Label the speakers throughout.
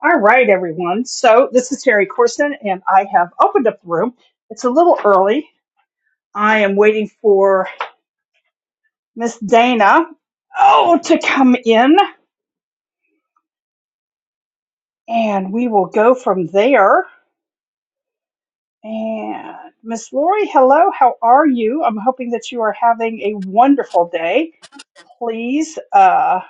Speaker 1: All right, everyone. So this is Terry Corson, and I have opened up the room. It's a little early. I am waiting for Miss Dana, oh, to come in, and we will go from there. And Miss Lori, hello. How are you? I'm hoping that you are having a wonderful day. Please, uh,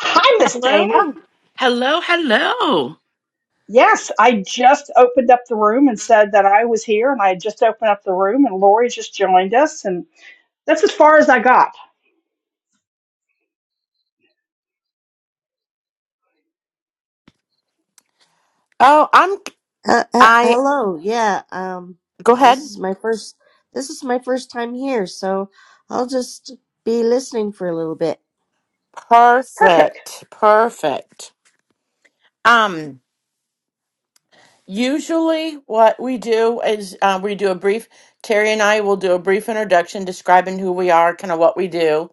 Speaker 1: hi, Miss Dana.
Speaker 2: Hello. Hello, hello.
Speaker 1: Yes, I just opened up the room and said that I was here, and I had just opened up the room, and Lori just joined us, and that's as far as I got.
Speaker 2: Oh, I'm
Speaker 3: Uh, he-
Speaker 2: I
Speaker 3: hello. Yeah. Um.
Speaker 2: go
Speaker 3: This
Speaker 2: ahead.
Speaker 3: is my first. This is my first time here, so I'll just be listening for a little bit.
Speaker 1: Perfect.
Speaker 2: Perfect. Perfect. Um usually what we do is uh, we do a brief Terry and I will do a brief introduction describing who we are, kind of what we do.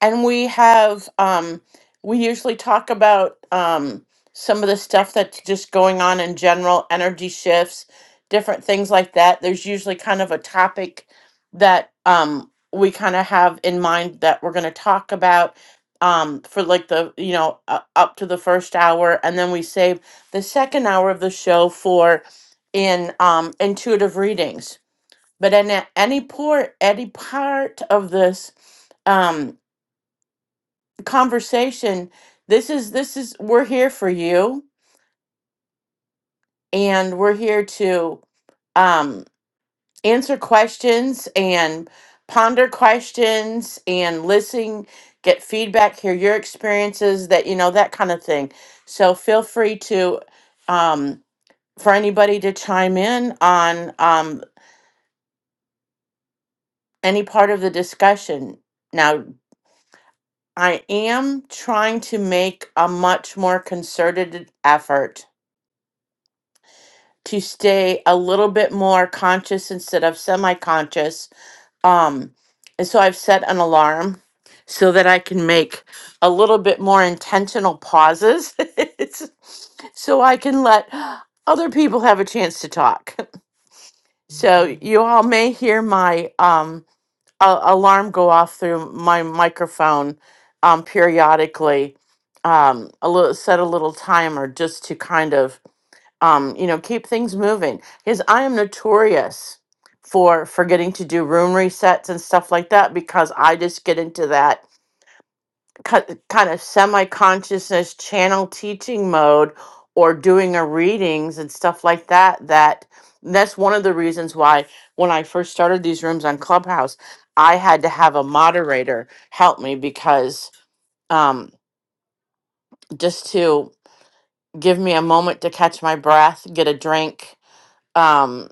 Speaker 2: and we have um we usually talk about um some of the stuff that's just going on in general energy shifts different things like that there's usually kind of a topic that um we kind of have in mind that we're going to talk about um for like the you know uh, up to the first hour and then we save the second hour of the show for in um intuitive readings but in a- any poor any part of this um, conversation this is this is we're here for you and we're here to um answer questions and ponder questions and listen get feedback hear your experiences that you know that kind of thing so feel free to um for anybody to chime in on um any part of the discussion now i am trying to make a much more concerted effort to stay a little bit more conscious instead of semi-conscious. Um, and so I've set an alarm so that I can make a little bit more intentional pauses It's- so I can let other people have a chance to talk. So you all may hear my um, a- alarm go off through my microphone um, periodically. Um, a little set a little timer just to kind of um, you know, keep things moving. Because I am notorious for forgetting to do room resets and stuff like that because I just get into that ki- kind of semi consciousness channel teaching mode or doing a readings and stuff like that. That that's one of the reasons why when I first started these rooms on Clubhouse, I had to have a moderator help me because um, just to give me a moment to catch my breath, get a drink. um,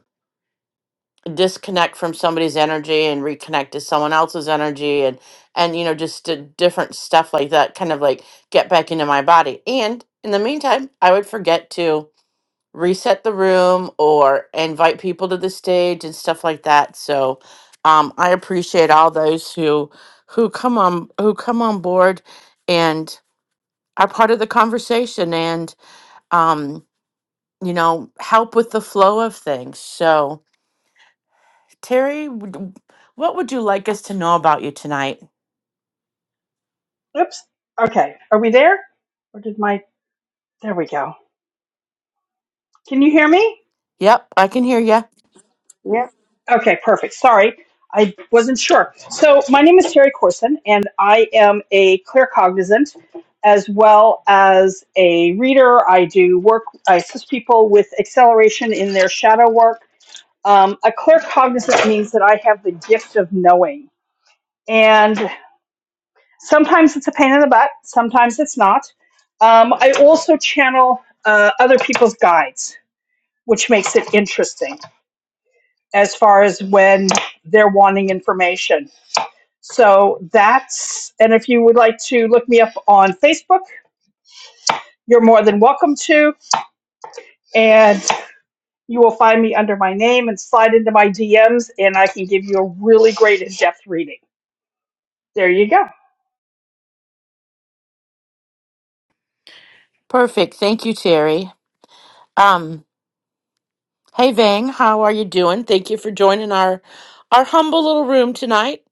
Speaker 2: disconnect from somebody's energy and reconnect to someone else's energy and and you know just d- different stuff like that kind of like get back into my body and in the meantime i would forget to reset the room or invite people to the stage and stuff like that so um, i appreciate all those who who come on who come on board and are part of the conversation and um, you know help with the flow of things so Terry, would- what would you like us to know about you tonight?
Speaker 1: Oops. Okay. Are we there? Or did my, there we go. Can you hear me?
Speaker 2: Yep, I can hear you.
Speaker 3: Yeah.
Speaker 1: Okay, perfect. Sorry. I wasn't sure. So my name is Terry Corson and I am a claircognizant as well as a reader. I do work, I assist people with acceleration in their shadow work. Um, a claircognizant means that I have the gift of knowing. and. Sometimes it's a pain in the butt, sometimes it's not. Um, I also channel uh, other people's guides, which makes it interesting as far as when they're wanting information. So that's, and if you would like to look me up on Facebook, you're more than welcome to. And you will find me under my name and slide into my DMs, and I can give you a really great in depth reading. There you go.
Speaker 2: Perfect. Thank you, Terry. Um, hey Vang, how are you doing? Thank you for joining our our humble little room tonight.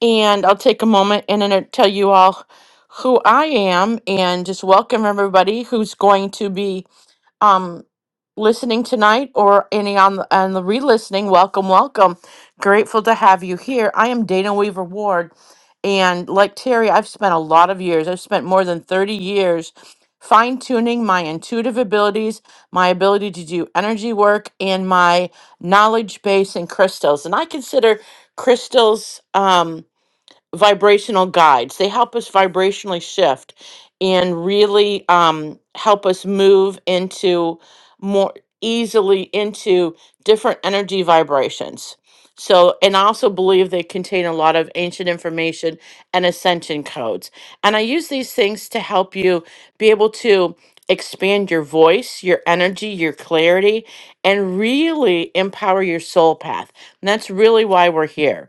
Speaker 2: And I'll take a moment and then tell you all who I am and just welcome everybody who's going to be um listening tonight or any on the, on the re-listening welcome welcome grateful to have you here i am dana weaver ward and like terry i've spent a lot of years i've spent more than 30 years fine-tuning my intuitive abilities my ability to do energy work and my knowledge base in crystals and i consider crystals um vibrational guides. They help us vibrationally shift and really um, help us move into more easily into different energy vibrations. So, and I also believe they contain a lot of ancient information and ascension codes. And I use these things to help you be able to expand your voice, your energy, your clarity, and really empower your soul path. And that's really why we're here.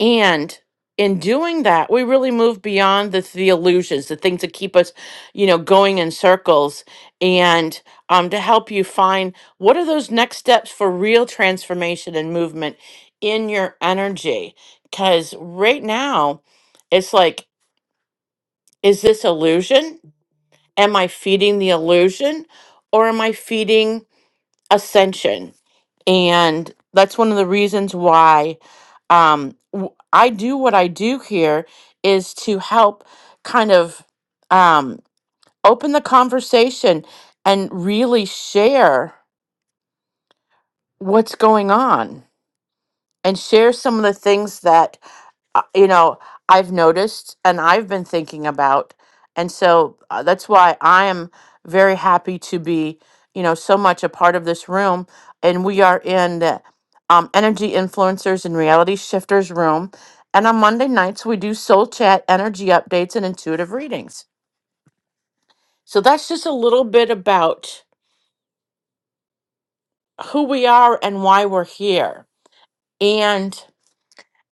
Speaker 2: And in doing that, we really move beyond the, the illusions, the things that keep us, you know, going in circles, and um, to help you find what are those next steps for real transformation and movement in your energy. Because right now, it's like, is this illusion? Am I feeding the illusion, or am I feeding? ascension and that's one of the reasons why um w- i do what i do here is to help kind of um open the conversation and really share what's going on and share some of the things that uh, you know, I've noticed and I've been thinking about. And so uh, that's why I am very happy to be, you know, so much a part of this room. And we are in the um, Energy Influencers and Reality Shifters room. And on Monday nights, we do soul chat, energy updates, and intuitive readings. So that's just a little bit about who we are and why we're here. And.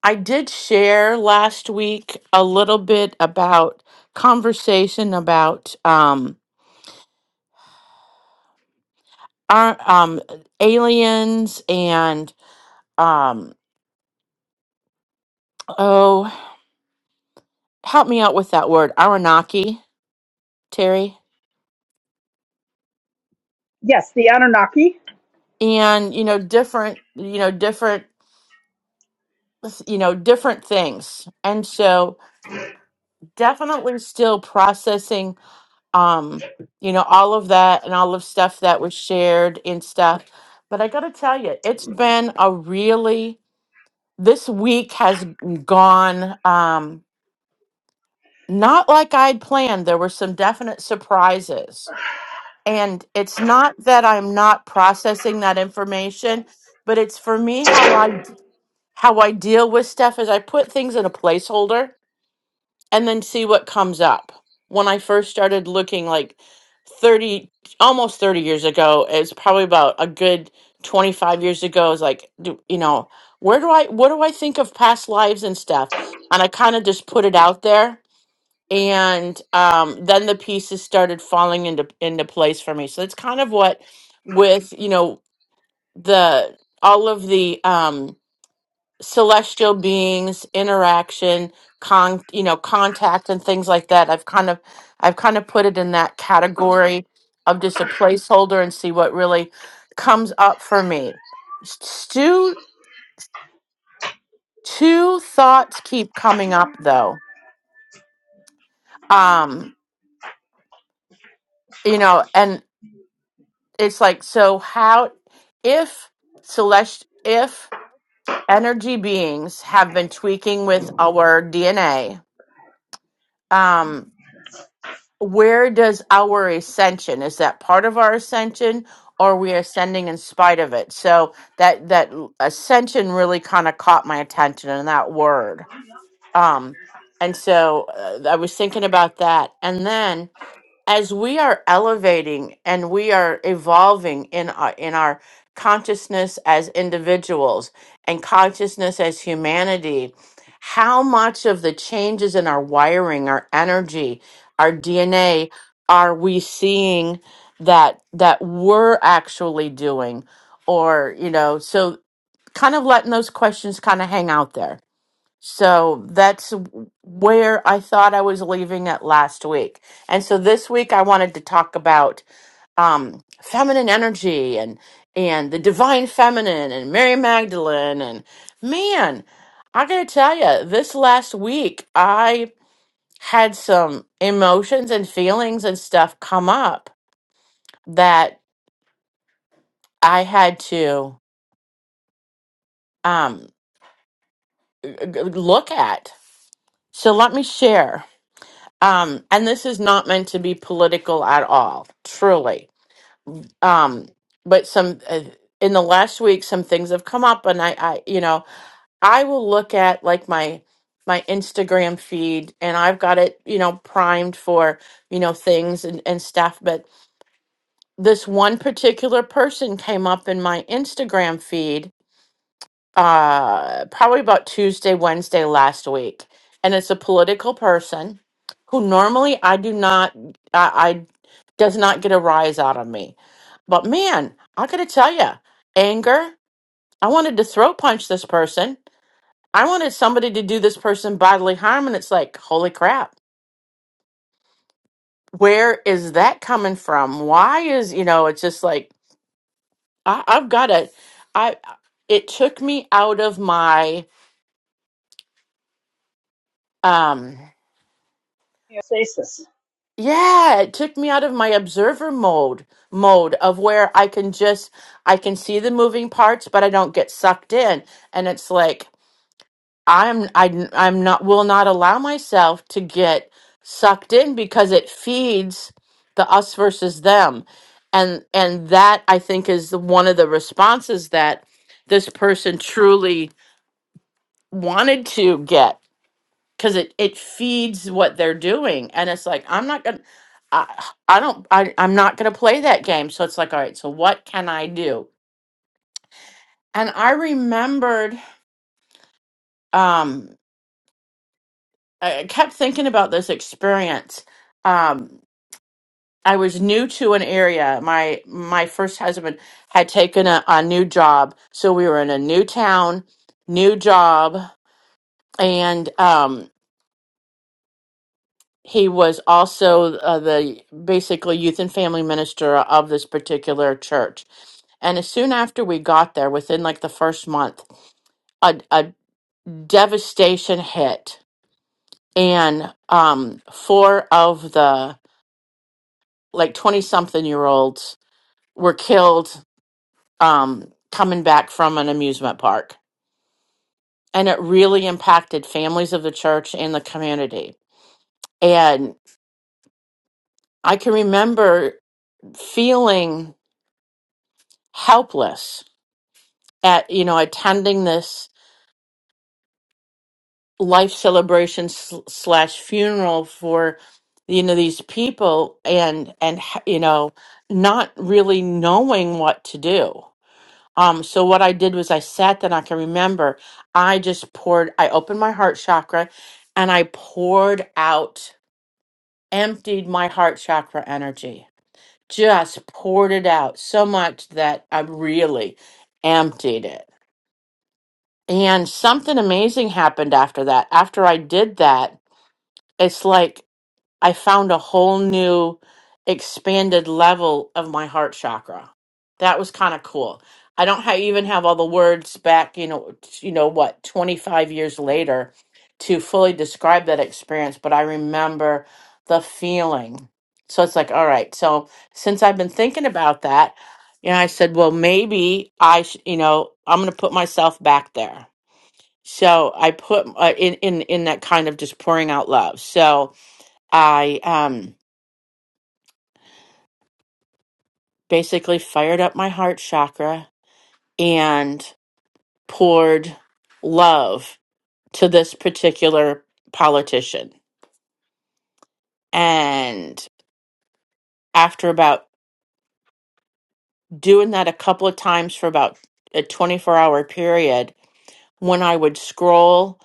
Speaker 2: I did share last week a little bit about conversation about um our um aliens and um oh help me out with that word Aranaki Terry
Speaker 1: Yes, the Anunnaki.
Speaker 2: and you know different you know different you know different things and so definitely still processing um you know all of that and all of stuff that was shared and stuff but I got to tell you it's been a really this week has gone um not like I'd planned. There were some definite surprises. And it's not that I'm not processing that information, but it's for me how I how I deal with stuff is I put things in a placeholder and then see what comes up. When I first started looking like 30 almost 30 years ago, it's probably about a good 25 years ago is like do, you know, where do I what do I think of past lives and stuff? And I kind of just put it out there and um then the pieces started falling into into place for me. So it's kind of what with, you know, the all of the um celestial beings interaction con you know contact and things like that i've kind of i've kind of put it in that category of just a placeholder and see what really comes up for me S- two two thoughts keep coming up though um you know and it's like so how if celest if energy beings have been tweaking with our dna where does our ascension is that part of our ascension or we are ascending in spite of it so that that l- ascension really kind of caught my attention in that word um and so uh, i was thinking about that and then as we are elevating and we are evolving in our in our consciousness as individuals and consciousness as humanity how much of the changes in our wiring our energy our dna are we seeing that that we're actually doing or you know so kind of letting those questions kind of hang out there so that's where I thought I was leaving at last week. And so this week I wanted to talk about um, feminine energy and and the divine feminine and Mary Magdalene and man, I gotta tell you, this last week I had some emotions and feelings and stuff come up that I had to um, g- g- look at. So let me share. Um, and this is not meant to be political at all, truly. Um, but some uh, in the last week, some things have come up, and I, I, you know, I will look at like my my Instagram feed, and I've got it, you know, primed for you know things and, and stuff. But this one particular person came up in my Instagram feed uh probably about Tuesday, Wednesday last week. And it's a political person who normally I do not I, I does not get a rise out of me. But man, I gotta tell you, anger. I wanted to throat punch this person. I wanted somebody to do this person bodily harm, and it's like, holy crap, where is that coming from? Why is you know? It's just like I, I've got to. I it took me out of my um
Speaker 1: homeostasis.
Speaker 2: Yeah, it took me out of my observer mode mode of where I can just I can see the moving parts, but I don't get sucked in. And it's like I'm I I'm not will not allow myself to get sucked in because it feeds the us versus them. And and that I think is the, one of the responses that this person truly wanted to get because it it feeds what they're doing and it's like i'm not gonna i i don't I, i'm not gonna play that game so it's like all right so what can i do and i remembered um i I kept thinking about this experience um i was new to an area my my first husband had taken a, a new job so we were in a new town new job and um he was also uh, the basically youth and family minister of this particular church. And as soon after we got there, within like the first month, a, a devastation hit, and um, four of the like twenty something year olds were killed um, coming back from an amusement park, and it really impacted families of the church and the community. And I can remember feeling helpless at you know attending this life celebration sl- slash funeral for you know these people and and ha- you know not really knowing what to do um so what i did was i sat there and i can remember i just poured i opened my heart chakra and i poured out emptied my heart chakra energy just poured it out so much that i really emptied it And something amazing happened after that. After I did that, it's like I found a whole new expanded level of my heart chakra. That was kind of cool. I don't ha- even have all the words back, you know, t- you know what, 25 years later to fully describe that experience, but I remember the feeling. So it's like, all right, so since I've been thinking about that, you know, I said, well, maybe I, sh- you know, I'm going to put myself back there so i put uh, in in in that kind of just pouring out love so i um basically fired up my heart chakra and poured love to this particular politician and after about doing that a couple of times for about a 24 hour period when i would scroll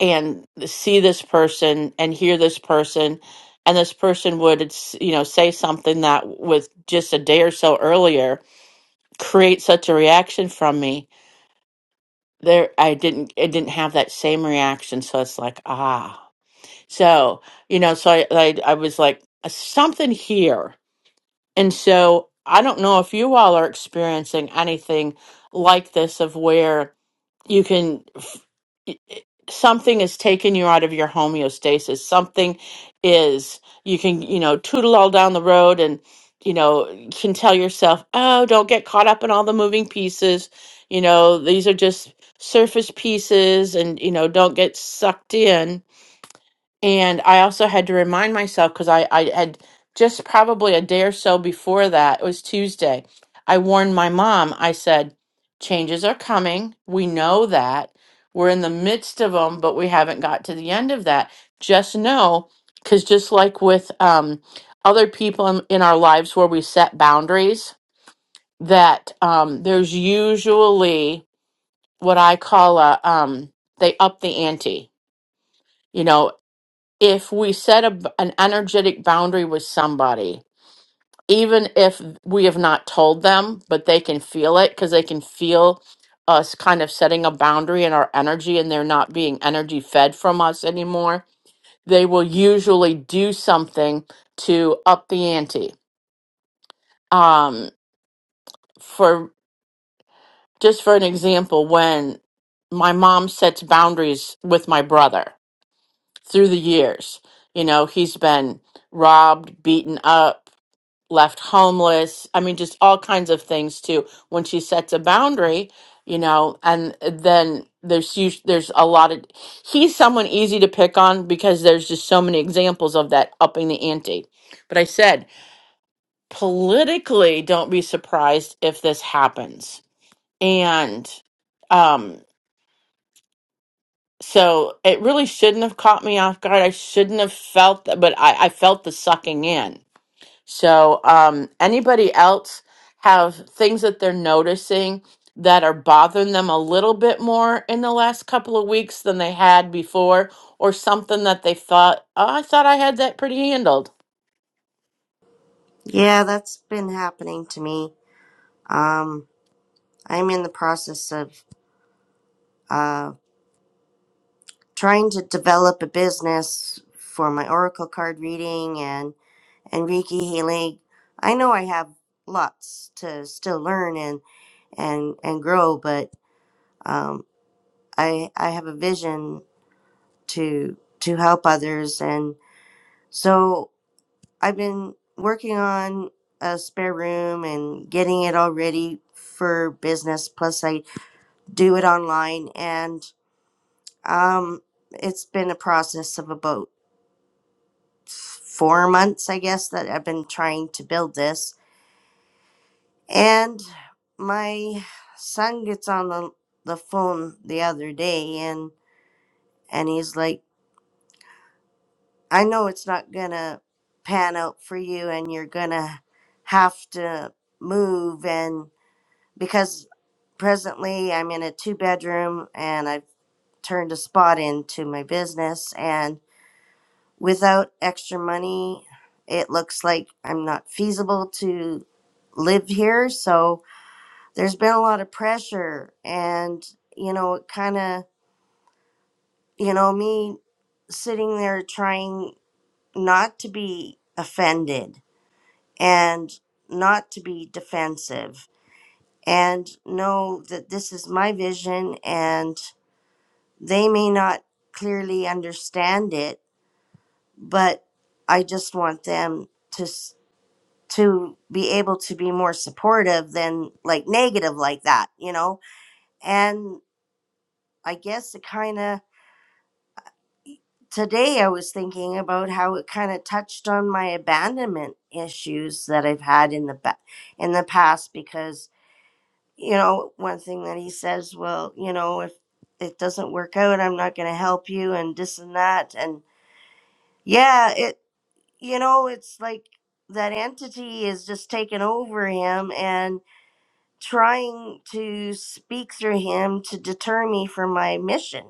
Speaker 2: and see this person and hear this person and this person would you know say something that with just a day or so earlier create such a reaction from me there i didn't it didn't have that same reaction so it's like ah so you know so i i, I was like something here and so i don't know if you all are experiencing anything like this of where you can something is taking you out of your homeostasis something is you can you know tootle all down the road and you know you can tell yourself oh don't get caught up in all the moving pieces you know these are just surface pieces and you know don't get sucked in and I also had to remind myself because I, I had just probably a day or so before that, it was Tuesday. I warned my mom, I said, changes are coming. We know that. We're in the midst of them, but we haven't got to the end of that. Just know, because just like with um, other people in, in our lives where we set boundaries, that um, there's usually what I call a, um, they up the ante. you know if we set a, an energetic boundary with somebody, even if we have not told them, but they can feel it because they can feel us kind of setting a boundary in our energy and they're not being energy fed from us anymore, they will usually do something to up the ante. Um, for just for an example, when my mom sets boundaries with my brother through the years, you know, he's been robbed, beaten up, left homeless. I mean, just all kinds of things too. When she sets a boundary, you know, and then there's us- there's a lot of he's someone easy to pick on because there's just so many examples of that upping the ante. But I said politically, don't be surprised if this happens. And um, so it really shouldn't have caught me off guard. I shouldn't have felt that, but I, I felt the sucking in So, um, anybody else have things that they're noticing that are bothering them a little bit more in the last couple of weeks than they had before, or something that they thought, oh, I thought I had that pretty handled?
Speaker 3: Yeah, that's been happening to me. Um. I'm in the process of uh trying to develop a business for my oracle card reading and and Reiki healing. I know I have lots to still learn and and and grow, but um. I, I have a vision to to help others and so i've been working on a spare room and getting it all ready for business plus i do it online and um it's been a process of about four months i guess that i've been trying to build this and my son gets on the, the phone the other day and and he's like I know it's not gonna pan out for you and you're gonna have to move and because presently I'm in a two bedroom and I've turned a spot into my business and without extra money it looks like I'm not feasible to live here so there's been a lot of pressure and you know it kind of you know me sitting there trying not to be offended and not to be defensive and know that this is my vision and they may not clearly understand it but i just want them to s- to be able to be more supportive than like negative like that you know and i guess it kind of today i was thinking about how it kind of touched on my abandonment issues that i've had in the ba- in the past because you know, one thing that he says, well, you know, if it doesn't work out, I'm not going to help you and this and that. And yeah, it, you know, it's like that entity is just taking over him and trying to speak through him to deter me from my mission.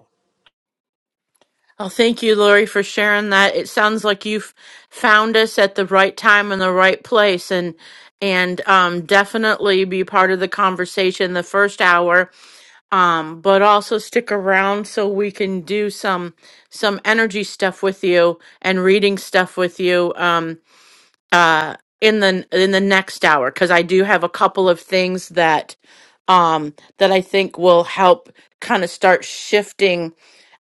Speaker 2: Oh, thank you, Lori, for sharing that. It sounds like you've found us at the right time and the right place, and and um, definitely be part of the conversation the first hour um but also stick around so we can do some some energy stuff with you and reading stuff with you um uh in the in the next hour cuz I do have a couple of things that um that I think will help kind of start shifting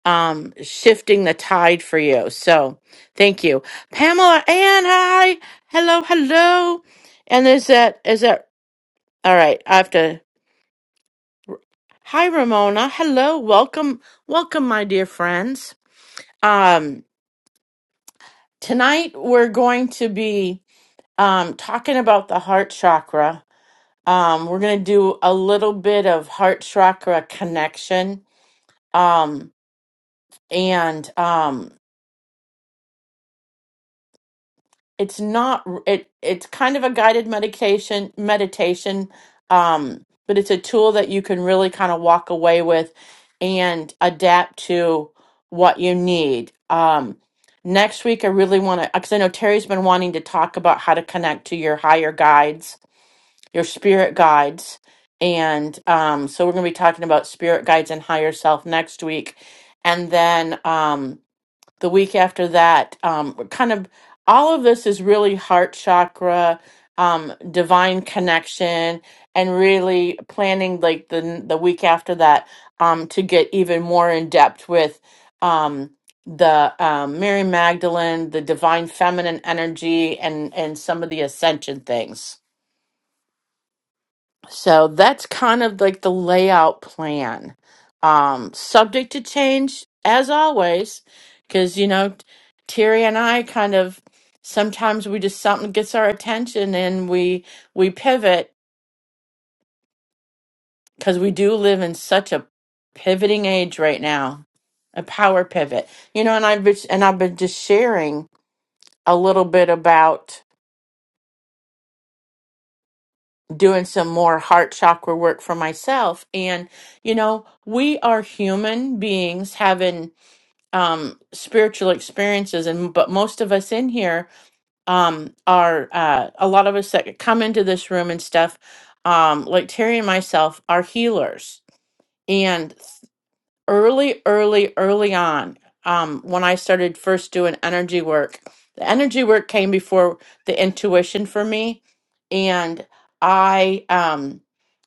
Speaker 2: um shifting the tide for you. So, thank you. Pamela and hi. Hello, hello. And is that is that all right, I have to Hi, Ramona. Hello. Welcome. Welcome, my dear friends. Um, tonight we're going to be um, talking about the heart chakra. Um, we're going to do a little bit of heart chakra connection. Um, and um. it's not it it's kind of a guided medication meditation um but it's a tool that you can really kind of walk away with and adapt to what you need um next week i really want to because i know terry's been wanting to talk about how to connect to your higher guides your spirit guides and um so we're going to be talking about spirit guides and higher self next week and then um the week after that um we're kind of all of this is really heart chakra um divine connection and really planning like the the week after that um to get even more in depth with um the um, Mary Magdalene, the divine feminine energy, and and some of the ascension things. So that's kind of like the layout plan. Um, subject to change, as always, because, you know, Terry and I kind of sometimes we just something gets our attention and we we pivot because we do live in such a pivoting age right now, a power pivot. You know, and I've been, and I've been just sharing a little bit about. doing some more heart chakra work for myself and you know we are human beings having um spiritual experiences and but most of us in here um are uh a lot of us that come into this room and stuff um like terry and myself are healers and early, early, early on, um, when I started first doing energy work, the energy work came before the intuition for me, and I, um,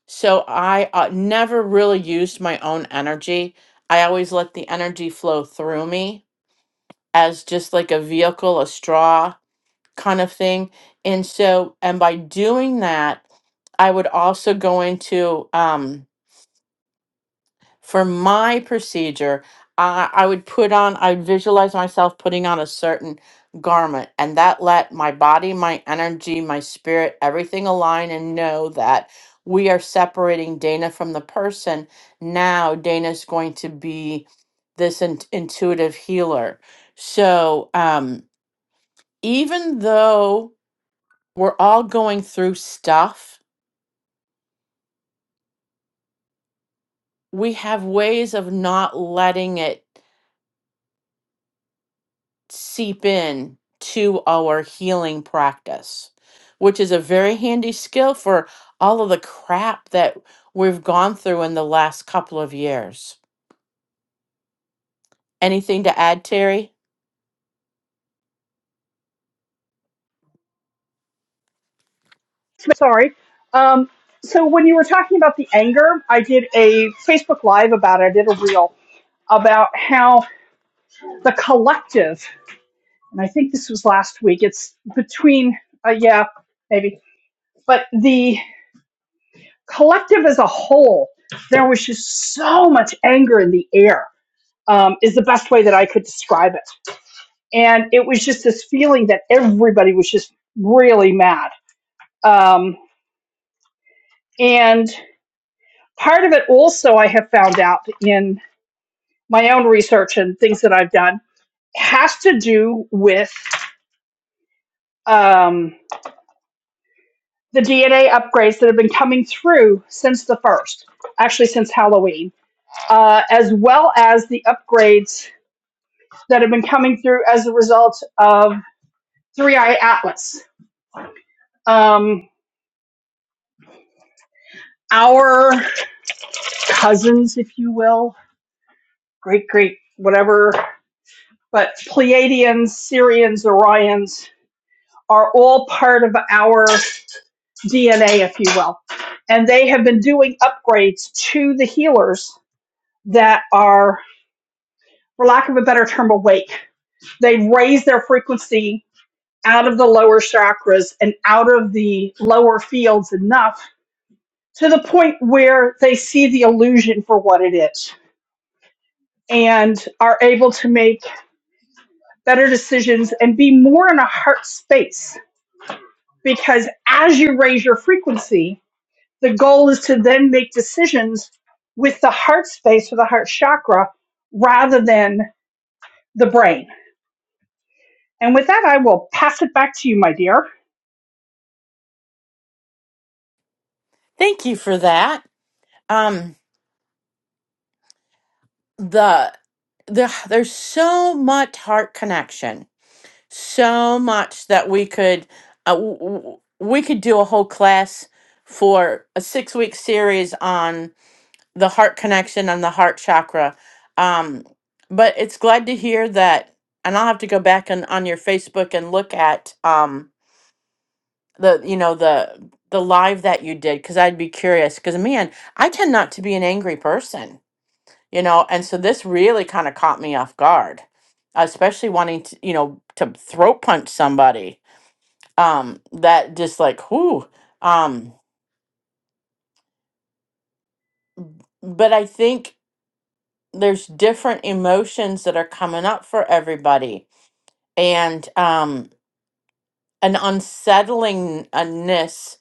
Speaker 2: so I uh, never really used my own energy. I always let the energy flow through me as just like a vehicle, a straw kind of thing. And so, and by doing that, I would also go into, um, for my procedure, I, I would put on, I would visualize myself putting on a certain garment, and that let my body, my energy, my spirit, everything align and know that we are separating Dana from the person. Now, Dana's going to be this in- intuitive healer. So, um, even though we're all going through stuff, we have ways of not letting it. seep in to our healing practice, which is a very handy skill for all of the crap that we've gone through in the last couple of years. Anything to add, Terry?
Speaker 1: sorry. Um, so when you were talking about the anger, I did a Facebook Live about it. I did a reel about how the collective, and I think this was last week. It's between, uh, yeah, maybe, but the collective as a whole, there was just so much anger in the air. Um, is the best way that I could describe it, and it was just this feeling that everybody was just really mad. Um, and part of it also I have found out in my own research and things that I've done has to do with um, the DNA upgrades that have been coming through since the first, actually since Halloween, uh, as well as the upgrades that have been coming through as a result of Three Eye Atlas. Um, our cousins, if you will, great, great, whatever, but Pleiadians, Syrians, Orions are all part of our DNA, if you will. And they have been doing upgrades to the healers that are, for lack of a better term, awake. They raise their frequency out of the lower chakras and out of the lower fields enough to the point where they see the illusion for what it is and are able to make better decisions and be more in a heart space. Because as you raise your frequency, the goal is to then make decisions with the heart space or the heart chakra rather than the brain. And with that, I will pass it back to you, my dear.
Speaker 2: Thank you for that. Um, the the there's so much heart connection, so much that we could uh, w- w- we could do a whole class for a six week series on the heart connection and the heart chakra. Um, but it's glad to hear that, and I'll have to go back and on your Facebook and look at um, the you know the the live that you did because I'd be curious because man, I tend not to be an angry person, you know, and so this really kind of caught me off guard, especially wanting to you know to throat punch somebody um, that just like whoo. Um, but I think there's different emotions that are coming up for everybody and um an unsettlingness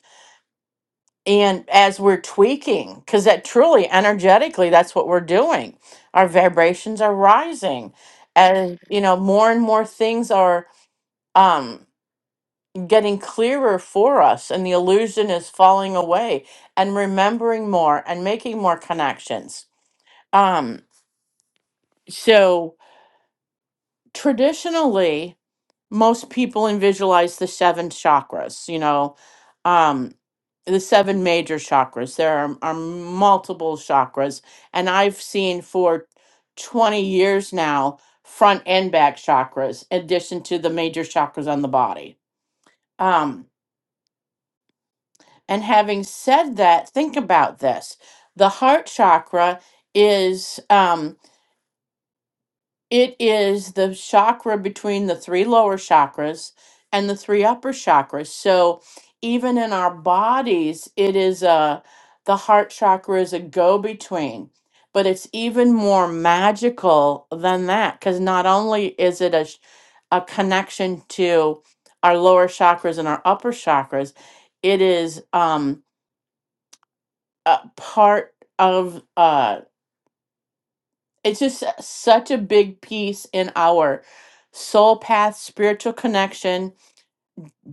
Speaker 2: and as we're tweaking because that truly energetically that's what we're doing our vibrations are rising and you know more and more things are um getting clearer for us and the illusion is falling away and remembering more and making more connections um so traditionally most people in visualize the seven chakras you know um the seven major chakras there are, are multiple chakras and i've seen for 20 years now front and back chakras in addition to the major chakras on the body um and having said that think about this the heart chakra is um, It is the chakra between the three lower chakras and the three upper chakras. So even in our bodies, it is a the heart chakra is a go between. But it's even more magical than that because not only is it a sh- a connection to our lower chakras and our upper chakras, it is um a part of us it's just such a big piece in our soul path, spiritual connection,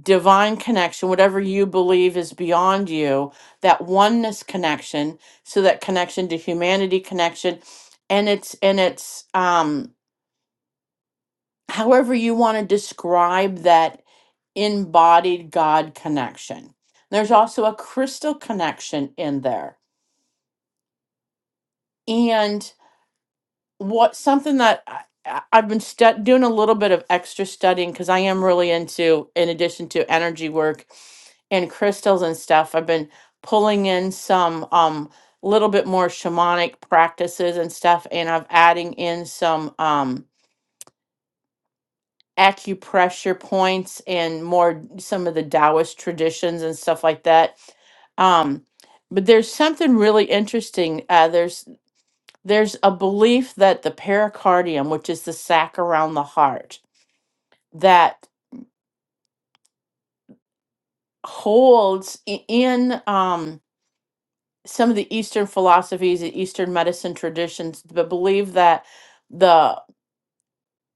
Speaker 2: divine connection, whatever you believe is beyond you, that oneness connection, so that connection to humanity connection and it's and it's um however you want to describe that embodied God connection. There's also a crystal connection in there. and. what something that I, I- I've been stu- doing a little bit of extra studying because I am really into, in addition to energy work and crystals and stuff, I've been pulling in some um little bit more shamanic practices and stuff, and I'm adding in some um acupressure points and more some of the Taoist traditions and stuff like that. Um, but there's something really interesting. Uh, there's there's a belief that the pericardium, which is the sac around the heart, that holds i- in um, some of the Eastern philosophies, the Eastern medicine traditions, the belief that the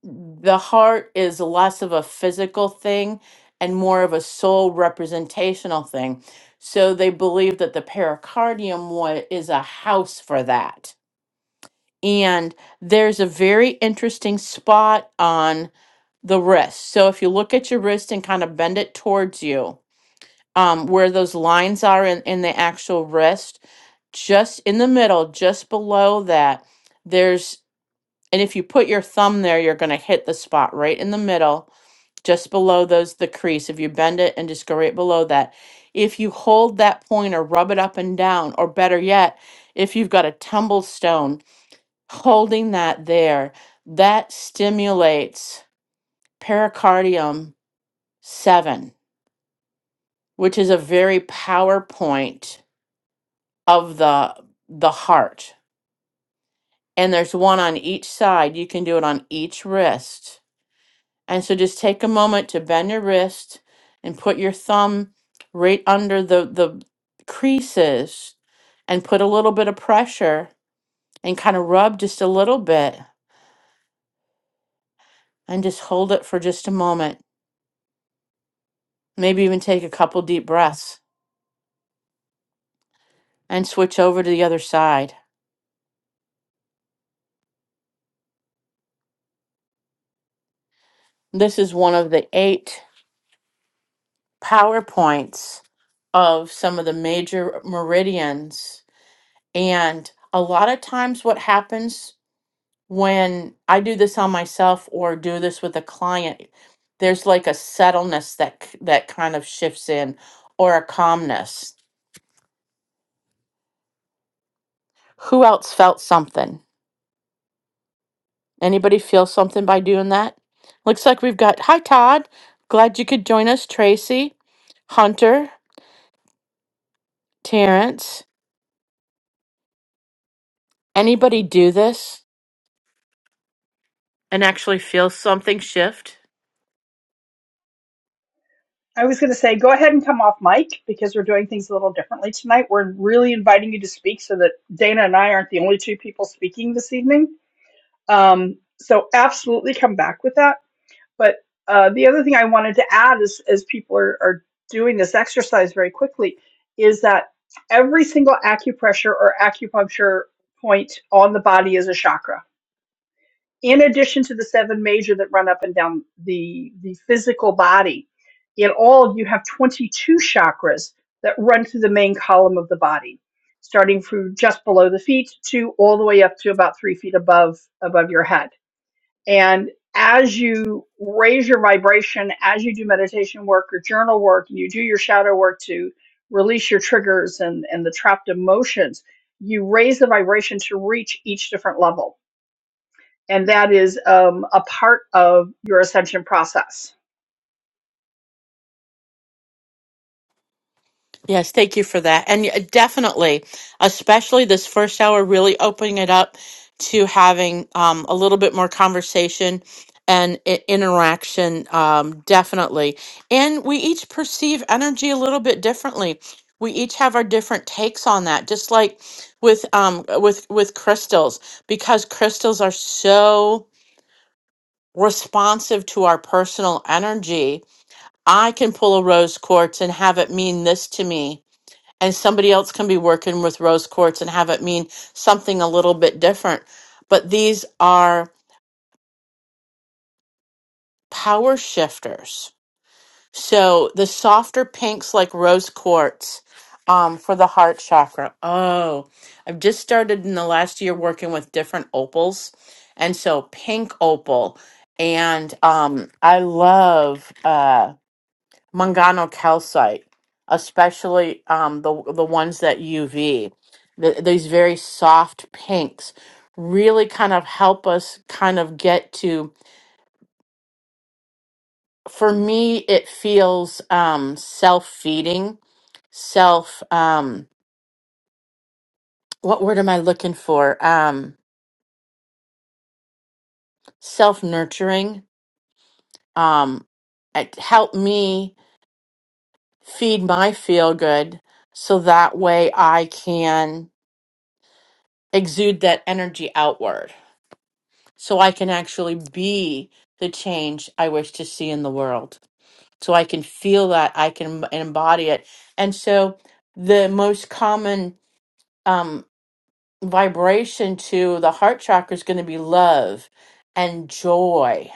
Speaker 2: the heart is less of a physical thing and more of a soul representational thing. So they believe that the pericardium wa- is a house for that. And there's a very interesting spot on the wrist. So if you look at your wrist and kind of bend it towards you, um, where those lines are in, in the actual wrist, just in the middle, just below that, there's, and if you put your thumb there, you're going to hit the spot right in the middle, just below those, the crease. If you bend it and just go right below that, if you hold that point or rub it up and down, or better yet, if you've got a tumble stone, holding that there, that stimulates pericardium seven, which is a very power point of the the heart. And there's one on each side. You can do it on each wrist. And so just take a moment to bend your wrist and put your thumb right under the, the creases and put a little bit of pressure and kind of rub just a little bit and just hold it for just a moment. Maybe even take a couple deep breaths and switch over to the other side. This is one of the eight PowerPoints of some of the major meridians. And a lot of times, what happens when I do this on myself or do this with a client, there's like a settleness that k- that kind of shifts in, or a calmness. Who else felt something? Anybody feel something by doing that? Looks like we've got hi Todd. Glad you could join us, Tracy, Hunter, Terrence. Anybody do this? and actually feel something shift.
Speaker 1: I was going to say, go ahead and come off mic because we're doing things a little differently tonight. We're really inviting you to speak so that Dana and I aren't the only two people speaking this evening. Um, so absolutely come back with that. But uh, the other thing I wanted to add is, as people are, are doing this exercise very quickly, is that every single acupressure or acupuncture point on the body is a chakra. In addition to the seven major that run up and down the the physical body, in all you have 22 chakras that run through the main column of the body, starting from just below the feet to all the way up to about three feet above above your head and as you raise your vibration, as you do meditation work or journal work, and you do your shadow work to release your triggers and, and the trapped emotions, you raise the vibration to reach each different level. And that is um, a part of your ascension process.
Speaker 2: Yes, thank you for that. And y- definitely, especially this first hour, really opening it up to having um, a little bit more conversation and i- interaction, um, definitely. And we each perceive energy a little bit differently. We each have our different takes on that, just like with um, with with crystals, because crystals are so responsive to our personal energy I can pull a rose quartz and have it mean this to me, and somebody else can be working with rose quartz and have it mean something a little bit different. But these are power shifters. So the softer pinks, like rose quartz, um, for the heart chakra. Oh, I've just started in the last year working with different opals, and so pink opal, and um, I love. uh, Mangano calcite, especially um, the the ones that UV, th these very soft pinks, really kind of help us kind of get to. For me, it feels um, self feeding, self. Um, what word am I looking for? Um, self nurturing. Um, it helped me feed my feel good, so that way I can exude that energy outward so I can actually be the change I wish to see in the world. So I can feel that, I can embody it. And so the most common um, vibration to the heart chakra is going to be love and joy.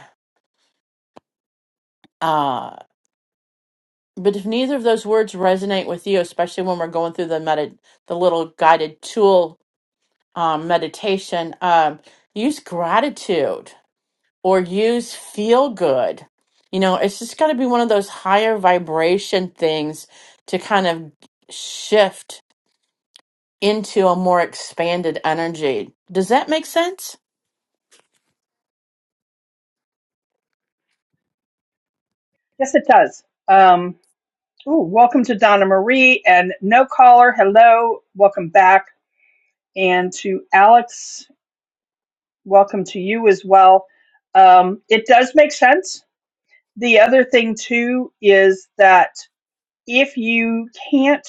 Speaker 2: Uh, but if neither of those words resonate with you, especially when we're going through the medi- the little guided tool um, meditation, um, use gratitude or use feel good. You know, it's just got to be one of those higher vibration things to kind of shift into a more expanded energy. Does that make sense?
Speaker 1: Yes, it does. Um, ooh, welcome to Donna Marie and No Caller. Hello. Welcome back. And to Alex, welcome to you as well. Um, it does make sense the other thing too is that if you can't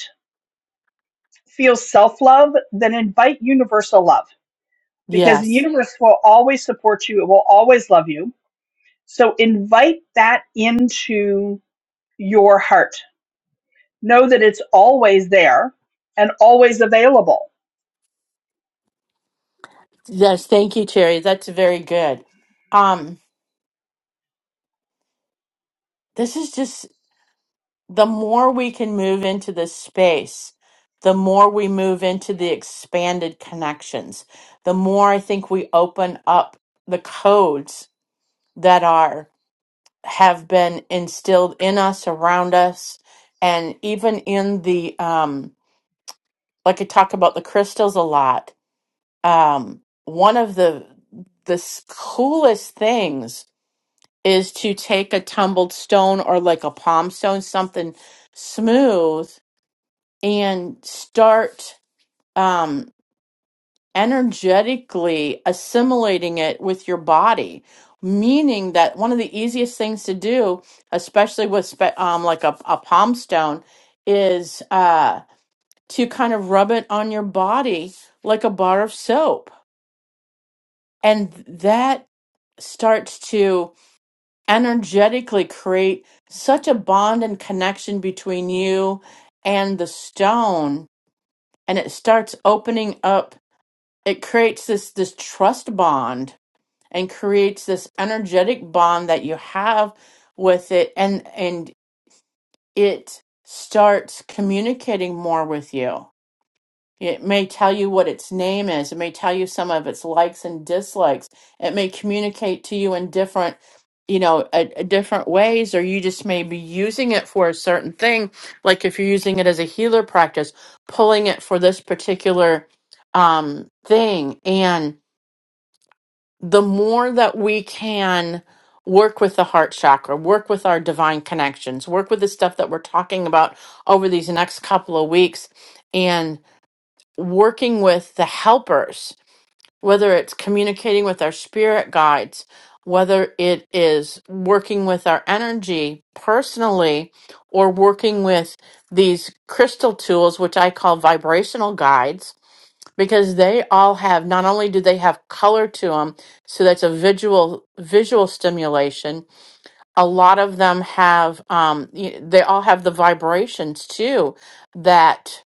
Speaker 1: feel self love, then invite universal love because the
Speaker 2: Yes.
Speaker 1: universe will always support you, it will always love you. So invite that into your heart. Know that it's always there and always available.
Speaker 2: Yes, thank you Terry. That's very good. Um this is just the more we can move into this space, the more we move into the expanded connections, the more I think we open up the codes that are have been instilled in us, around us, and even in the um, like I talk about the crystals a lot. Um, one of the the s- coolest things is to take a tumbled stone or like a palm stone, something smooth, and start. um, energetically assimilating it with your body meaning that one of the easiest things to do especially with spe- um, like a, a palm stone is uh, to kind of rub it on your body like a bar of soap and that starts to energetically create such a bond and connection between you and the stone and it starts opening up it creates this this trust bond and creates this energetic bond that you have with it and and it starts communicating more with you it may tell you what its name is it may tell you some of its likes and dislikes it may communicate to you in different you know a, a different ways or you just may be using it for a certain thing like if you're using it as a healer practice pulling it for this particular um thing and the more that we can work with the heart chakra, work with our divine connections, work with the stuff that we're talking about over these next couple of weeks, and working with the helpers, whether it's communicating with our spirit guides, whether it is working with our energy personally, or working with these crystal tools, which I call vibrational guides because they all have not only do they have color to them so that's a visual visual stimulation a lot of them have um, y- they all have the vibrations too that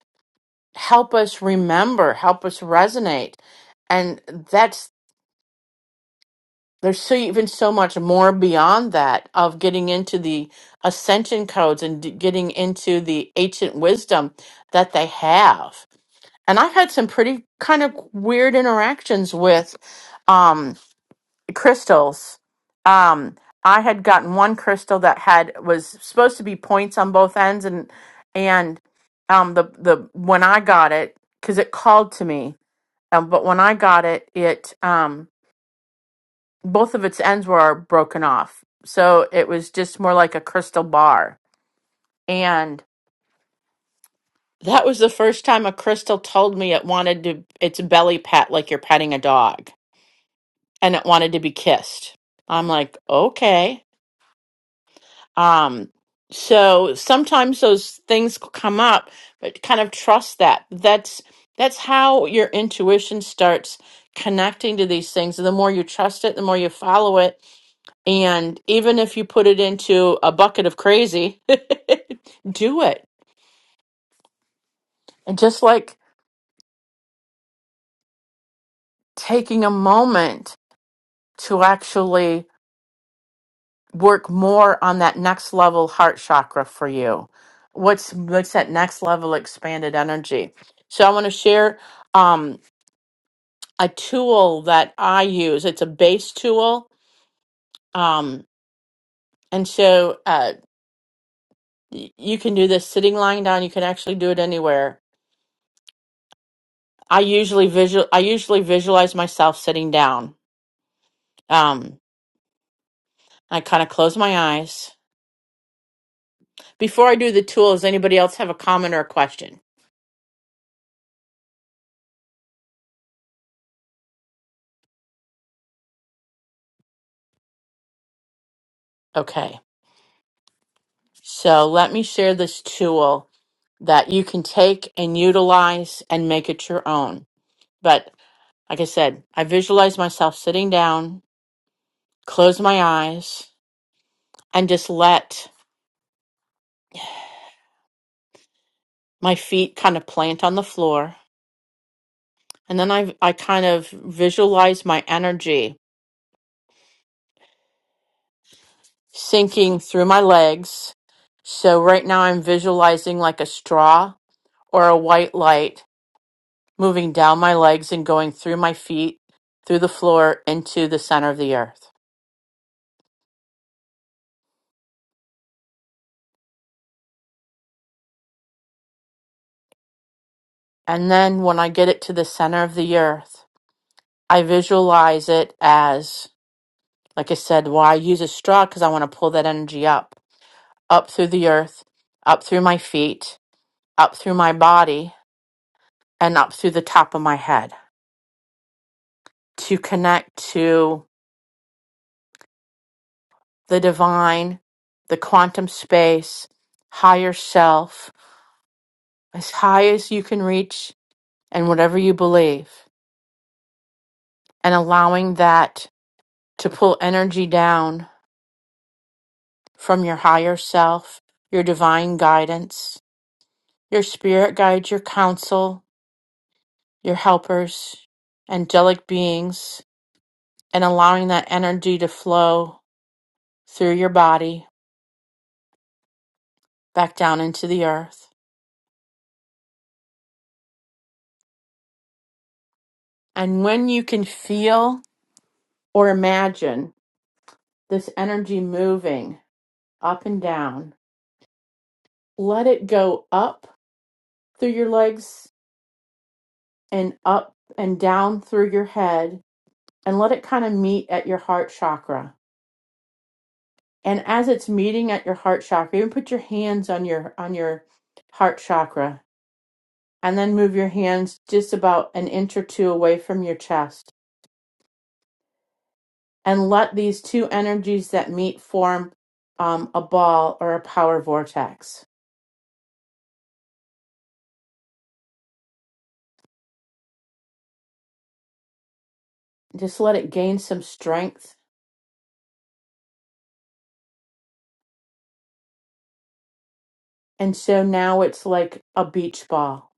Speaker 2: help us remember help us resonate and that's there's so even so much more beyond that of getting into the ascension codes and d- getting into the ancient wisdom that they have and I've had some pretty kind of weird interactions with um, crystals. Um, I had gotten one crystal that had was supposed to be points on both ends, and and um, the the when I got it because it called to me, um, but when I got it, it um, both of its ends were broken off, so it was just more like a crystal bar, and that was the first time a crystal told me it wanted to its belly pat like you're petting a dog and it wanted to be kissed. I'm like, okay. Um, so sometimes those things come up, but kind of trust that. That's that's how your intuition starts connecting to these things. And the more you trust it, the more you follow it. And even if you put it into a bucket of crazy, do it. And just like taking a moment to actually work more on that next level heart chakra for you what's what's that next level expanded energy so i want to share um a tool that i use it's a base tool um and so uh y- you can do this sitting lying down you can actually do it anywhere i usually visual i usually visualize myself sitting down um i kind of close my eyes before i do the tool does anybody else have a comment or a question okay So let me share this tool that you can take and utilize and make it your own. But like I said, I visualize myself sitting down, close my eyes, and just let my feet kind of plant on the floor. And then I, I kind of visualize my energy sinking through my legs. So right now I'm visualizing like a straw or a white light moving down my legs and going through my feet, through the floor, into the center of the earth. And then when I get it to the center of the earth, I visualize it as, like I said, why I use a straw because I want to pull that energy up, up through the earth, up through my feet, up through my body, and up through the top of my head to connect to the divine, the quantum space, higher self, as high as you can reach, and whatever you believe. and allowing that to pull energy down from your higher self, your divine guidance, your spirit guides, your counsel, your helpers, angelic beings, and allowing that energy to flow through your body back down into the earth. And when you can feel or imagine this energy moving up and down, let it go up through your legs and up and down through your head and let it kind of meet at your heart chakra. And as it's meeting at your heart chakra, even put your hands on your on your heart chakra and then move your hands just about an inch or two away from your chest and let these two energies that meet form um, a ball or a power vortex. Just let it gain some strength. And so now it's like a beach ball.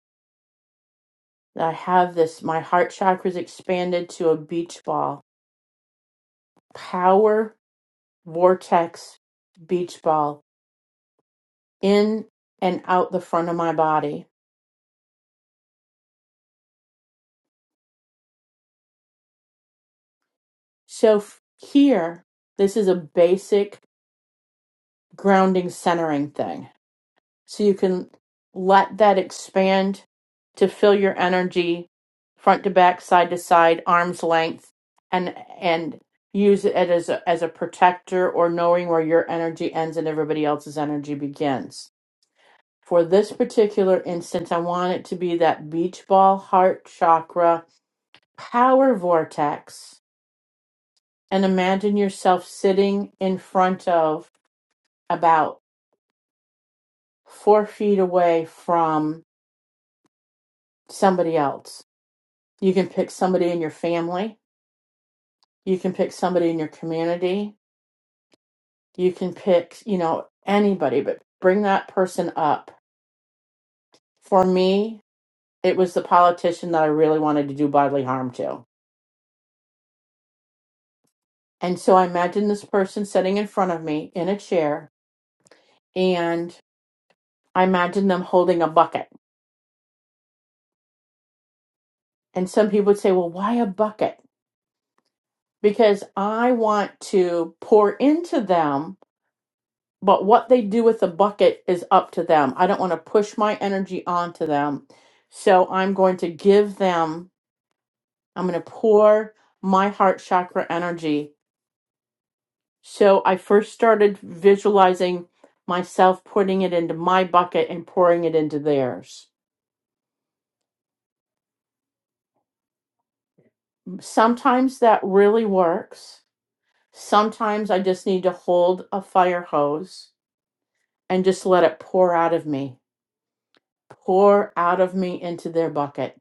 Speaker 2: I have this, my heart chakra is expanded to a beach ball. Power vortex beach ball in and out the front of my body. So f- here, this is a basic grounding centering thing. So you can let that expand to fill your energy front to back, side to side, arm's length, and and use it as a, as a protector or knowing where your energy ends and everybody else's energy begins. For this particular instance, I want it to be that beach ball heart chakra power vortex and imagine yourself sitting in front of about four feet away from somebody else. You can pick somebody in your family, you can pick somebody in your community, you can pick, you know, anybody, but bring that person up. For me, it was the politician that I really wanted to do bodily harm to. And so I imagine this person sitting in front of me in a chair and I imagine them holding a bucket And some people would say, well, why a bucket? Because I want to pour into them, but what they do with the bucket is up to them. I don't want to push my energy onto them. So I'm going to give them, I'm going to pour my heart chakra energy. So I first started visualizing myself putting it into my bucket and pouring it into theirs. Sometimes that really works. Sometimes I just need to hold a fire hose and just let it pour out of me, pour out of me into their bucket.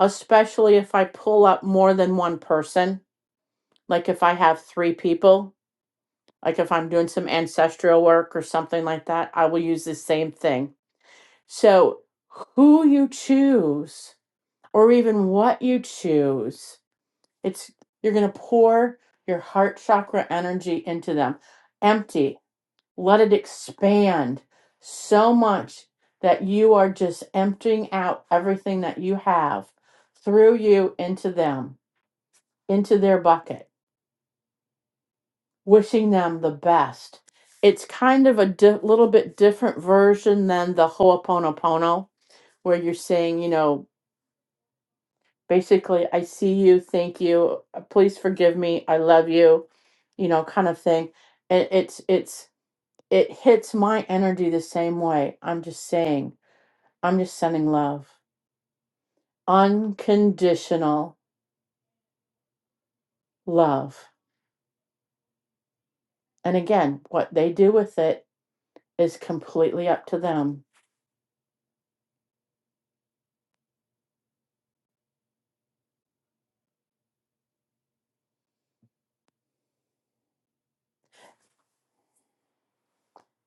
Speaker 2: Especially if I pull up more than one person, like if I have three people, like if I'm doing some ancestral work or something like that, I will use the same thing. So, who you choose, or even what you choose, it's you're going to pour your heart chakra energy into them. Empty Let it expand so much that you are just emptying out everything that you have through you into them, into their bucket, wishing them the best. It's kind of a di- little bit different version than the Ho'oponopono, where you're saying, you know, basically, I see you, thank you, uh, please forgive me, I love you, you know, kind of thing. It, it's, it's, it hits my energy the same way. I'm just saying I'm just sending love, unconditional love. And again, what they do with it is completely up to them.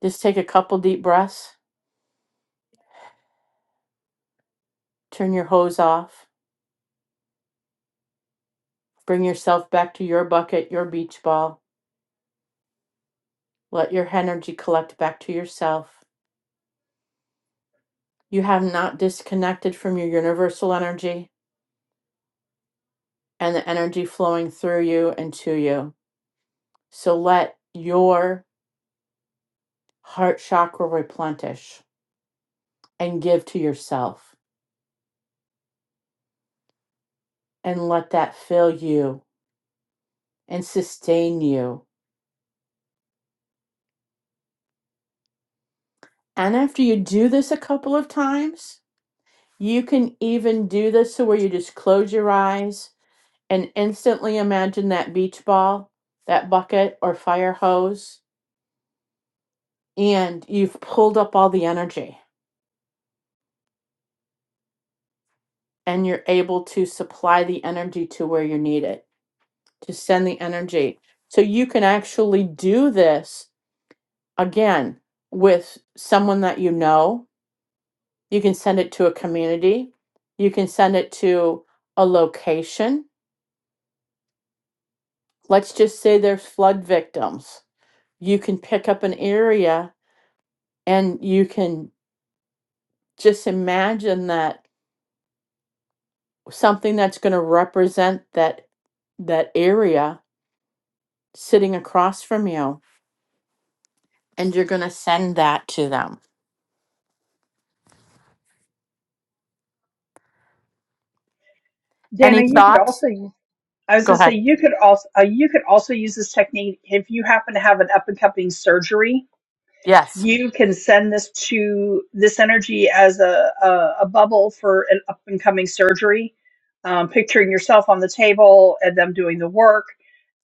Speaker 2: Just take a couple deep breaths, turn your hose off, bring yourself back to your bucket, your beach ball, let your energy collect back to yourself. You have not disconnected from your universal energy and the energy flowing through you and to you. So let your heart chakra replenish and give to yourself and let that fill you and sustain you. And after you do this a couple of times, you can even do this to where you just close your eyes and instantly imagine that beach ball, that bucket or fire hose, and you've pulled up all the energy and you're able to supply the energy to where you need it, to send the energy. So you can actually do this again with someone that you know You can send it to a community. You can send it to a location. Let's just say there's flood victims. You can pick up an area and you can just imagine that something that's going to represent that that area sitting across from you and you're going to send that to them. Any
Speaker 1: Dana, you could
Speaker 2: thoughts?
Speaker 1: also use. I was
Speaker 2: Go
Speaker 1: going to say
Speaker 2: ahead.
Speaker 1: you could also uh, you could also use this technique if you happen to have an up and coming surgery
Speaker 2: Yes.
Speaker 1: you can send this to this energy as a, a, a bubble for an up and coming surgery, um, picturing yourself on the table and them doing the work.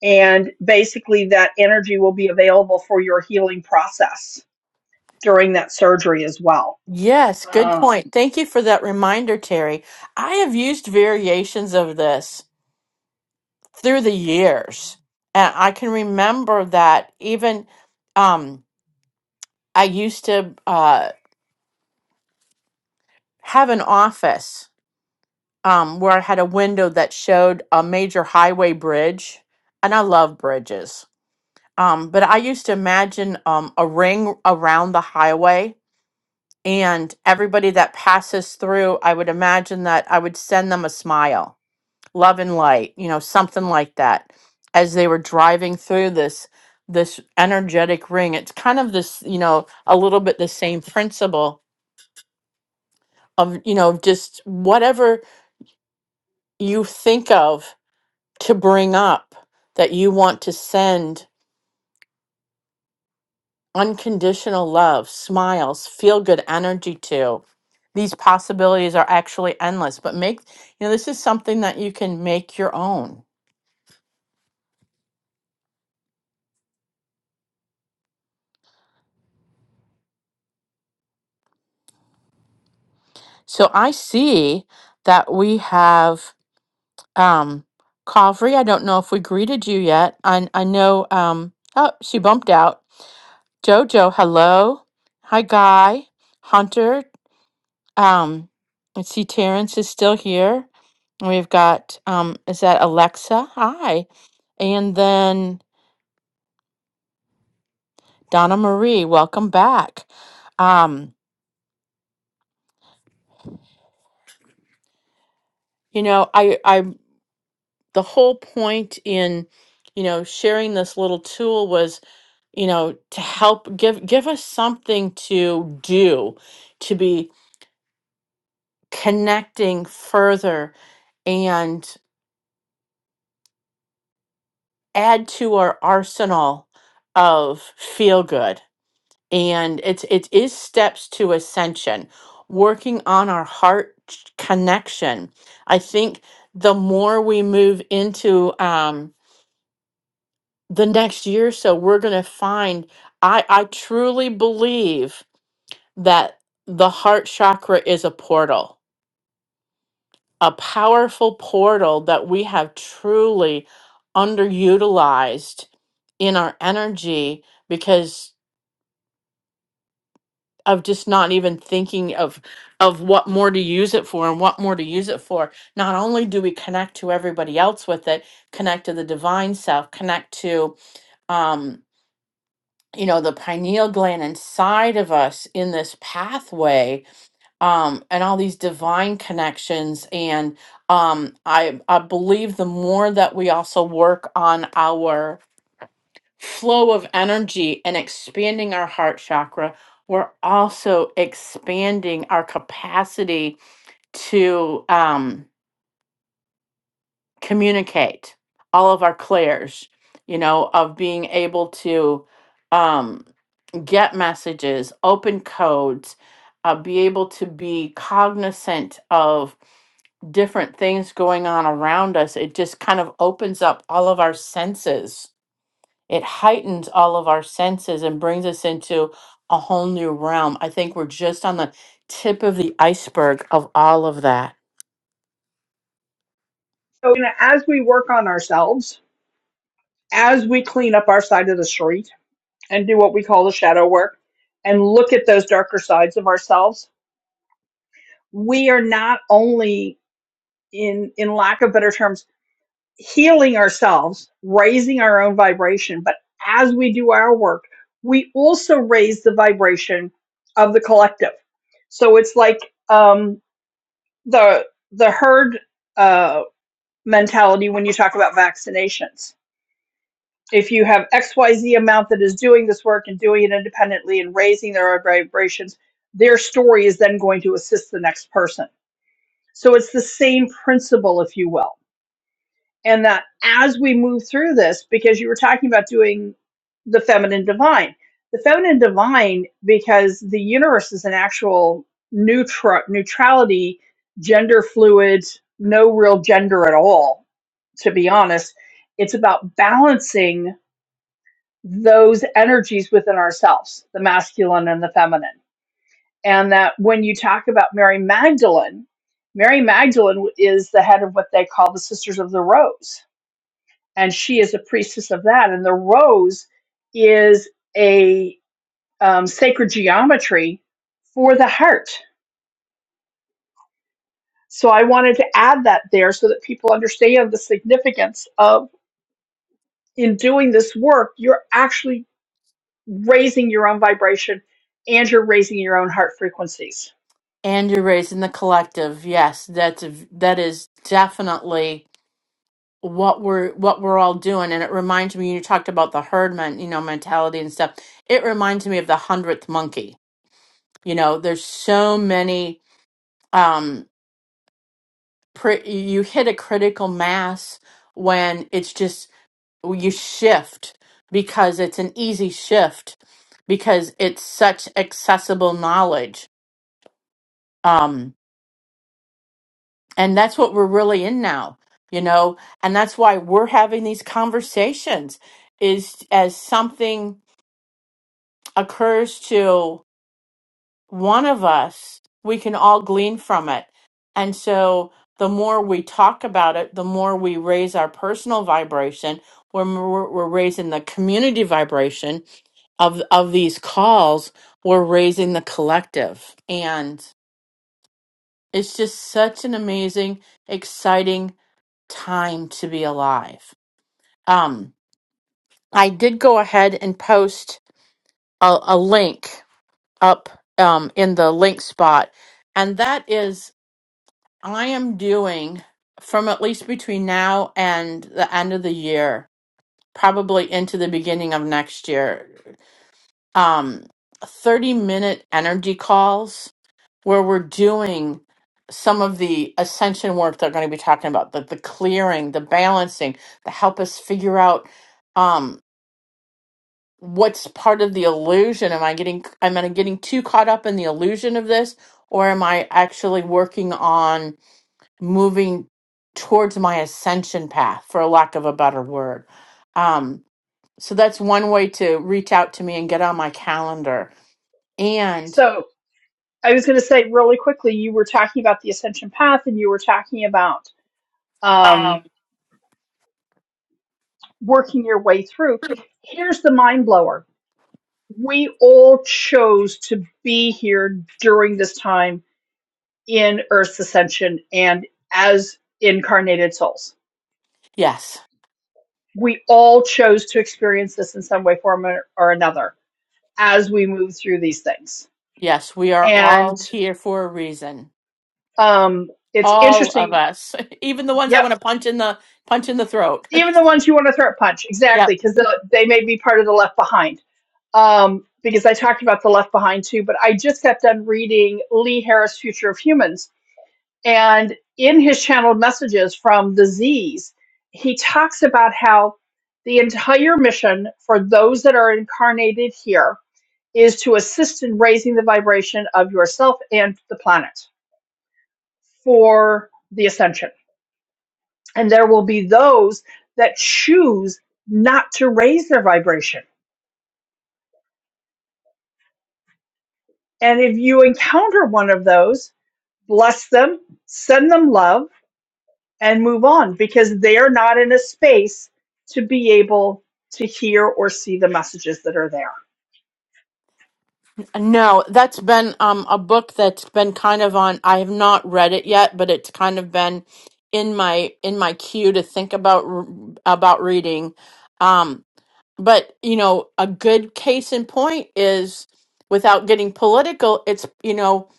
Speaker 1: And basically, that energy will be available for your healing process during that surgery as well.
Speaker 2: Yes, good
Speaker 1: Uh,
Speaker 2: point. Thank you for that reminder, Terry. I have used variations of this through the years. And I can remember that even um, I used to uh, have an office um, where I had a window that showed a major highway bridge. And I love bridges. Um, but I used to imagine um, a ring around the highway. And everybody that passes through, I would imagine that I would send them a smile love and light you know something like that as they were driving through this this energetic ring it's kind of this you know a little bit the same principle of you know just whatever you think of to bring up that you want to send unconditional love smiles feel good energy to these possibilities are actually endless but make you know this is something that you can make your own so i see that we have Um, Covery, I don't know if we greeted you yet. I I know um oh she bumped out. Jojo, hello. Hi Guy. Hunter. Um Let's see Terrence is still here. And We've got um is that Alexa? Hi. And then Donna Marie, welcome back. Um, you know, I I the whole point in, you know, sharing this little tool was you know to help give give us something to do to be connecting further and add to our arsenal of feel good and it's it is steps to ascension working on our heart ch- connection i think the more we move into um the next year or so we're going to find i i truly believe that the heart chakra is a portal a powerful portal that we have truly underutilized in our energy because of just not even thinking of of what more to use it for and what more to use it for not only do we connect to everybody else with it connect to the divine self connect to um you know the pineal gland inside of us in this pathway um and all these divine connections and um i i believe the more that we also work on our flow of energy and expanding our heart chakra we're also expanding our capacity to um communicate all of our clairs you know of being able to um get messages open codes uh, be able to be cognizant of different things going on around us, it just kind of opens up all of our senses. It heightens all of our senses and brings us into a whole new realm. I think we're just on the tip of the iceberg of all of that.
Speaker 1: so, you know, as we work on ourselves, as we clean up our side of the street and do what we call the shadow work and look at those darker sides of ourselves, we are not only in in lack of better terms healing ourselves raising our own vibration but as we do our work we also raise the vibration of the collective so it's like um the the herd uh mentality when you talk about vaccinations if you have xyz amount that is doing this work and doing it independently and raising their own vibrations their story is then going to assist the next person so it's the same principle if you will and that as we move through this, because you were talking about doing the feminine divine, the feminine divine, because the universe is an actual neutral neutrality, gender fluid, no real gender at all, to be honest. It's about balancing those energies within ourselves, the masculine and the feminine. And that when you talk about Mary Magdalene, Mary Magdalene is the head of what they call the Sisters of the Rose and she is a priestess of that. And the rose is a um, sacred geometry for the heart. So I wanted to add that there so that people understand the significance of in doing this work, you're actually raising your own vibration and you're raising your own heart frequencies.
Speaker 2: And you're raising the collective. Yes, that's a v- that is definitely what we're what we're all doing. And it reminds me you talked about the herd men, you know, mentality and stuff. It reminds me of the hundredth monkey. You know, there's so many. Um, pre- you hit a critical mass when it's just you shift because it's an easy shift because it's such accessible knowledge um and that's what we're really in now you know and that's why we're having these conversations is as something occurs to one of us, we can all glean from it. And so the more we talk about it, the more we raise our personal vibration. When we're, we're raising the community vibration of of these calls, we're raising the collective, and it's just such an amazing, exciting time to be alive. Um, I did go ahead and post a, a link up um, in the link spot, and that is I am doing from at least between now and the end of the year, probably into the beginning of next year, um, 30 minute energy calls where we're doing some of the ascension work they're going to be talking about the, the clearing, the balancing, the help us figure out um, what's part of the illusion. Am I getting, am I getting too caught up in the illusion of this? Or am I actually working on? moving towards my ascension path for lack of a better word um so that's one way to reach out to me and get on my calendar and
Speaker 1: So I was going to say really quickly, you were talking about the ascension path and you were talking about
Speaker 2: Um,
Speaker 1: um, working your way through. Here's the mind blower we all chose to be here during this time in Earth's ascension and as incarnated souls.
Speaker 2: yes
Speaker 1: We all chose to experience this in some way, form, or or another as we move through these things.
Speaker 2: yes we are all
Speaker 1: And
Speaker 2: here for a reason
Speaker 1: um, it's
Speaker 2: all of
Speaker 1: interesting.
Speaker 2: us even the ones i
Speaker 1: Yep.
Speaker 2: want to punch in the punch in the throat
Speaker 1: Even the ones you want to throat punch.
Speaker 2: yep
Speaker 1: Exactly. Because they may be part of the left behind. Um, because I talked about the left behind too, but I just got done reading Lee Harris' Future of Humans And in his channeled messages from the Z's, he talks about how the entire mission for those that are incarnated here is to assist in raising the vibration of yourself and the planet for the ascension. And there will be those that choose not to raise their vibration. And if you encounter one of those, bless them, send them love and move on because they are not in a space to be able to hear or see the messages that are there.
Speaker 2: no that's been um a book that's been kind of on i have not read it yet but it's kind of been in my in my queue to think about r- about reading Um, but you know a good case in point is without getting political it's you know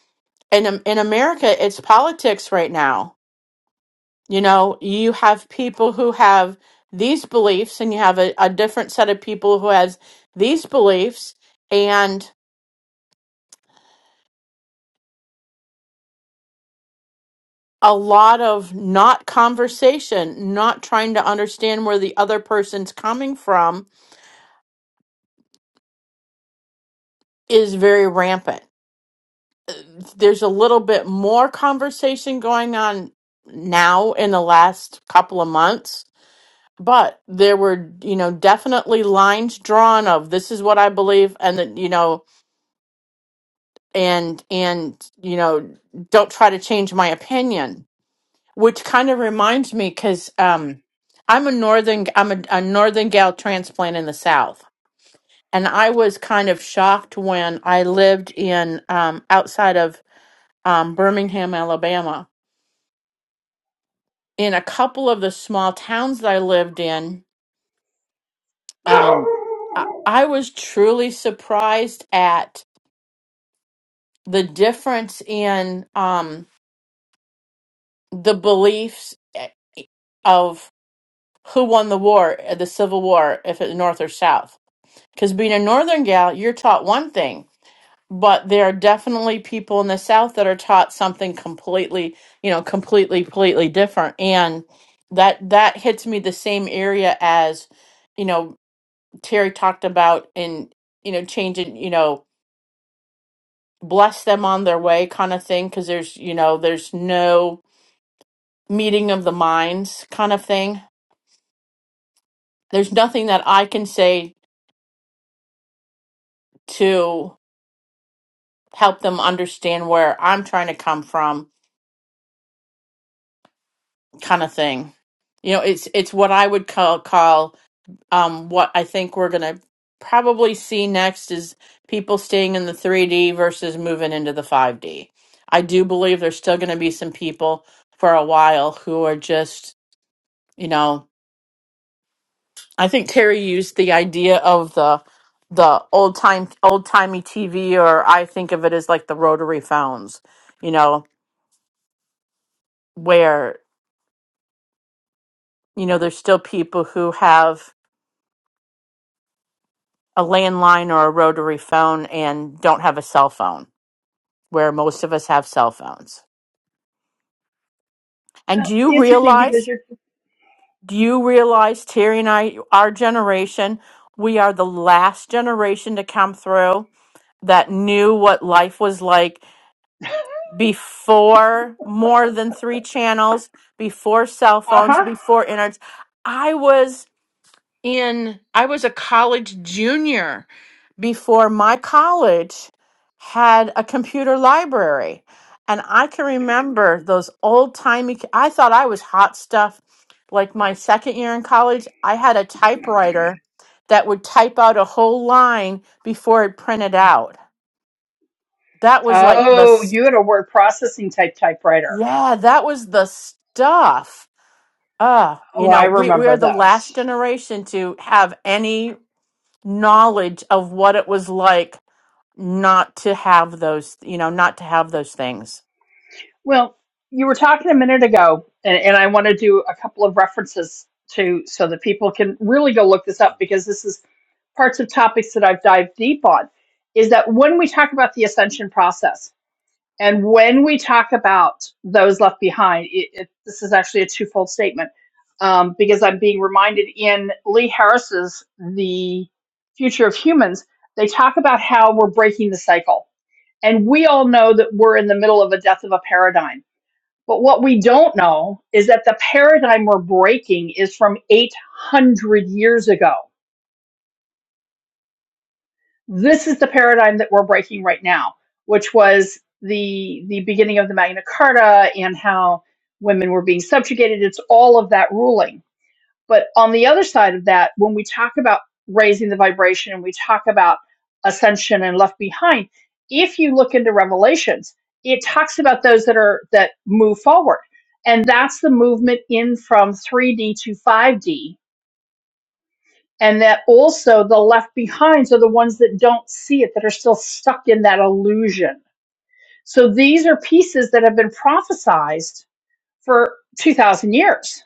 Speaker 2: in Am- in America it's politics right now you know you have people who have these beliefs and you have a, a different set of people who has these beliefs and a lot of not conversation not trying to understand where the other person's coming from is very rampant there's a little bit more conversation going on now in the last couple of months but there were you know definitely lines drawn of this is what i believe and that you know and and you know don't try to change my opinion which kind of reminds me because um i'm a northern i'm a, a northern gal transplant in the south and i was kind of shocked when i lived in um outside of um birmingham alabama in a couple of the small towns that I lived in, um, I, I was truly surprised at the difference in um, the beliefs eh, of who won the war, eh, the Civil War, if it's North or South. Because being a Northern gal, you're taught one thing, but there are definitely people in the South that are taught something completely, you know, completely, completely different. And that that hits me the same area as you know Terry talked about in you know changing you know bless them on their way kind of thing because there's you know there's no meeting of the minds kind of thing. There's nothing that I can say to help them understand where I'm trying to come from kind of thing. You know, it's it's what I would call call um, what I think we're going to probably see next is people staying in the 3D versus moving into the 5D. I do believe there's still going to be some people for a while who are just, you know, I think Terry used the idea of the the old time old timey TV or I think of it as like the rotary phones, you know, where you know there's still people who have a landline or a rotary phone and don't have a cell phone where most of us have cell phones. And
Speaker 1: Now,
Speaker 2: do
Speaker 1: it's
Speaker 2: you
Speaker 1: interesting because
Speaker 2: realize,
Speaker 1: you're,
Speaker 2: do you realize, Terry and I, our generation, we are the last generation to come through that knew what life was like before more than three channels, before cell
Speaker 1: uh
Speaker 2: phones,
Speaker 1: huh.
Speaker 2: before internet. I was. in I was a college junior before my college had a computer library. And I can remember those old timey I thought I was hot stuff. Like my second year in college, I had a typewriter that would type out a whole line before it printed out. That was like the
Speaker 1: Oh,
Speaker 2: s-
Speaker 1: you had a word processing type typewriter.
Speaker 2: yeah, that was the stuff. Uh, you
Speaker 1: Oh, I
Speaker 2: know, we, we are
Speaker 1: remember
Speaker 2: the last
Speaker 1: those.
Speaker 2: generation to have any knowledge of what it was like not to have those, you know, not to have those things.
Speaker 1: Well, you were talking a minute ago, and, and I want to do a couple of references to so that people can really go look this up because this is parts of topics that I've dived deep on. Is that when we talk about the ascension process, And when we talk about those left behind, it, it, this is actually a twofold statement um, because I'm being reminded in Lee Harris's The Future of Humans, they talk about how we're breaking the cycle. And we all know that we're in the middle of a death of a paradigm. But what we don't know is that the paradigm we're breaking is from 800 years ago this is the paradigm that we're breaking right now, which was the the beginning of the Magna Carta and how women were being subjugated. It's all of that ruling. But on the other side of that, when we talk about raising the vibration and we talk about ascension and left behind, if you look into Revelations, it talks about those that are that move forward. And that's the movement in from 3D to 5D and that also the left behinds are the ones that don't see it that are still stuck in that illusion so these are pieces that have been prophesized for 2000 years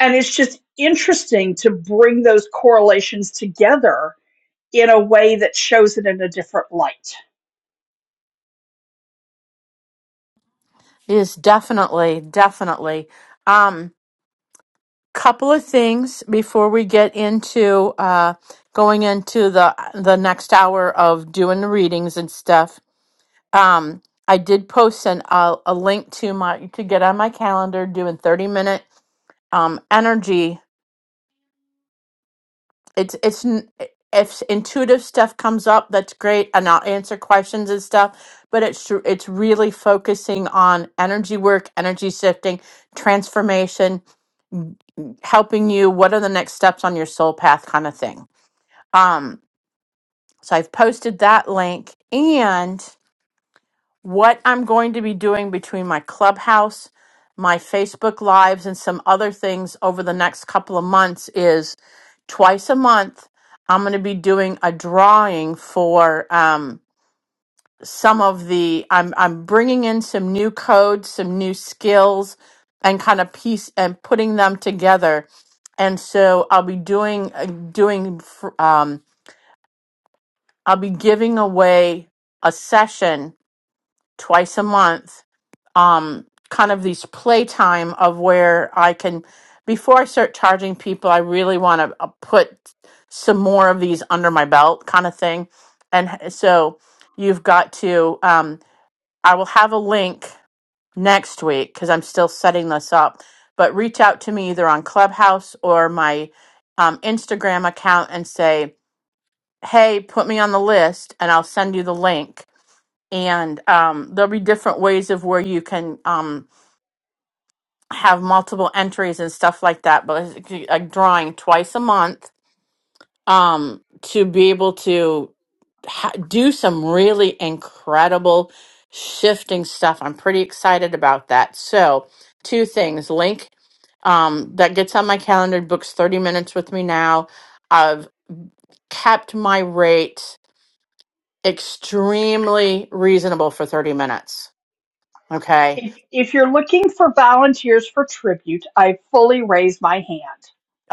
Speaker 1: and it's just interesting to bring those correlations together in a way that shows it in a different light
Speaker 2: Yes, definitely, definitely. Um, couple of things before we get into uh, going into the the next hour of doing the readings and stuff. Um, I did post an, uh, a link to my to get on my calendar doing thirty minute um, energy it's it's n- if intuitive stuff comes up that's great and i'll answer questions and stuff but it's tr- it's really focusing on energy work energy shifting transformation helping you what are the next steps on your soul path kind of thing um so i've posted that link and what I'm going to be doing between my clubhouse, my Facebook lives, and some other things over the next couple of months is twice a month, I'm going to be doing a drawing for um, some of the. I'm I'm bringing in some new codes, some new skills, and kind of piece and putting them together. And so I'll be doing uh, doing. fr- Um, I'll be giving away a session twice a month um kind of these playtime of where I can before I start charging people, I really want to uh, put some more of these under my belt kind of thing. And h- so you've got to um I will have a link next week cuz I'm still setting this up, but reach out to me either on Clubhouse or my um, Instagram account and say, "Hey, put me on the list and I'll send you the link." And um, there'll be different ways of where you can um, have multiple entries and stuff like that, but it's like drawing twice a month um, to be able to ha- do some really incredible shifting stuff. I'm pretty excited about that. So, two things link um, that gets on my calendar, books 30 minutes with me now. I've kept my rate extremely reasonable for 30 minutes. Okay.
Speaker 1: If if you're looking for volunteers for tribute, I fully raise my hand.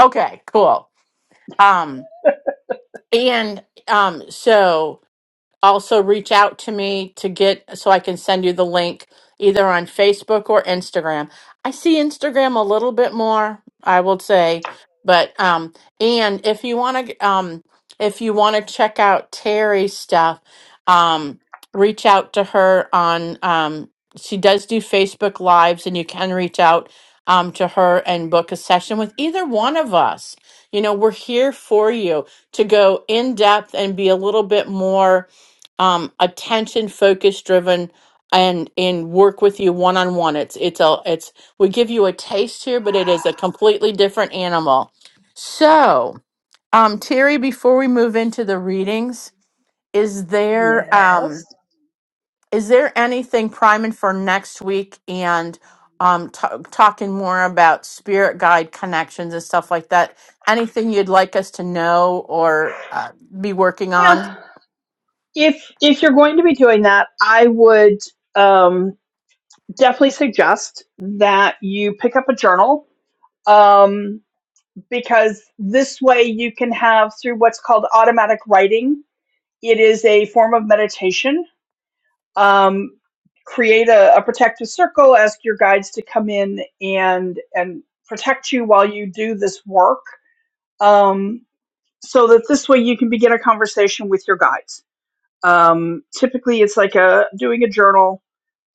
Speaker 2: Okay, cool. Um, and um, so also reach out to me to get so I can send you the link either on Facebook or Instagram. I see Instagram a little bit more, I will say, but um and if you want to um if you want to check out Terry's stuff, um reach out to her on um she does do Facebook lives and you can reach out um to her and book a session with either one of us. You know, we're here for you to go in depth and be a little bit more um, attention focus driven and and work with you one on one it's it's a it's we give you a taste here but it is a completely different animal so um terry before we move into the readings is there um
Speaker 1: Yes.
Speaker 2: is there anything priming for next week and um ta talking more about spirit guide connections and stuff like that anything you'd like us to know or uh, be working
Speaker 1: Well,
Speaker 2: on
Speaker 1: if if you're going to be doing that, I would um, definitely suggest that you pick up a journal um, because this way you can have through what's called automatic writing. It is a form of meditation um, create a, a protective circle ask your guides to come in and and protect you while you do this work um, so that this way you can begin a conversation with your guides um, typically it's like a doing a journal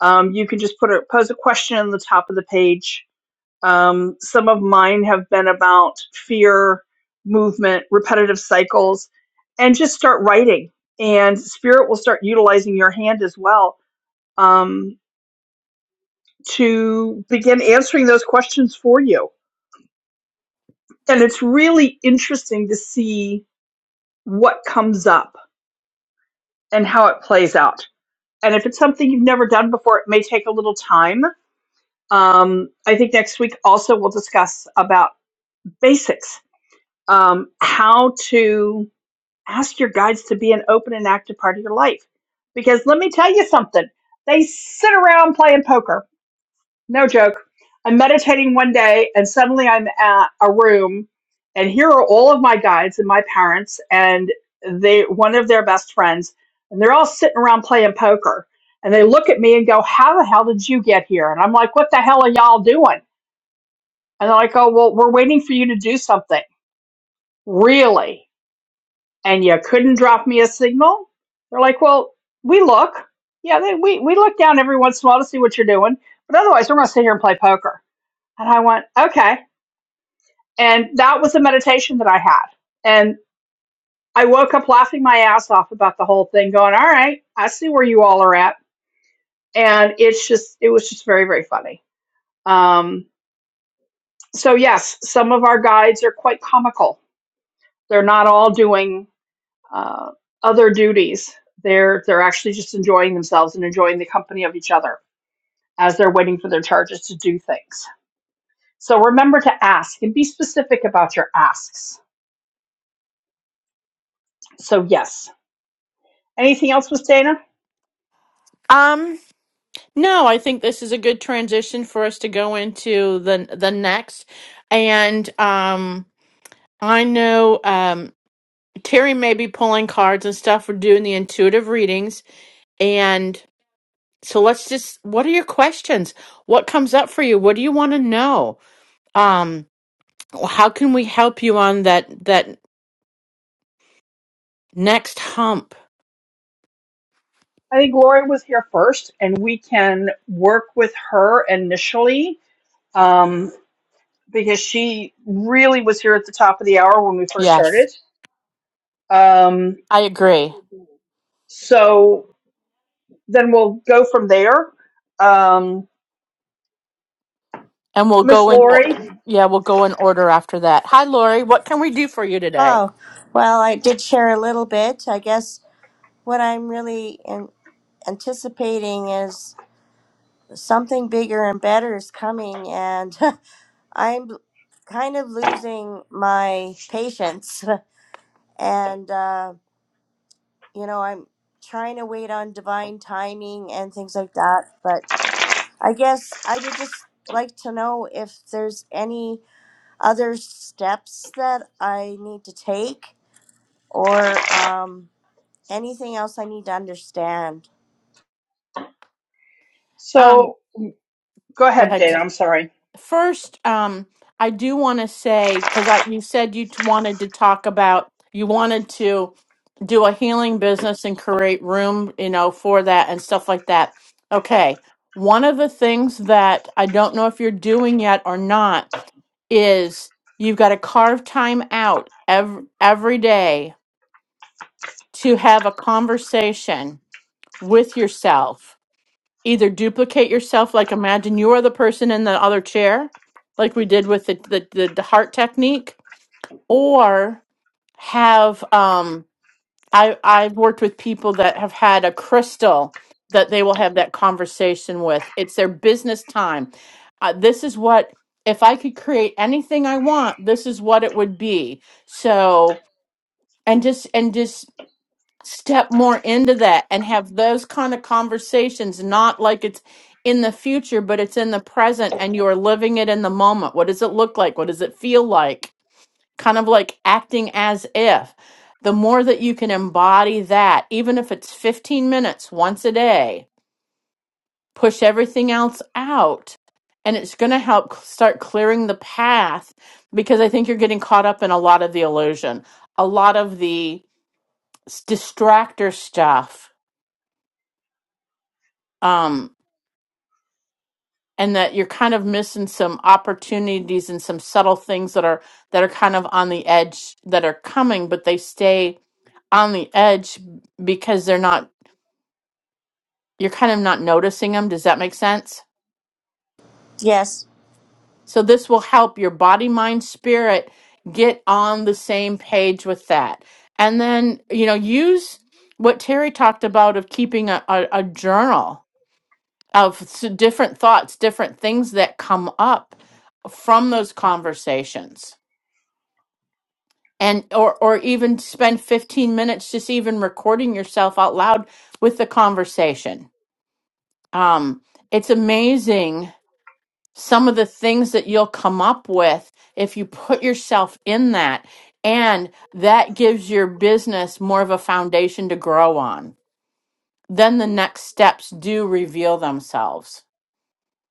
Speaker 1: um, you can just put a pose a question on the top of the page um, some of mine have been about fear movement repetitive cycles and just start writing and spirit will start utilizing your hand as well Um, to begin answering those questions for you. And it's really interesting to see what comes up and how it plays out. And if it's something you've never done before, it may take a little time. Um, I think next week also we'll discuss about basics, um, how to ask your guides to be an open and active part of your life. Because let me tell you something, they sit around playing poker no joke. I'm meditating one day, and suddenly I'm at a room, and here are all of my guides and my parents, and they one of their best friends, and they're all sitting around playing poker. And they look at me and go, "How the hell did you get here?" And I'm like, "What the hell are y'all doing?" And they're like, "Oh, well, we're waiting for you to do something." Really? And you couldn't drop me a signal? They're like, "Well, we look. Yeah, they, we we look down every once in a while to see what you're doing, but otherwise, we're going to sit here and play poker." And I went, okay. And that was the meditation that I had. And I woke up laughing my ass off about the whole thing, going, all right, I see where you all are at. And it's just, it was just very, very funny. Um, so, yes, some of our guides are quite comical. They're not all doing uh, other duties. They're they're actually just enjoying themselves and enjoying the company of each other as they're waiting for their charges to do things. So remember to ask and be specific about your asks. So yes, Anything else, Miss Dana?
Speaker 2: um No, I think this is a good transition for us to go into the the next. And um I know um Terry may be pulling cards and stuff. We're doing the intuitive readings. And so let's just what are your questions? What comes up for you? What do you want to know? Um how can we help you on that that next hump?
Speaker 1: I think Lori was here first, and we can work with her initially um, because she really was here at the top of the hour when we first
Speaker 2: Yes,
Speaker 1: started. Um,
Speaker 2: I agree.
Speaker 1: so then we'll go from there. Um,
Speaker 2: And we'll
Speaker 1: Miss
Speaker 2: go in o-
Speaker 1: Lori,
Speaker 2: yeah, we'll go in order after that. Hi Lori, what can we do for you today?
Speaker 3: Oh, well, I did share a little bit. I guess what I'm really an anticipating is something bigger and better is coming, and I'm kind of losing my patience, and uh, you know, I'm trying to wait on divine timing and things like that. But I guess I would just like to know if there's any other steps that I need to take, or um, anything else I need to understand.
Speaker 2: Um
Speaker 1: so go
Speaker 2: go
Speaker 1: ahead,
Speaker 2: ahead.
Speaker 1: Dana. I'm sorry.
Speaker 2: First, um, I do want to say because I you said you t- wanted to talk about you wanted to do a healing business and create room, you know, for that and stuff like that. Okay. One of the things that I don't know if you're doing yet or not is you've got to carve time out every, every day to have a conversation with yourself either duplicate yourself, like imagine you are the person in the other chair, like we did with the the, the, the heart technique, or have um I I've worked with people that have had a crystal that they will have that conversation with. It's their business time. Uh, this is what if I could create anything I want, this is what it would be. So and just and just step more into that and have those kind of conversations, not like it's in the future, but it's in the present and you're living it in the moment. What does it look like? What does it feel like? Kind of like acting as if. The more that you can embody that, even if it's 15 minutes once a day, push everything else out. And it's going to help c- start clearing the path because I think you're getting caught up in a lot of the illusion, a lot of the s- distractor stuff um, and that you're kind of missing some opportunities and some subtle things that are that are kind of on the edge that are coming, but they stay on the edge because they're not you're kind of not noticing them. Does that make sense?
Speaker 3: Yes,
Speaker 2: So this will help your body, mind, spirit get on the same page with that. And then, you know, use what Terry talked about of keeping a, a, a journal of s- different thoughts, different things that come up from those conversations. And or or even spend 15 minutes just even recording yourself out loud with the conversation. Um it's amazing some of the things that you'll come up with if you put yourself in that and that gives your business more of a foundation to grow on. Then the next steps do reveal themselves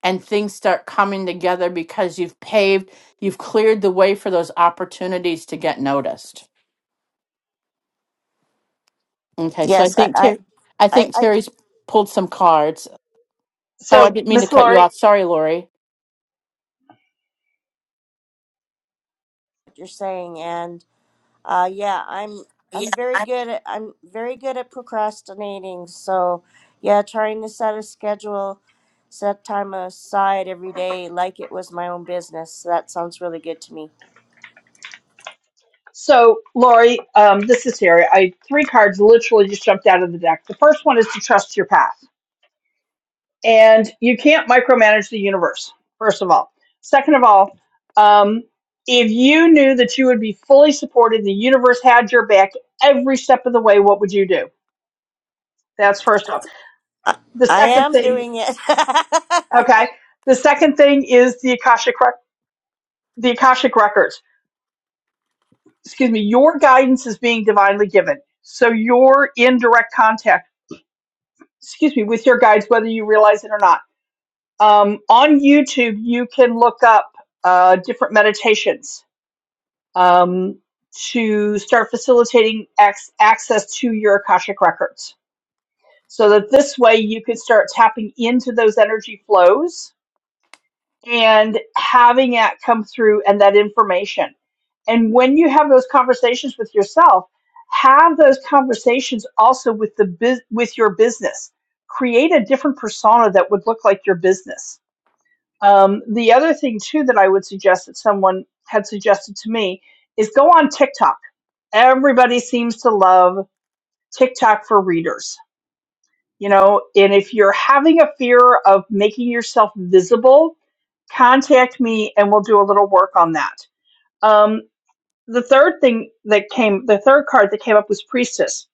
Speaker 2: and things start coming together because you've paved, you've cleared the way for those opportunities to get noticed. Okay, so I
Speaker 3: yes, I,
Speaker 2: think
Speaker 3: I,
Speaker 2: Ter- I
Speaker 3: I,
Speaker 2: think
Speaker 3: I get
Speaker 2: Terry's pulled some cards. Oh, I
Speaker 1: So,
Speaker 2: didn't mean to
Speaker 1: Miss
Speaker 2: cut you
Speaker 1: Lori,
Speaker 2: off. Sorry, Lori.
Speaker 3: what you're saying, and. Uh, yeah, I'm
Speaker 2: Yeah.
Speaker 3: I'm very
Speaker 2: I-
Speaker 3: good at I'm very good at procrastinating. So, yeah, trying to set a schedule, set time aside every day like it was my own business. So that sounds really good to me.
Speaker 1: so Lori, um, this is Terry. I three cards literally just jumped out of the deck. The first one is to trust your path and you can't micromanage the universe first of all second of all um, if you knew that you would be fully supported the universe had your back every step of the way what would you do that's first off
Speaker 3: I,
Speaker 1: the
Speaker 3: I
Speaker 1: second
Speaker 3: am
Speaker 1: thing
Speaker 3: doing it.
Speaker 1: okay the second thing is the akashic rec- the akashic records excuse me your guidance is being divinely given so you're in direct contact excuse me with your guides whether you realize it or not um, on youtube you can look up uh, different meditations um, to start facilitating ac- access to your Akashic records so that this way you could start tapping into those energy flows and having that come through and that information. And when you have those conversations with yourself, have those conversations also with the bus with your business. Create a different persona that would look like your business um, the other thing too that I would suggest that someone had suggested to me is go on TikTok. Everybody seems to love TikTok for readers, you know. And if you're having a fear of making yourself visible, contact me and we'll do a little work on that. Um, the third thing that came, the third card that came up was Priestess.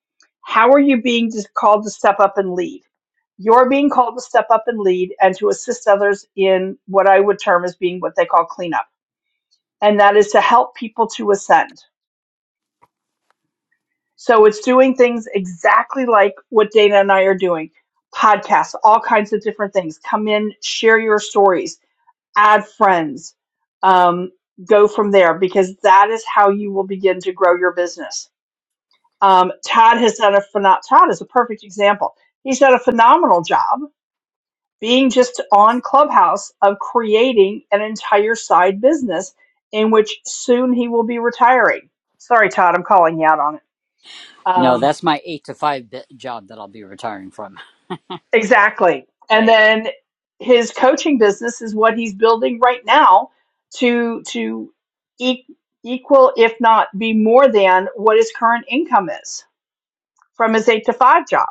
Speaker 1: How are you being called to step up and lead? You're being called to step up and lead and to assist others in what I would term as being what they call cleanup. And that is to help people to ascend. So it's doing things exactly like what Dana and I are doing podcasts, all kinds of different things. Come in, share your stories, add friends, um, go from there, because that is how you will begin to grow your business Um, Todd has done a phenomenal. Todd is a perfect example. He's done a phenomenal job being just on Clubhouse of creating an entire side business in which soon he will be retiring. Sorry, Todd, I'm calling you out on it.
Speaker 4: No,
Speaker 1: Um,
Speaker 4: that's my eight to five bit job that I'll be retiring from.
Speaker 1: exactly. And
Speaker 4: Right.
Speaker 1: then his coaching business is what he's building right now to to e- equal, if not be more than, what his current income is from his eight to five job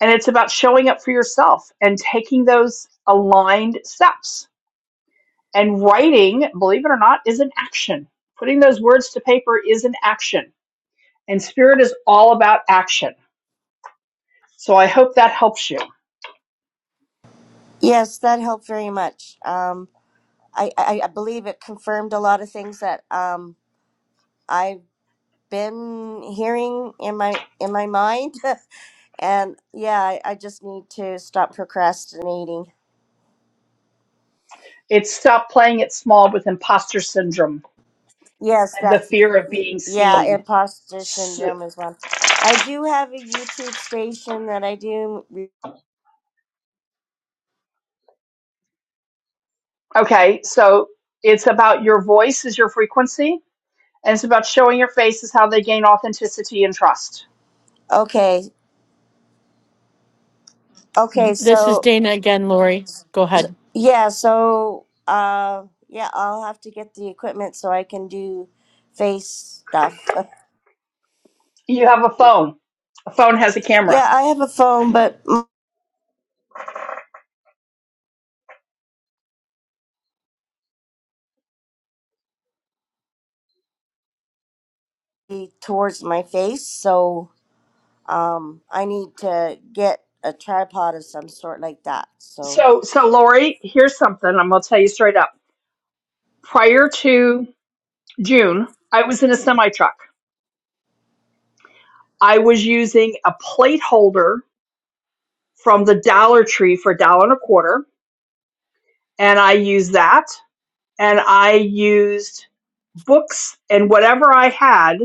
Speaker 1: And it's about showing up for yourself and taking those aligned steps. And writing, believe it or not, is an action. Putting those words to paper is an action. And spirit is all about action. So I hope that helps you.
Speaker 3: yes, that helped very much. Um, I, I I believe it confirmed a lot of things that um I've been hearing in my in my mind, and yeah, I, I just need to stop procrastinating.
Speaker 1: It's stop playing it small with imposter syndrome
Speaker 3: Yes,
Speaker 1: and the
Speaker 3: that's
Speaker 1: fear of
Speaker 3: y-
Speaker 1: being
Speaker 3: yeah,
Speaker 1: seen.
Speaker 3: imposter
Speaker 1: S-
Speaker 3: syndrome is one. I do have a YouTube station that I do re-
Speaker 1: okay, so it's about your voice is your frequency, and it's about showing your face is how they gain authenticity and trust.
Speaker 3: Okay. Okay,
Speaker 2: Th- This is
Speaker 3: so
Speaker 2: Dana again, Lori. Go ahead.
Speaker 3: yeah, so uh yeah, I'll have to get the equipment so I can do face stuff.
Speaker 1: You have a phone. A phone has a camera
Speaker 3: yeah, I have a phone but mostly towards my face, so um I need to get a tripod of some sort like that. So,
Speaker 1: So, so Lori, here's something I'm going to tell you straight up. Prior to June, I was in a semi truck. I was using a plate holder from the Dollar Tree for a dollar and a quarter, and I used that. And I used books and whatever I had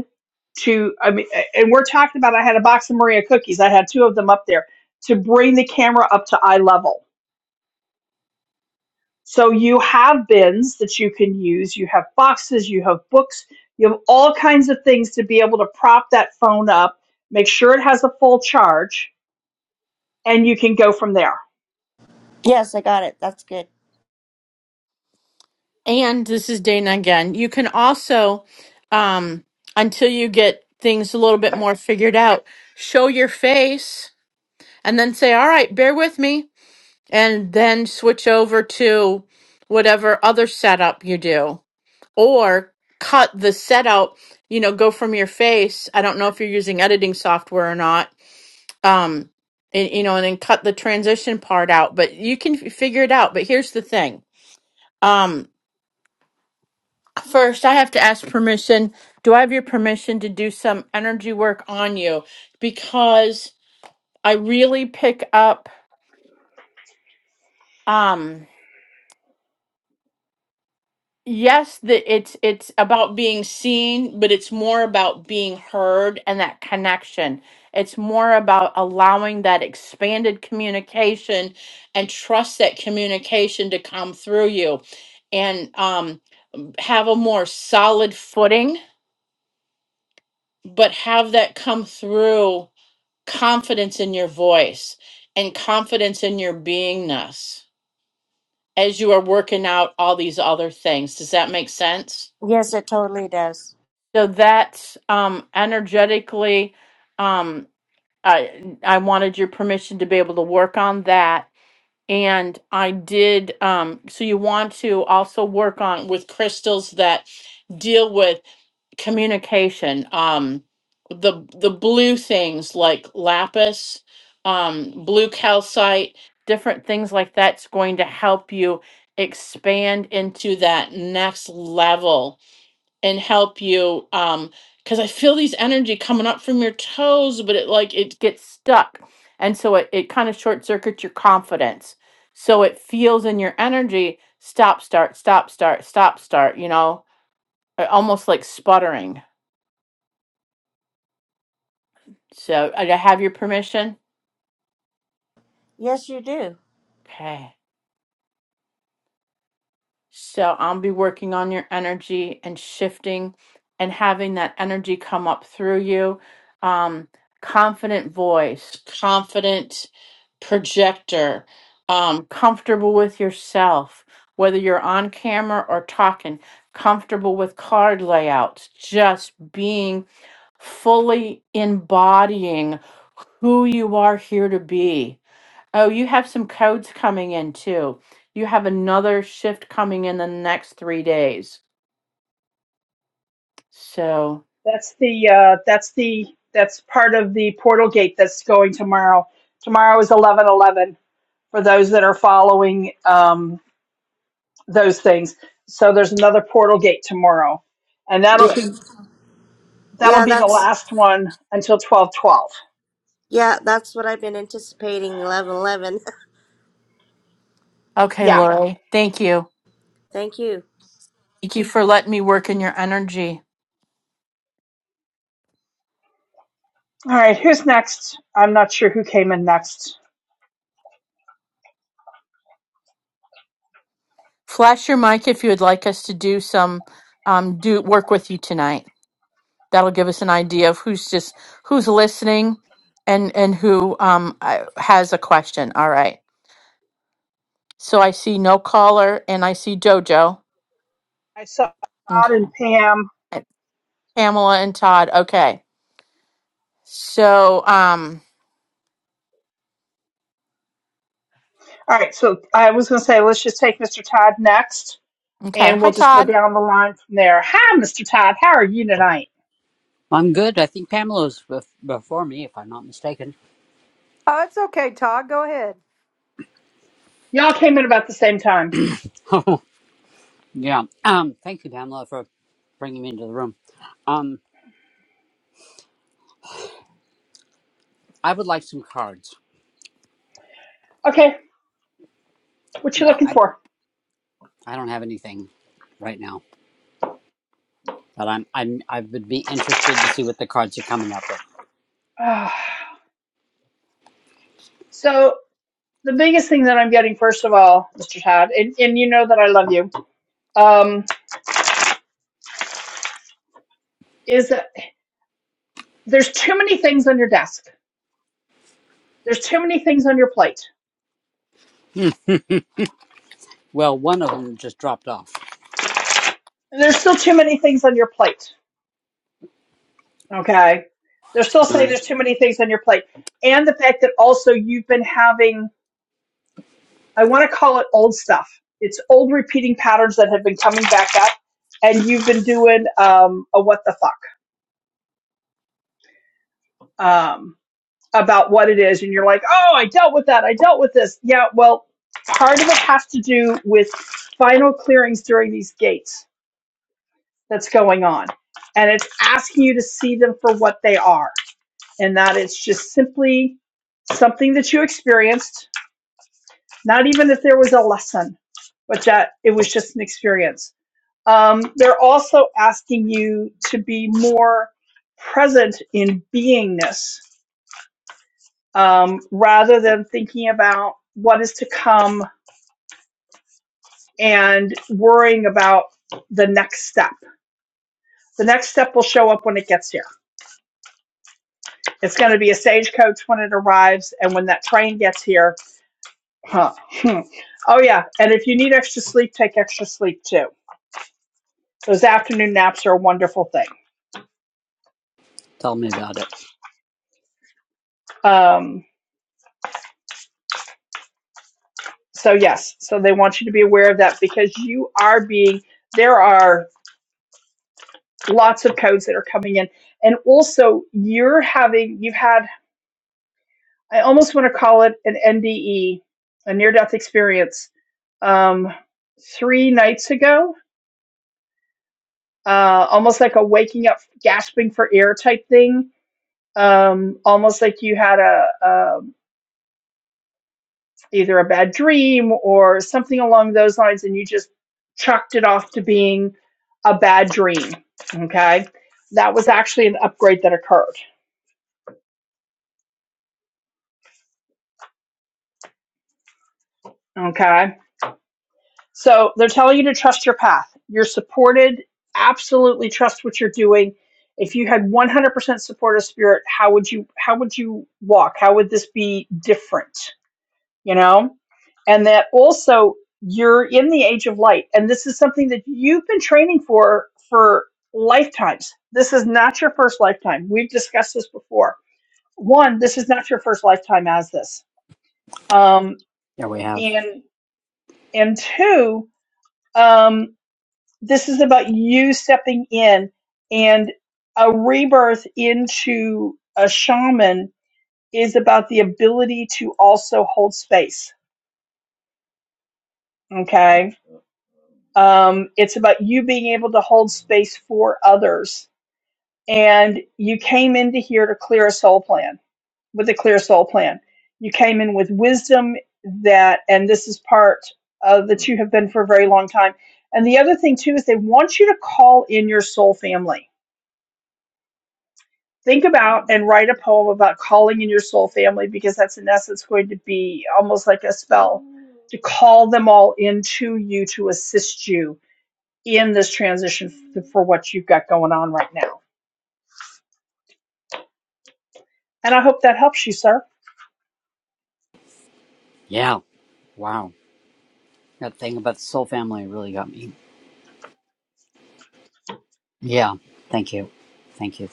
Speaker 1: to, I mean, and we're talking about I had a box of Maria cookies. I had two of them up there to bring the camera up to eye level. So you have bins that you can use, you have boxes, you have books, you have all kinds of things to be able to prop that phone up, make sure it has a full charge, and you can go from there.
Speaker 3: yes, I got it. That's good.
Speaker 2: And this is Dana again. You can also, um, until you get things a little bit more figured out, show your face and then say, all right, bear with me. and then switch over to whatever other setup you do or cut the setup you know go from your face i don't know if you're using editing software or not um and, you know and then cut the transition part out but you can f- figure it out but here's the thing um first i have to ask permission do i have your permission to do some energy work on you because i really pick up um, yes that it's it's about being seen but it's more about being heard and that connection it's more about allowing that expanded communication and trust that communication to come through you and um, have a more solid footing but have that come through confidence in your voice and confidence in your beingness as you are working out all these other things does that make sense
Speaker 3: Yes, it totally does.
Speaker 2: So that's um, energetically. Um, I I wanted your permission to be able to work on that, and I did. Um, so you want to also work on with crystals that deal with communication. Um, the the blue things like lapis, um, blue calcite, different things like that's going to help you expand into that next level and help you um because i feel these energy coming up from your toes but it like it gets stuck and so it, it kind of short circuits your confidence so it feels in your energy stop start stop start stop start you know uh, almost like sputtering so i I have your permission
Speaker 3: Yes, you do.
Speaker 2: okay So I'll be working on your energy and shifting and having that energy come up through you. Um, confident voice, confident projector, um, comfortable with yourself, whether you're on camera or talking, comfortable with card layouts, just being fully embodying who you are here to be Oh, you have some codes coming in too. You have another shift coming in the next three days. So,
Speaker 1: That's the, uh, that's the, that's part of the portal gate that's going tomorrow. Tomorrow is eleven eleven for those that are following. um, those things. So there's another portal gate tomorrow, and that'll con- that'll
Speaker 3: Yeah,
Speaker 1: be the
Speaker 3: that's
Speaker 1: last one until twelve twelve.
Speaker 3: yeah, that's what I've been anticipating. Eleven, eleven.
Speaker 2: okay,
Speaker 1: Yeah.
Speaker 2: Lori, thank you.
Speaker 3: Thank you.
Speaker 2: Thank you for letting me work in your energy.
Speaker 1: All right. Who's next? I'm not sure who came in next.
Speaker 2: Flash your mic if you would like us to do some um, do work with you tonight. That'll give us an idea of who's just who's listening and and who um, I- has a question. All right. So I see no caller, and I see JoJo,
Speaker 1: I saw
Speaker 2: okay,
Speaker 1: Todd and Pam.
Speaker 2: Pamela, and Todd. Okay. So, um.
Speaker 1: All right. So I was going to say let's just take Mr. Todd next,
Speaker 2: Okay.
Speaker 1: and
Speaker 2: Hi,
Speaker 1: we'll just go
Speaker 2: Todd.
Speaker 1: down the line from there. Hi, Mr. Todd. How are you tonight?
Speaker 4: I'm good. I think Pamela's bef- before me, if I'm not mistaken.
Speaker 5: Oh, it's okay, Todd. Go ahead.
Speaker 1: Y'all came in about the same time.
Speaker 4: yeah. Um. Thank you, Pamela, for bringing me into the room. Um. I would like some cards.
Speaker 1: Okay. What you
Speaker 4: Yeah.
Speaker 1: looking
Speaker 4: I
Speaker 1: for?
Speaker 4: I don't have anything right now, but I'm I'm I would be interested to see what the cards are coming up with.
Speaker 1: Uh, so the biggest thing that I'm getting, first of all, Mr. Todd, and, and you know that I love you um, is that there's too many things on your desk. There's too many things on your plate.
Speaker 4: Well, one of them just dropped off.
Speaker 1: there's still too many things on your plate. Okay. They're still saying
Speaker 4: Uh,
Speaker 1: there's too many things on your plate. And the fact that also you've been having, I want to call it old stuff. It's old repeating patterns that have been coming back up. And you've been doing um, a what the fuck um, about what it is. And you're like, oh, I dealt with that. I dealt with this. Yeah. Well, part of it has to do with final clearings during these gates that's going on. And it's asking you to see them for what they are. And that it's just simply something that you experienced, not even that there was a lesson, but that it was just an experience. Um, they're also asking you to be more present in beingness um, rather than thinking about what is to come and worrying about the next step. The next step will show up when it gets here It's going to be a stagecoach when it arrives, and when that train gets here. Huh. Hmm. Oh yeah, and if you need extra sleep, take extra sleep too. Those afternoon naps are a wonderful thing.
Speaker 4: tell me about it.
Speaker 1: Um, so yes, so they want you to be aware of that because you are being. There are lots of codes that are coming in, and also you're having. You've had. I almost want to call it an NDE, a near-death experience, um, three nights ago uh, almost like a waking up, gasping for air type thing. Um, almost like you had a, um either a bad dream or something along those lines, and you just chucked it off to being a bad dream. Okay, that was actually an upgrade that occurred. Okay, so they're telling you to trust your path. You're supported. Absolutely trust what you're doing. If you had 100% support of spirit, how would you how would you walk? How would this be different? you know? And that also you're in the age of light. And this is something that you've been training for for lifetimes. This is not your first lifetime. We've discussed this before. One, this is not your first lifetime as this. Um,
Speaker 4: Yeah, we have.
Speaker 1: and and two, um, this is about you stepping in and a rebirth into a shaman is about the ability to also hold space. Okay Um, it's about you being able to hold space for others. And you came into here to clear a soul plan with a clear soul plan. You came in with wisdom that, and this is part uh, that you have been for a very long time. And the other thing too is they want you to call in your soul family. Think about and write a poem about calling in your soul family because that's in essence going to be almost like a spell to call them all into you to assist you in this transition f- for what you've got going on right now. And I hope that helps you, sir.
Speaker 4: Yeah. Wow. That thing about the Soul Family really got me. Yeah. Thank you. Thank you.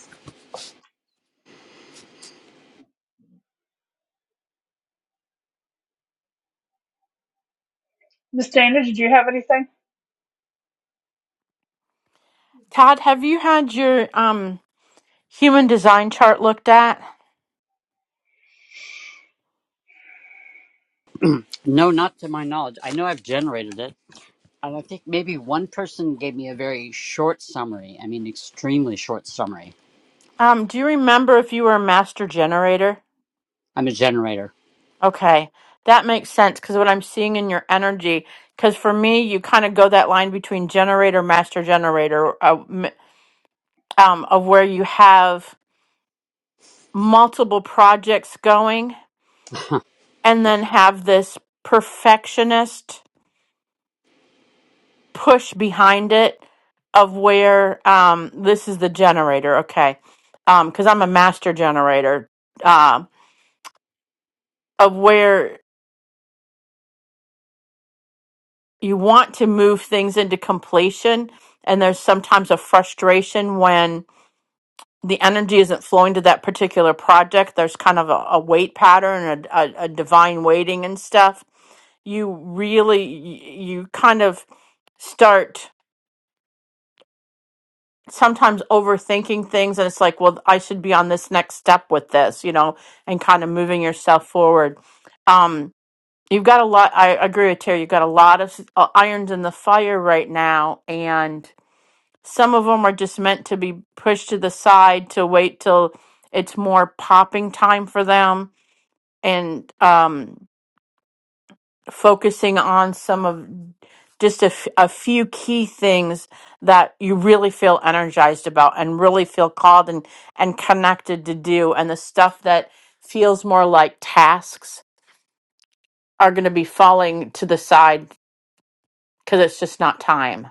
Speaker 1: Miss Dana, did you have anything?
Speaker 2: Todd, have you had your um human design chart looked at?
Speaker 4: No, not to my knowledge. I know I've generated it. And I think maybe one person gave me a very short summary. I mean, extremely short summary.
Speaker 2: Um, do you remember if you were a master generator?
Speaker 4: I'm a generator.
Speaker 2: Okay. That makes sense because what I'm seeing in your energy, because for me, you kind of go that line between generator, master generator, uh, m- um, of where you have multiple projects going and
Speaker 4: Yeah.
Speaker 2: then have this perfectionist push behind it of where um, this is the generator, okay? Because I'm a master generator uh of where you want to move things into completion, and there's sometimes a frustration when the energy isn't flowing to that particular project. There's kind of a, a weight pattern, a, a, a divine waiting and stuff. You really, you kind of start. sometimes overthinking things and it's like well i should be on this next step with this you know and kind of moving yourself forward um you've got a lot i agree with terry you've got a lot of uh, irons in the fire right now and some of them are just meant to be pushed to the side to wait till it's more popping time for them and um focusing on some of just a, f- a few key things that you really feel energized about and really feel called and, and connected to do. And the stuff that feels more like tasks are going to be falling to the side because it's just not time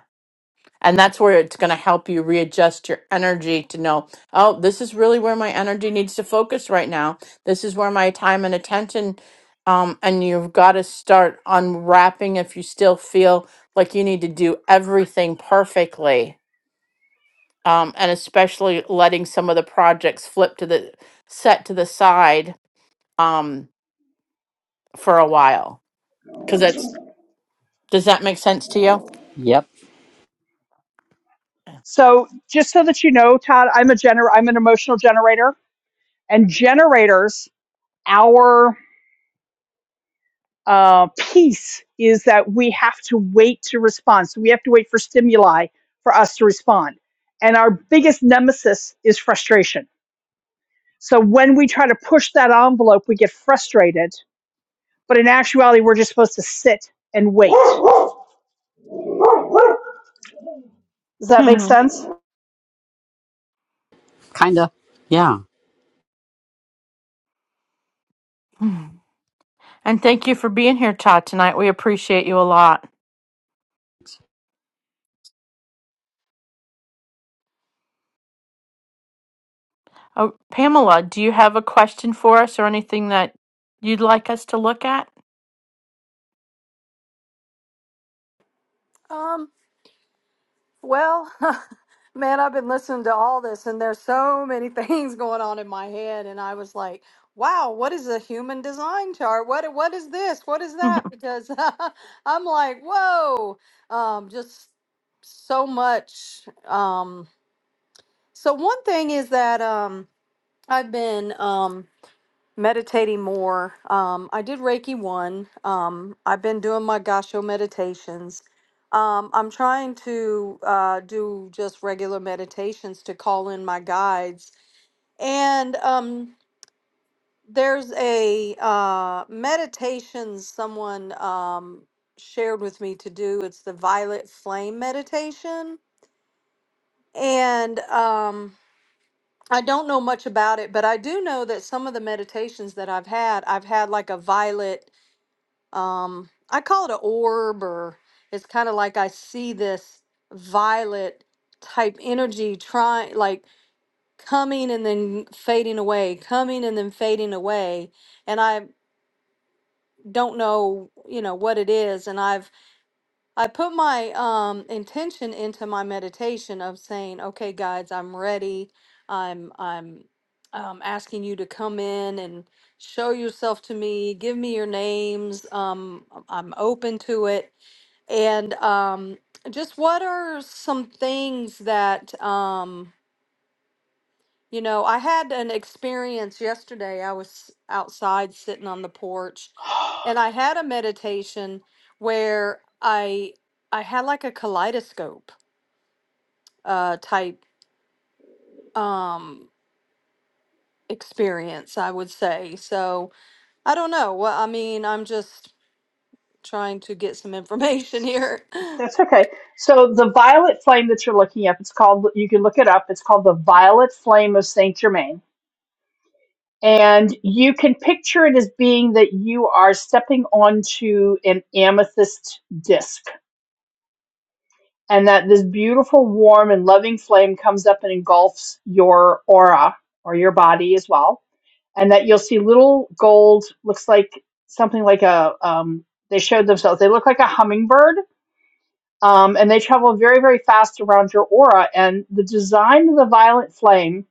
Speaker 2: and that's where it's going to help you readjust your energy to know, oh, this is really where my energy needs to focus right now. This is where my time and attention. Um, and you've got to start unwrapping if you still feel like you need to do everything perfectly. Um, and especially letting some of the projects flip to the set to the side um, for a while. Because that's, does that make sense to you?
Speaker 4: Yep.
Speaker 1: So just so that you know, Todd, I'm a gener- I'm an emotional generator, and generators, our uh, piece is that we have to wait to respond. So we have to wait for stimuli for us to respond. And our biggest nemesis is frustration. So when we try to push that envelope, we get frustrated. But in actuality, we're just supposed to sit and wait. Does that make
Speaker 2: Mhm.
Speaker 1: sense?
Speaker 4: Kinda. Yeah.
Speaker 2: and thank you for being here, Todd, tonight. We appreciate you a lot. Oh, Pamela, do you have a question for us or anything that you'd like us to look at?
Speaker 5: Um, well, man, I've been listening to all this, and there's so many things going on in my head, and I was like, "Wow, what is a human design chart? What what is this? What is that?" Because I'm like, "Whoa!" Um, just so much. Um, so one thing is that um, I've been um, meditating more. Um, I did Reiki one. Um, I've been doing my Gasho meditations. Um, I'm trying to uh, do just regular meditations to call in my guides. And um, there's a uh, meditation someone um, shared with me to do. It's the Violet Flame meditation. And um, I don't know much about it, but I do know that some of the meditations that I've had, I've had like a violet um i call it an orb or it's kind of like i see this violet type energy trying like coming and then fading away coming and then fading away and i don't know you know what it is and i've i put my um intention into my meditation of saying okay guides i'm ready i'm i'm um, asking you to come in and show yourself to me give me your names um i'm open to it and um, just what are some things that, um, you know, I had an experience yesterday. I was outside sitting on the porch and I had a meditation where I I had like a kaleidoscope uh type um experience, I would say. So, I don't know. Well, I mean, I'm just trying to get some information here.
Speaker 1: That's okay. So the violet flame that you're looking up, it's called, you can look it up. It's called the violet flame of Saint Germain. And you can picture it as being that you are stepping onto an amethyst disc and that this beautiful, warm, and loving flame comes up and engulfs your aura or your body as well. And that you'll see little gold, looks like something like a, um, they showed themselves, they look like a hummingbird um, and they travel very, very fast around your aura. And the design of the violet flame,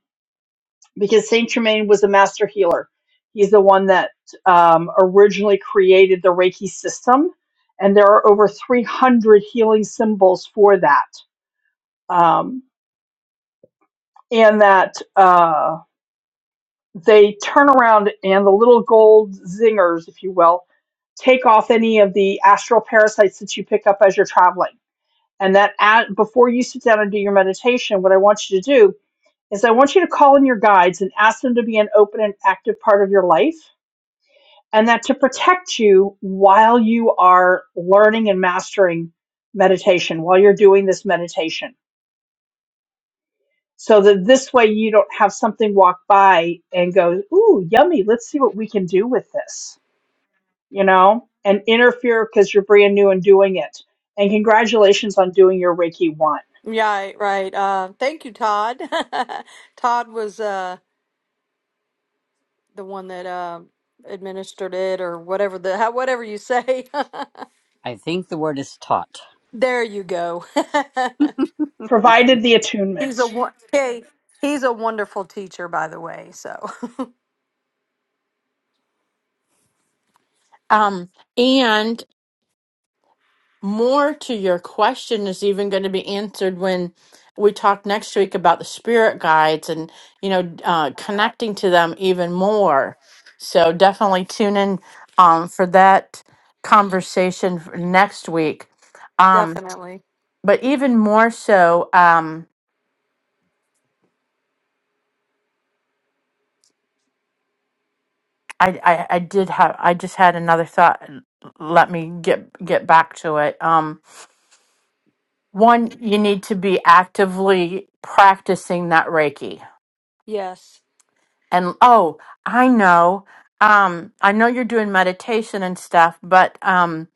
Speaker 1: because Saint Germain was a master healer, he's the one that um, originally created the Reiki system, and there are over 300 healing symbols for that. Um, and that uh, they turn around, and the little gold zingers, if you will, take off any of the astral parasites that you pick up as you're traveling And that at, before you sit down and do your meditation, what I want you to do is I want you to call in your guides and ask them to be an open and active part of your life, and that to protect you while you are learning and mastering meditation, while you're doing this meditation. So that this way you don't have something walk by and go, ooh, yummy, let's see what we can do with this you know, and interfere because you're brand new and doing it. And congratulations on doing your Reiki one.
Speaker 5: Right, right. Uh, thank you, Todd. Todd was. uh the one that uh, administered it or whatever the how, whatever you say.
Speaker 4: I think the word is taught.
Speaker 5: there you go.
Speaker 1: provided the attunement.
Speaker 5: he's a won- hey, he's a wonderful teacher, by the way. So
Speaker 2: um, and more to your question is even going to be answered when we talk next week about the spirit guides and you know uh, connecting to them even more. So definitely tune in um, for that conversation for next week. Um,
Speaker 5: definitely
Speaker 2: but even more so um I, I i did have i just had another thought let me get get back to it um one you need to be actively practicing that reiki
Speaker 5: yes.
Speaker 2: and oh i know um i know you're doing meditation and stuff but um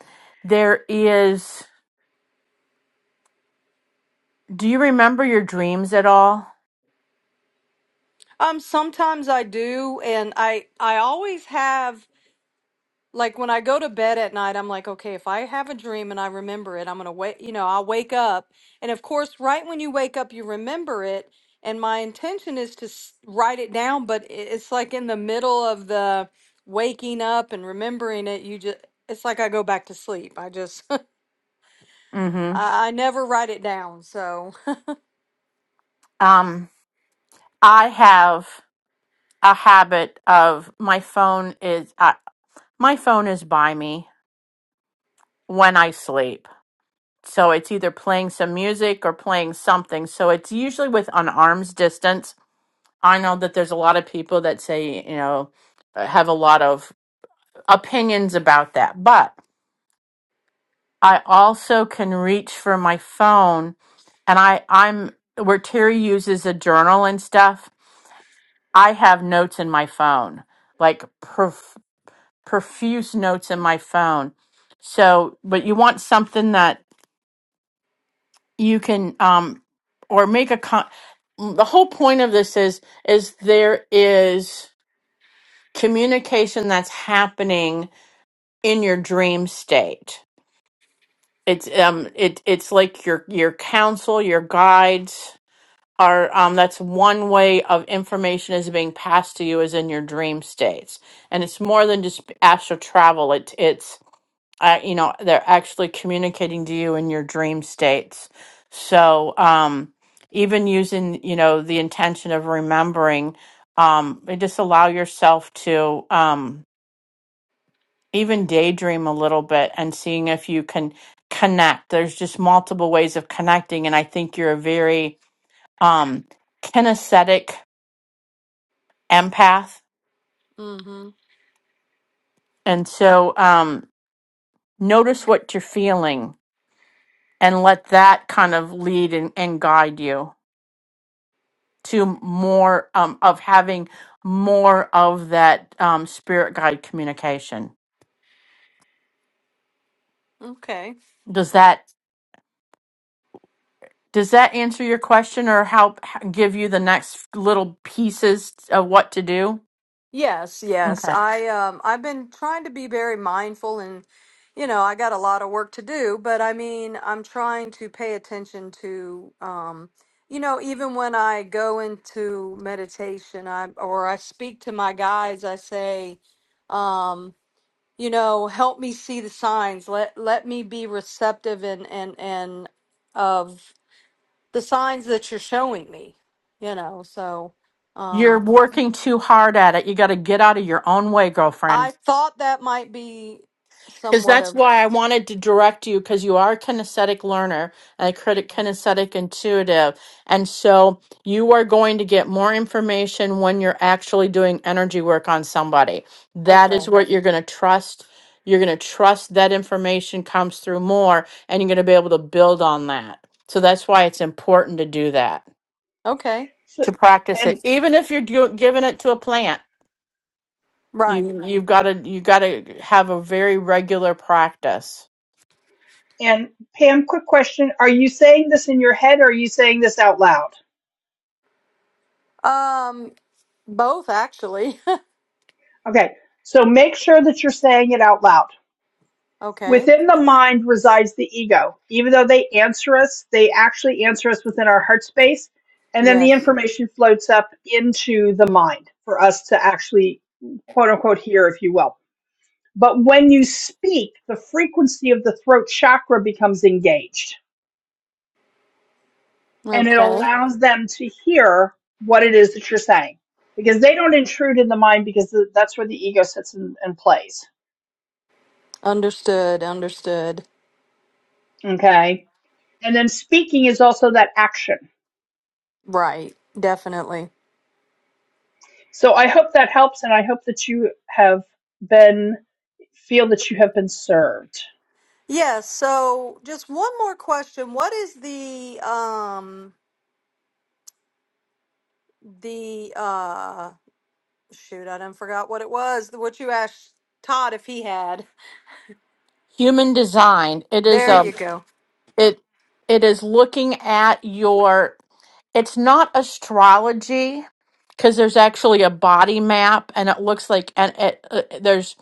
Speaker 2: there is do you remember your dreams at all
Speaker 5: Um, sometimes I do, and I I always have Like when I go to bed at night, I'm like, okay, if I have a dream and I remember it, I'm gonna wait, you know, I'll wake up. And of course, right when you wake up, you remember it. And my intention is to s- write it down, but i- it's like in the middle of the waking up and remembering it, you just, it's like I go back to sleep. I just, I,
Speaker 2: mm-hmm
Speaker 5: I never write it down. So,
Speaker 2: um i have a habit of my phone is uh, my phone is by me when I sleep. So it's either playing some music or playing something. So it's usually with an arm's distance. I know that there's a lot of people that say, you know, uh, have a lot of opinions about that. But I also can reach for my phone and I I'm where Terry uses a journal and stuff, I have notes in my phone. Like prof- profuse notes in my phone. So, but you want something that you can um or make a con the whole point of this is is there is communication that's happening in your dream state it's um it it's like your your counsel your guides are um that's one way of information is being passed to you is in your dream states and it's more than just astral travel it it's I, you know, they're actually communicating to you in your dream states. So, um, even using, you know, the intention of remembering, um, and just allow yourself to, um, even daydream a little bit and seeing if you can connect. There's just multiple ways of connecting. And I think you're a very, um, kinesthetic empath.
Speaker 5: mm-hmm.
Speaker 2: And so, um, notice what you're feeling and let that kind of lead and, and guide you. to more um, of having more of that um, spirit guide communication.
Speaker 5: Okay.
Speaker 2: Does that does that answer your question or help h- give you the next little pieces of what to do?
Speaker 5: Yes, yes.
Speaker 2: Okay.
Speaker 5: I um I've been trying to be very mindful and you know, I got a lot of work to do, but I mean, I'm trying to pay attention to um you know, even when I go into meditation, I or I speak to my guides, I say, um, you know, help me see the signs. Let let me be receptive and and and of the signs that you're showing me, you know. So, um.
Speaker 2: You're working too hard at it. You got to get out of your own way, girlfriend.
Speaker 5: I thought that might be
Speaker 2: Because
Speaker 5: somewhat
Speaker 2: that's
Speaker 5: of
Speaker 2: why I wanted to direct you, because you are a kinesthetic learner and a critic kinesthetic intuitive. And so you are going to get more information when you're actually doing energy work on somebody. That is
Speaker 5: okay.
Speaker 2: what you're going to trust. You're going to trust that information comes through more and you're going to be able to build on that. So that's why it's important to do that,
Speaker 5: Okay.
Speaker 1: So,
Speaker 2: to practice it.
Speaker 1: and
Speaker 2: Even if you're do- giving it to a plant,
Speaker 5: Right.
Speaker 2: you, you've got to, you got to have a very regular practice.
Speaker 1: and Pam, quick question: Are you saying this in your head, or are you saying this out loud?
Speaker 5: Um both actually.
Speaker 1: Okay, so make sure that you're saying it out loud.
Speaker 5: okay.
Speaker 1: Within the mind resides the ego. Even though they answer us, they actually answer us within our heart space. And then the
Speaker 5: Yes.
Speaker 1: information floats up into the mind for us to actually, quote unquote, hear, if you will. But when you speak, the frequency of the throat chakra becomes engaged and it
Speaker 5: Okay.
Speaker 1: allows them to hear what it is that you're saying because they don't intrude in the mind because th- that's where the ego sits and, and plays.
Speaker 5: Understood. Understood.
Speaker 1: Okay And then speaking is also that action.
Speaker 5: Right. Definitely.
Speaker 1: So I hope that helps and I hope that you have been, feel that you have been served.
Speaker 5: Yes, so just one more question. What is the um the uh shoot, I done forgot what it was. What you asked Todd if he had.
Speaker 2: human design it is
Speaker 5: There
Speaker 4: Yep.
Speaker 5: you
Speaker 2: a
Speaker 5: go.
Speaker 2: it it is looking at your it's not astrology because there's actually a body map and it looks like and it, uh, there's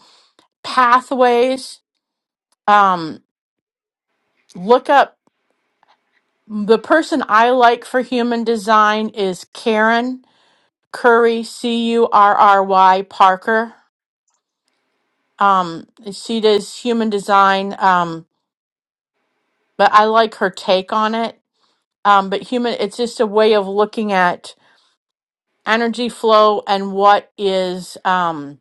Speaker 2: pathways um look up the person i like for human design is karen curry c u r r y parker um she does human design um but i like her take on it um but human it's just a way of looking at energy flow and what is um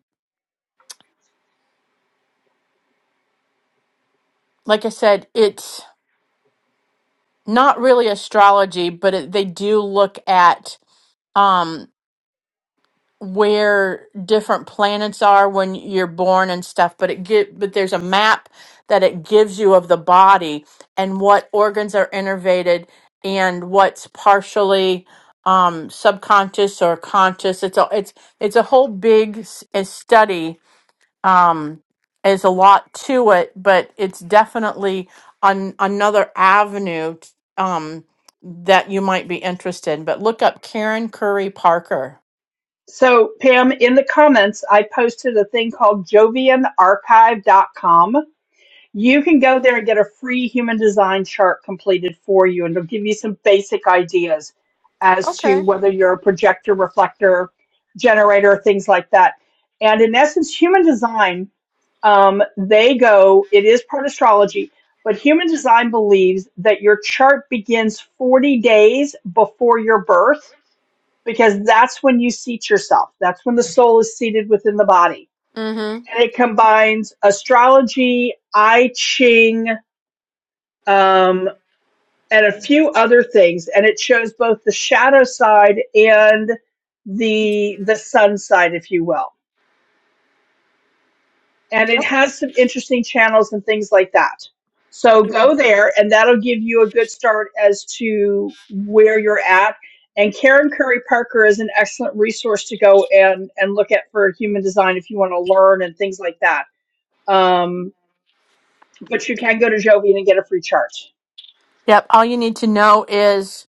Speaker 2: like i said it's not really astrology but it, they do look at um where different planets are when you're born and stuff but it get but there's a map that it gives you of the body and what organs are innervated and what's partially um subconscious or conscious it's a it's it's a whole big s- study um, is a lot to it, but it's definitely an, another avenue t- um, that you might be interested in. But look up Karen Curry Parker.
Speaker 1: So Pam, in the comments, I posted a thing called jovian archive dot com. You can go there and get a free human design chart completed for you, and it'll give you some basic ideas as to
Speaker 5: Okay.
Speaker 1: whether you're a projector, reflector, generator, things like that. And in essence, human design, um, they go, it is part astrology, but human design believes that your chart begins 40 days before your birth because that's when you seat yourself. That's when the soul is seated within the body.
Speaker 5: Mhm.
Speaker 1: And it combines astrology, I Ching, um, and a few other things, and it shows both the shadow side and the the sun side, if you will. And it has some interesting channels and things like that. So go there, and that'll give you a good start as to where you're at. And Karen Curry Parker is an excellent resource to go and and look at for human design if you want to learn and things like that. Um, But you can go to Jovian and get a free chart.
Speaker 2: Yep. All you need to know is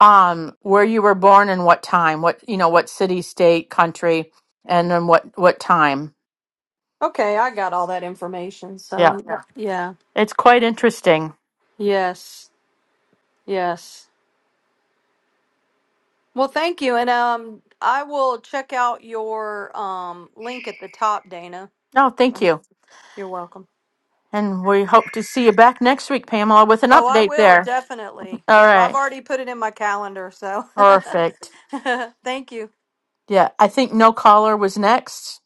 Speaker 2: um, where you were born and what time, what, you know, what city, state, country, and then what, what time.
Speaker 5: Okay, I got all that information.
Speaker 2: Yeah.
Speaker 5: So yeah. yeah.
Speaker 2: It's quite interesting.
Speaker 5: Yes, yes. Well, thank you, and um, I will check out your um link at the top, Dana.
Speaker 2: No, thank you.
Speaker 5: You're welcome.
Speaker 2: And we hope to see you back next week, Pamela, with an
Speaker 5: Oh, I
Speaker 2: update
Speaker 5: will
Speaker 2: there.
Speaker 5: definitely.
Speaker 2: All
Speaker 5: Def, I've
Speaker 2: right.
Speaker 5: already put it in my calendar, so
Speaker 2: Perfect.
Speaker 5: thank you.
Speaker 2: Yeah, I think no caller was next.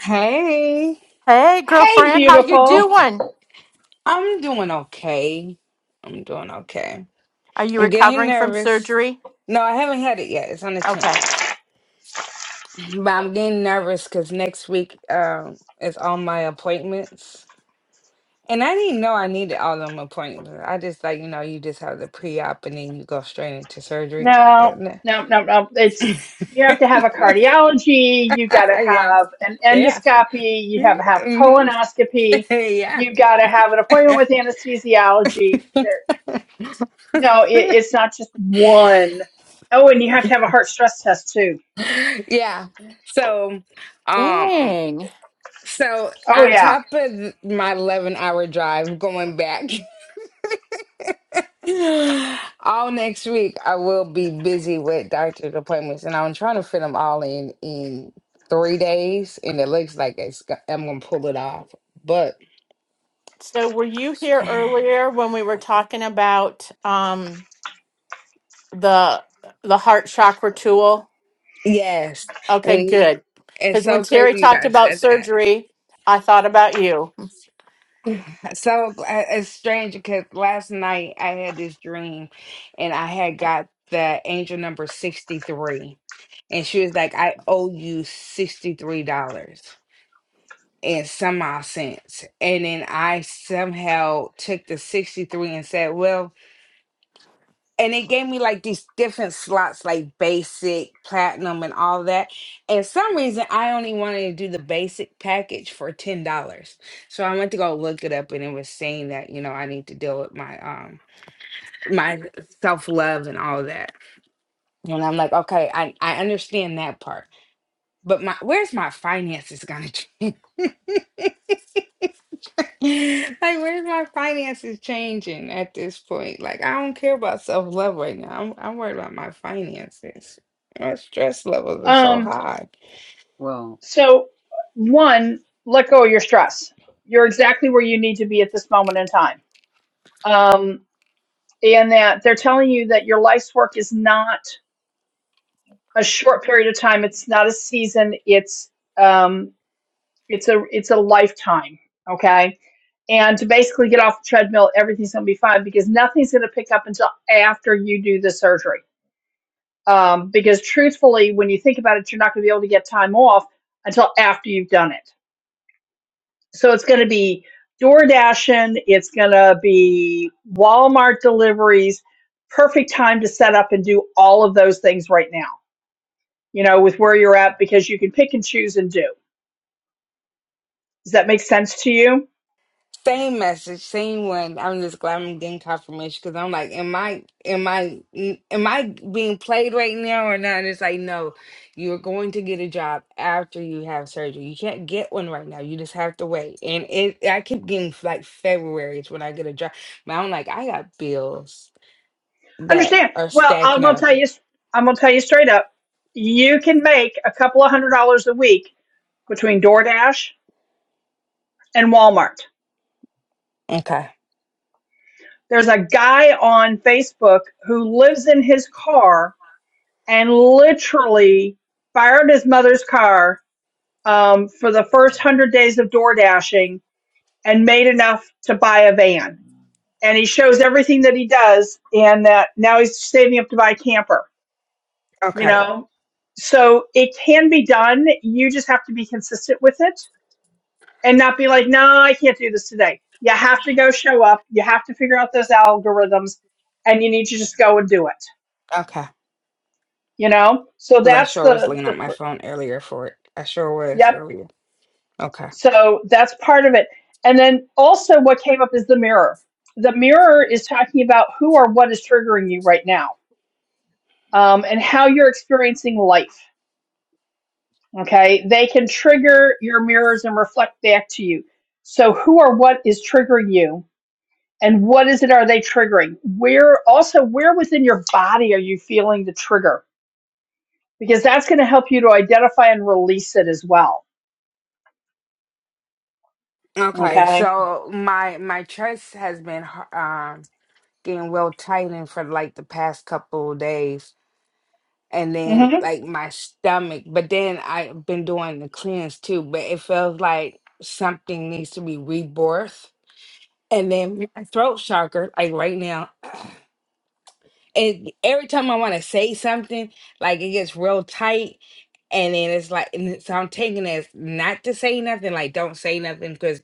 Speaker 6: Hey,
Speaker 2: Hey,
Speaker 1: Hey,
Speaker 2: girlfriend, how you
Speaker 1: beautiful.
Speaker 2: doing?
Speaker 6: I'm doing okay. I'm doing okay.
Speaker 2: Are you
Speaker 6: I'm getting
Speaker 2: recovering from
Speaker 6: nervous.
Speaker 2: surgery?
Speaker 6: No, I haven't had it yet. It's on the
Speaker 2: Okay.
Speaker 6: 10th. But I'm getting nervous because next week um is all my appointments. And I didn't know I needed all them appointments. I just like, you know, you just have the pre-op and then you go straight into surgery.
Speaker 1: No, no, no, no. It's you have to have a cardiology. You got to
Speaker 6: yeah.
Speaker 1: have an
Speaker 6: Yeah.
Speaker 1: endoscopy. You have to have
Speaker 6: hmm
Speaker 1: colonoscopy.
Speaker 6: yeah.
Speaker 1: You got to have an appointment with anesthesiology. There. No, it, it's not just one. Oh, and you have to have a heart stress test too.
Speaker 6: Yeah. So, um,
Speaker 2: Dang.
Speaker 6: So,
Speaker 1: Oh
Speaker 6: on
Speaker 1: yeah.
Speaker 6: top of my 11 hour drive going back, all next week I will be busy with doctor's appointments and I'm trying to fit them all in in three days. And it looks like it's, go- I'm going to pull it off. But
Speaker 2: So were you here earlier when we were talking about um the the heart chakra tool?
Speaker 6: yes,
Speaker 2: Okay,
Speaker 6: and
Speaker 2: good.
Speaker 6: it's
Speaker 2: Cuz when
Speaker 6: so
Speaker 2: Terry
Speaker 6: crazy you
Speaker 2: talked
Speaker 6: guys
Speaker 2: about
Speaker 6: said that.
Speaker 2: surgery, I thought about you.
Speaker 6: So uh, it's strange because last night I had this dream and I had got the angel number 63. And she was like, I owe you $63 and some odd cents. And then I somehow took the 63 and said, Well, and it gave me like these different slots like basic platinum and all that and some reason i only wanted to do the basic package for ten dollars so i went to go look it up and it was saying that you know i need to deal with my um my self-love and all that and i'm like okay i i understand that part but my where's my finances gonna change Like, where's my finances changing at this point? Like, I don't care about self-love right now. I'm, I'm worried about my finances. My stress levels are so
Speaker 1: Um.
Speaker 6: high.
Speaker 4: Well.
Speaker 1: So, one, let go of your stress. You're exactly where you need to be at this moment in time. Um. And that they're telling you that your life's work is not a short period of time. It's not a season. It's um. It's a it's a lifetime. Okay. And to basically get off the treadmill, everything's going to be fine because nothing's going to pick up until after you do the surgery um, because truthfully, when you think about it, you're not going to be able to get time off until after you've done it. So it's going to be door dashing, it's going to be Walmart deliveries. Perfect time to set up and do all of those things right now, you know, with where you're at, because you can pick and choose and do. Does that make sense to you?
Speaker 6: Same message, same one. I'm just glad I'm getting confirmation because I'm like, am I, am I, n- am I being played right now or not? And it's like, no, you're going to get a job after you have surgery. You can't get one right now. You just have to wait. And it, I keep getting like February is when I get a job. But I'm like, I got bills. that
Speaker 1: Understand.
Speaker 6: are
Speaker 1: Well, I'm
Speaker 6: stacking
Speaker 1: gonna
Speaker 6: up.
Speaker 1: tell you I'm gonna tell you straight up, you can make a couple of hundred dollars a week between DoorDash and Walmart.
Speaker 6: Okay.
Speaker 1: There's a guy on Facebook who lives in his car and literally fired his mother's car um, for the first 100 days of DoorDashing and made enough to buy a van. And he shows everything that he does, and that now he's saving up to buy a camper, you
Speaker 6: Okay.
Speaker 1: know? So it can be done. You just have to be consistent with it and not be like, no, I can't do this today. You have to go show up. You have to figure out those algorithms, and you need to just go and do it.
Speaker 6: Okay.
Speaker 1: You know. So
Speaker 6: Because I
Speaker 1: that's
Speaker 6: sure was
Speaker 1: the
Speaker 6: looking
Speaker 1: the
Speaker 6: at my
Speaker 1: fir-
Speaker 6: phone earlier for it. I sure was
Speaker 1: yep.
Speaker 6: earlier. Okay.
Speaker 1: So that's part of it. And then also, what came up is the mirror. The mirror is talking about who or what is triggering you right now, um, and how you're experiencing life. Okay, they can trigger your mirrors and reflect back to you. So, who or what is triggering you? and what is it are they triggering where also where within your body are you feeling the trigger because that's going to help you to identify and release it as well
Speaker 6: Okay.
Speaker 1: okay
Speaker 6: So my my chest has been um getting well tightened for like the past couple of days. And then
Speaker 1: hmm
Speaker 6: like my stomach, but then I've been doing the cleanse too, but it feels like something needs to be rebirth. And then my throat chakra, like right now, it every time I want to say something, like it gets real tight, and then it's like, and it- so I'm taking it as not to say nothing, like don't say nothing, because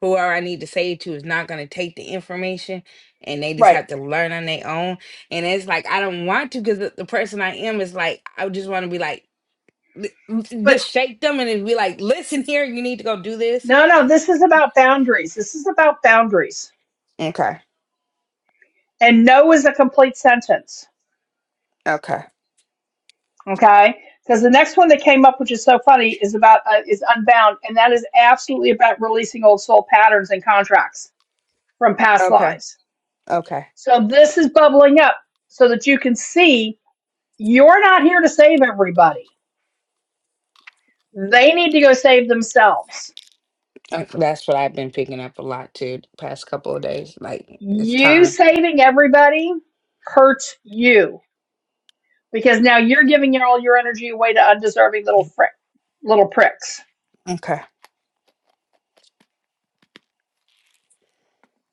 Speaker 6: whoever I need to say it to is not going to take the information, and they just
Speaker 1: right
Speaker 6: have to learn on their own. And it's like I don't want to, because the, the person I am is like I just want to be like, li-
Speaker 1: but
Speaker 6: just shake them and then be like, listen here, you need to go do this.
Speaker 1: no no this is about boundaries this is about boundaries
Speaker 6: Okay,
Speaker 1: and no is a complete sentence
Speaker 6: okay,
Speaker 1: okay because the next one that came up which is so funny is about uh, is unbound and that is absolutely about releasing old soul patterns and contracts from past
Speaker 6: okay,
Speaker 1: lives
Speaker 6: okay.
Speaker 1: so this is bubbling up so that you can see You're not here to save everybody. They need to go save themselves.
Speaker 6: Uh, That's what I've been picking up a lot too the past couple of days. Like it's
Speaker 1: You
Speaker 6: time.
Speaker 1: saving everybody hurts you because now you're giving your, all your energy away to undeserving little frick, little pricks.
Speaker 6: Okay.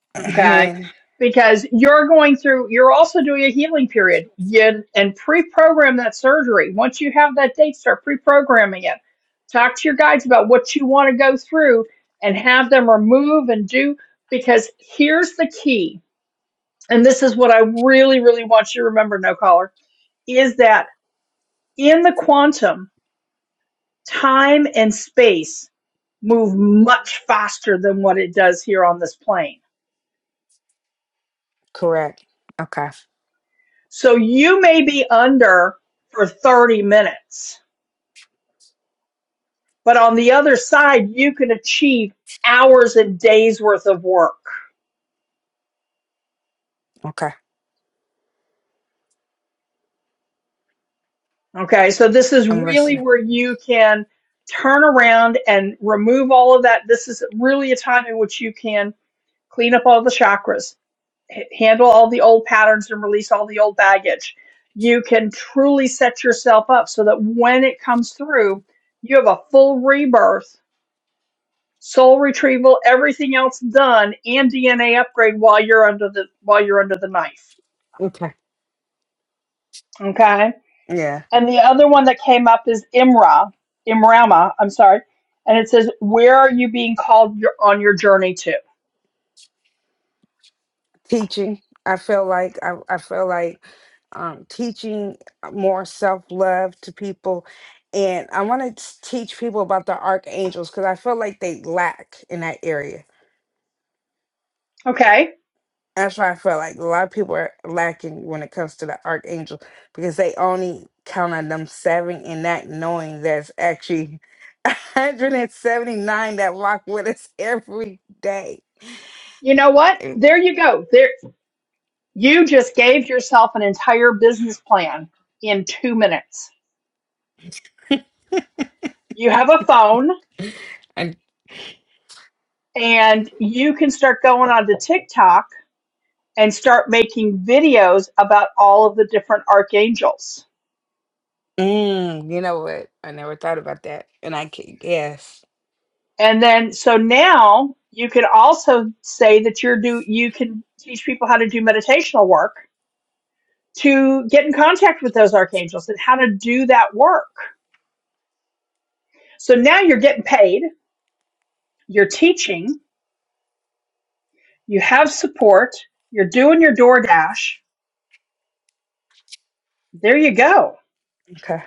Speaker 1: Okay.
Speaker 6: Hand,
Speaker 1: Because you're going through, you're also doing a healing period you, and pre program that surgery. Once you have that date, start pre programming it. Talk to your guides about what you want to go through and have them remove and do. Because here's the key and this is what I really, really want you to remember, no caller, is that in the quantum, time and space move much faster than what it does here on this plane.
Speaker 6: correct. Okay.
Speaker 1: So you may be under for 30 minutes, but on the other side, you can achieve hours and days worth of work.
Speaker 6: Okay.
Speaker 1: Okay. So this is
Speaker 6: I'm
Speaker 1: really
Speaker 6: listening.
Speaker 1: where you can turn around and remove all of that. This is really a time in which you can clean up all the chakras handle all the old patterns and release all the old baggage. You can truly set yourself up so that when it comes through, you have a full rebirth, soul retrieval, everything else done, and DNA upgrade while you're under the while you're under the knife.
Speaker 6: Okay.
Speaker 1: Okay.
Speaker 6: Yeah.
Speaker 1: And the other one that came up is Imra, Imrama. I'm sorry. And it says, "Where are you being called your, on your journey to?"
Speaker 6: Teaching. I feel like I, I feel like um, teaching more self love to people, and I want to teach people about the archangels because I feel like they lack in that area
Speaker 1: Okay.
Speaker 6: that's why I feel like a lot of people are lacking when it comes to the archangel because they only count on them seven and not knowing there's actually 179 that walk with us every day.
Speaker 1: You know what?
Speaker 6: And,
Speaker 1: There you go. There You just gave yourself an entire business plan in two minutes. You have a phone
Speaker 6: and
Speaker 1: and you can start going on to TikTok and start making videos about all of the different archangels.
Speaker 6: mm, you know what? I never thought about that. And I can, yes.
Speaker 1: And then, so now you can also say that you're do, you can teach people how to do meditational work to get in contact with those archangels and how to do that work. So now you're getting paid, you're teaching, you have support, you're doing your DoorDash, There you go.
Speaker 6: Okay.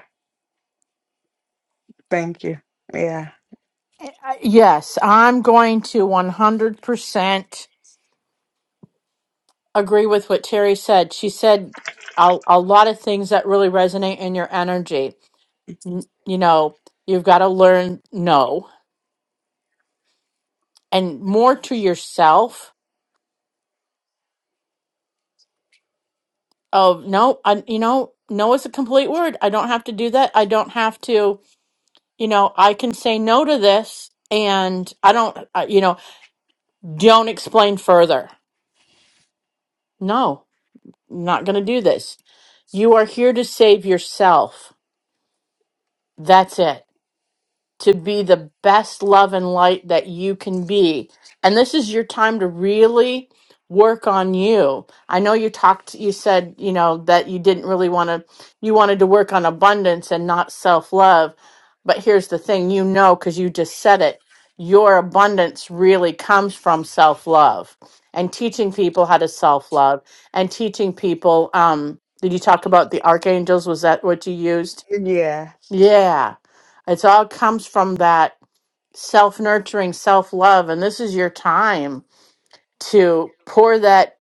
Speaker 6: Thank you. Yeah.
Speaker 2: I- Yes, I'm going to 100% agree with what Terry said. She said a, a lot of things that really resonate in your energy. n- you know, you've got to learn no and more to yourself of no, I, you know, no is a complete word. I don't have to do that. I don't have to, you know, I can say no to this and I don't, uh, you know, don't explain further. No, I'm not going to do this. You are here to save yourself. That's it to be the best love and light that you can be. And this is your time to really work on you. I know you talked you said, you know, that you didn't really want to you wanted to work on abundance and not self-love. But here's the thing, you know cuz you just said it. Your abundance really comes from self-love and teaching people how to self-love and teaching people um did you talk about the archangels was that what you used?
Speaker 6: Yeah.
Speaker 2: Yeah. It's all comes from that self-nurturing, self-love and this is your time to pour that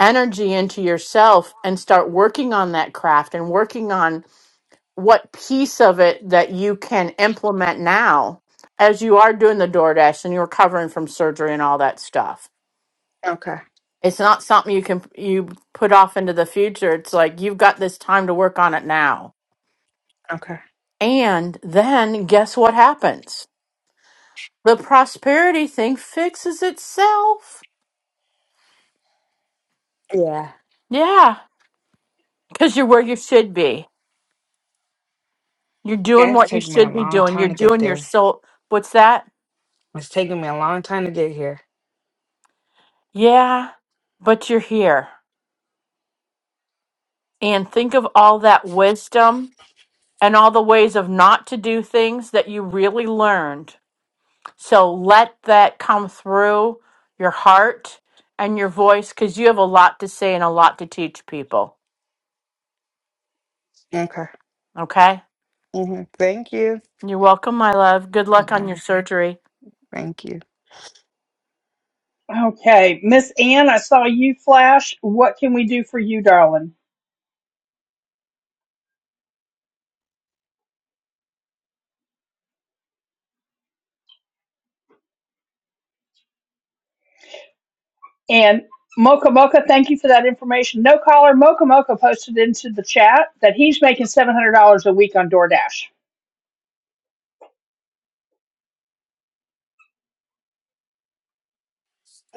Speaker 2: energy into yourself and start working on that craft and working on what piece of it that you can implement now as you are doing the DoorDash and you're recovering from surgery and all that stuff.
Speaker 6: Okay.
Speaker 2: It's not something you can you put off into the future. It's like you've got this time to work on it now.
Speaker 6: Okay.
Speaker 2: And then guess what happens? The prosperity thing fixes itself.
Speaker 6: Yeah.
Speaker 2: Yeah, because you're where you should be. You're
Speaker 6: Yeah,
Speaker 2: doing
Speaker 6: it's
Speaker 2: what you
Speaker 6: taken me a
Speaker 2: should be
Speaker 6: long
Speaker 2: doing. You're
Speaker 6: time to get
Speaker 2: doing your
Speaker 6: there.
Speaker 2: soul. What's that?
Speaker 6: It's taken me a long time to get here.
Speaker 2: Yeah, but you're here. And think of all that wisdom and all the ways of not to do things that you really learned. So let that come through your heart and your voice because you have a lot to say and a lot to teach people.
Speaker 6: Okay.
Speaker 2: Okay?
Speaker 6: hmm Thank you.
Speaker 2: You're welcome, my love. Good luck on
Speaker 6: All
Speaker 2: your surgery
Speaker 6: Thank you.
Speaker 1: Okay, Miss Ann, I saw you flash. What can we do for you, darling? And Mocha Mocha, thank you for that information. No caller, Mocha Mocha posted into the chat that he's making seven hundred dollars a week on DoorDash.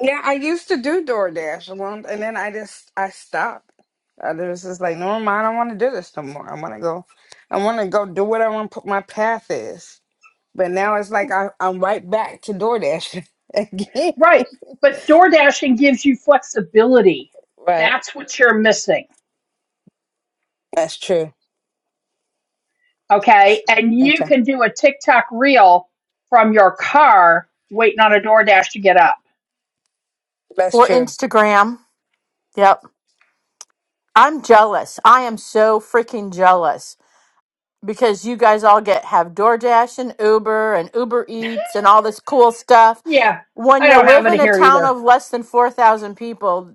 Speaker 6: Yeah, I used to do DoorDash a long, and then I just I stopped. I was just like, no, mind, I don't want to do this no more. I want to go, I want to go do what I want. Put my path is, but now it's like I, I'm right back to DoorDash again.
Speaker 1: Right, but DoorDashing gives you flexibility.
Speaker 6: Right,
Speaker 1: That's what you're missing.
Speaker 6: that's true.
Speaker 1: Okay, and you
Speaker 6: Okay,
Speaker 1: can do a TikTok reel from your car waiting on a DoorDash to get up.
Speaker 6: that's
Speaker 2: or
Speaker 6: true.
Speaker 2: Instagram. Yep. I'm jealous. I am so freaking jealous because you guys all get have DoorDash and Uber and Uber Eats and all this cool stuff.
Speaker 1: Yeah,
Speaker 2: When
Speaker 1: I
Speaker 2: you
Speaker 1: don't have
Speaker 2: live
Speaker 1: any
Speaker 2: in a
Speaker 1: here
Speaker 2: town
Speaker 1: either.
Speaker 2: of less than 4,000 people,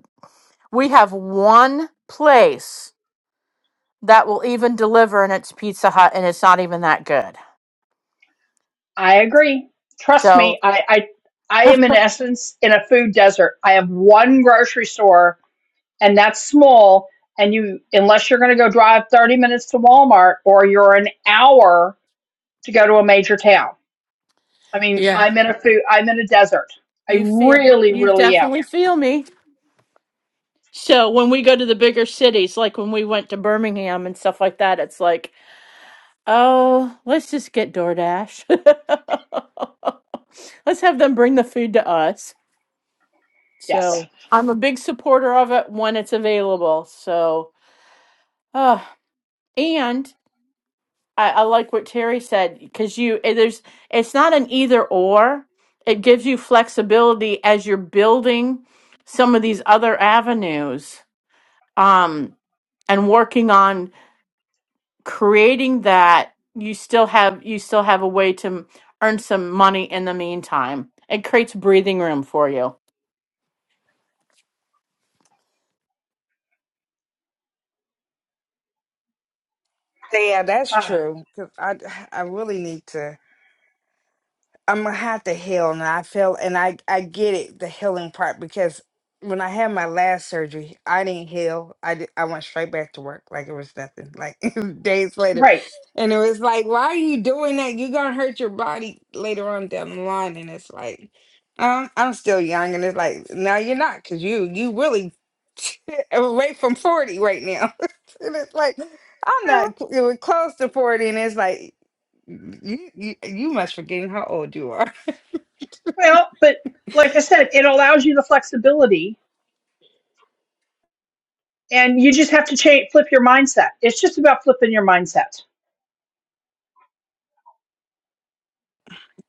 Speaker 2: we have one place that will even deliver and it's Pizza Hut and it's not even that good.
Speaker 1: I agree. Trust
Speaker 2: So,
Speaker 1: me, I, I I am in essence in a food desert. I have one grocery store and that's small and you unless you're gonna go drive thirty minutes to Walmart or you're an hour to go to a major town. I mean,
Speaker 2: yeah.
Speaker 1: I'm in a food I'm in a desert. I
Speaker 2: You feel
Speaker 1: really,
Speaker 2: you
Speaker 1: really am.
Speaker 2: definitely feel me. So, when we go to the bigger cities, like when we went to Birmingham and stuff like that, it's like Oh, let's just get DoorDash. Let's have them bring the food to us. So
Speaker 1: Yes.
Speaker 2: I'm a big supporter of it when it's available. So, uh, and I, I like what Terry said because you eh, there's it's not an either or. It gives you flexibility as you're building some of these other avenues. Um, and working on creating that you still have you still have a way to earn some money in the meantime it creates breathing room for you
Speaker 6: Yeah, that's
Speaker 1: Uh,
Speaker 6: true. Cause I I really need to. I'm gonna have to heal, and I feel, and I I get it, the healing part, because when I had my last surgery, I didn't heal. I did, I went straight back to work like it was nothing. Like days later,
Speaker 1: right.
Speaker 6: and it was like, why are you doing that? You're gonna hurt your body later on down the line, and it's like, um, I'm still young, and it's like, no, you're not, cause you you really away from forty right now, and it's like. I'm
Speaker 1: Well
Speaker 6: not cl- close to 40, and it's like you, you you must forgetting how old you are.
Speaker 1: well, but like I said, it allows you the flexibility and you just have to change flip your mindset it's just about flipping your mindset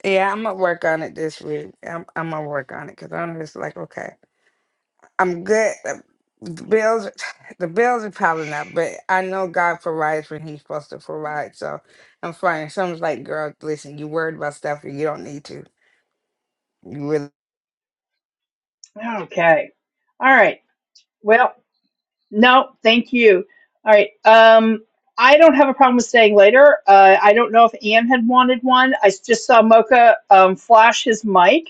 Speaker 6: Yeah, I'm gonna work on it this week. I'm I'm gonna work on it because I'm just like, okay, I'm good. The the bills, the bills are piling up, but I know God provides when He's supposed to provide, so I'm fine. Someone's like, girl, listen, you worried about stuff and you don't need to. You really
Speaker 1: okay all right well no thank you all right um i don't have a problem with staying later uh, i don't know if ann had wanted one i s- just saw mocha um, flash his mic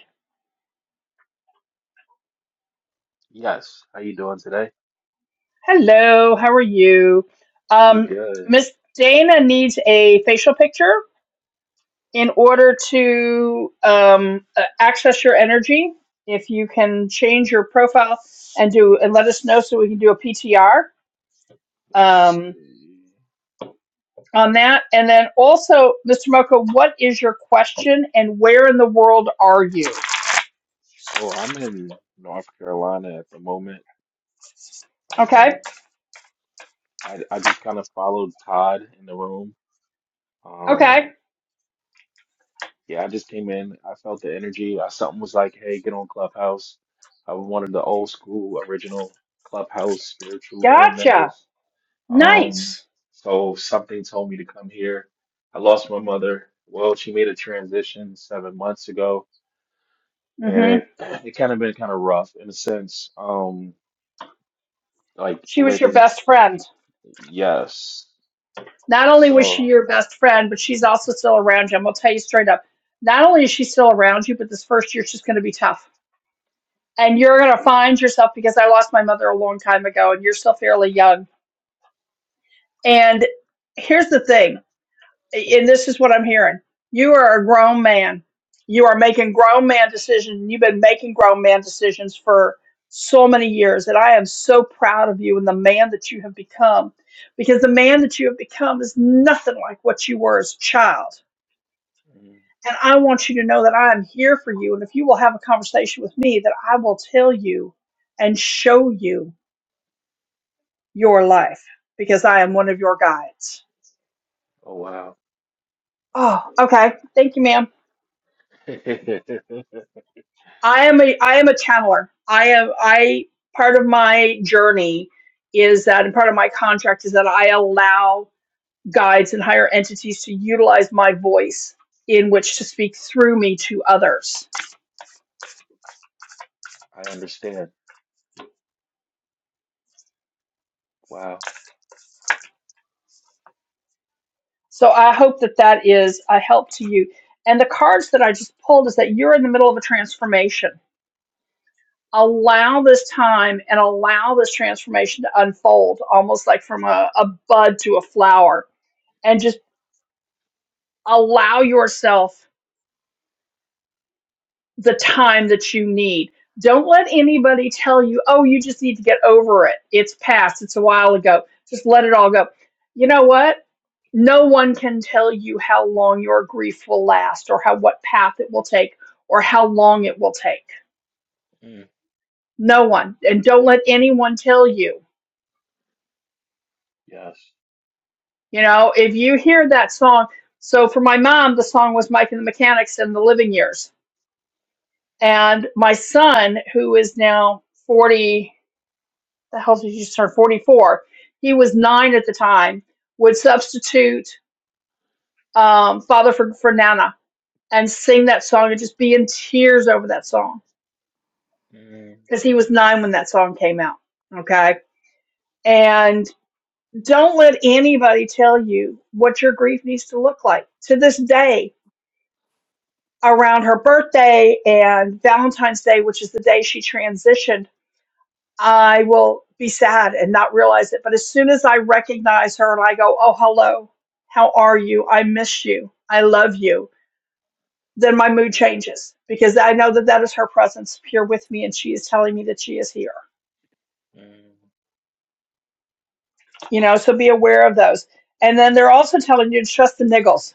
Speaker 7: Yes, how you doing today?
Speaker 1: Hello, how are you?
Speaker 7: Pretty
Speaker 1: Um,
Speaker 7: good.
Speaker 1: Miss Dana needs a facial picture in order to um, uh, access your energy. If you can change your profile and do and let us know so we can do a PTR
Speaker 7: Let's
Speaker 1: um,
Speaker 7: see.
Speaker 1: on that. And then also, Mr. Mocha, what is your question and where in the world are you?
Speaker 7: So I'm in North Carolina at the moment. Um,
Speaker 1: Okay,
Speaker 7: I I just kind of followed Todd in the room. Um,
Speaker 1: okay,
Speaker 7: yeah, I just came in. I felt the energy. I, something was like, "Hey, get on Clubhouse." I wanted the old school, original Clubhouse spiritual room
Speaker 1: gotcha.
Speaker 7: members. Um,
Speaker 1: Nice.
Speaker 7: so something told me to come here. I lost my mother. Well, she made a transition seven months ago and
Speaker 1: hmm
Speaker 7: it it kind of been kind of rough in a sense. Um, like
Speaker 1: She was your
Speaker 7: living,
Speaker 1: best friend.
Speaker 7: yes.
Speaker 1: Not only was she
Speaker 7: So,
Speaker 1: your best friend, but she's also still around you. I'm going to tell you straight up. Not only is she still around you, but this first year she's going to be tough. And you're going to find yourself because I lost my mother a long time ago and you're still fairly young. And here's the thing, and this is what I'm hearing you are a grown man. You are making grown man decisions. and You've been making grown man decisions for so many years. And I am so proud of you and the man that you have become because the man that you have become is nothing like what you were as a child
Speaker 7: mm,
Speaker 1: And I want you to know that I am here for you. And if you will have a conversation with me, that I will tell you and show you your life because I am one of your guides.
Speaker 7: oh wow,
Speaker 1: Oh, okay. Thank you, ma'am.
Speaker 7: I
Speaker 1: I am a I am a channeler. I am I part of my journey is that and part of my contract is that I allow guides and higher entities to utilize my voice in which to speak through me to others
Speaker 7: understand. Wow,
Speaker 1: So I hope that that is a help to you. And the cards that I just pulled is that you're in the middle of a transformation. Allow this time and allow this transformation to unfold, almost like from a, a bud to a flower, and just allow yourself the time that you need. Don't let anybody tell you, oh, you just need to get over it. It's past, it's a while ago. Just let it all go. You know what? No one can tell you how long your grief will last or how what path it will take or how long it will take.
Speaker 7: mm,
Speaker 1: No one. And don't let anyone tell you.
Speaker 7: yes,
Speaker 1: You know, if you hear that song, so for my mom, the song was Mike and the Mechanics and the Living Years. And my son, who is now 40, the health issues turned 44. He was nine at the time, would substitute um, Father for, for Nana and sing that song and just be in tears over that song
Speaker 7: mm,
Speaker 1: because he was nine when that song came out. Okay. And don't let anybody tell you what your grief needs to look like. To this day, around her birthday and Valentine's Day, which is the day she transitioned. I will be sad and not realize it. But as soon as I recognize her and I go, Oh, hello, how are you? I miss you. I love you. Then my mood
Speaker 7: yeah,
Speaker 1: changes because I know that that is her presence here with me and she is telling me that she is here.
Speaker 7: mm,
Speaker 1: You know, so be aware of those. And then they're also telling you to trust the niggles.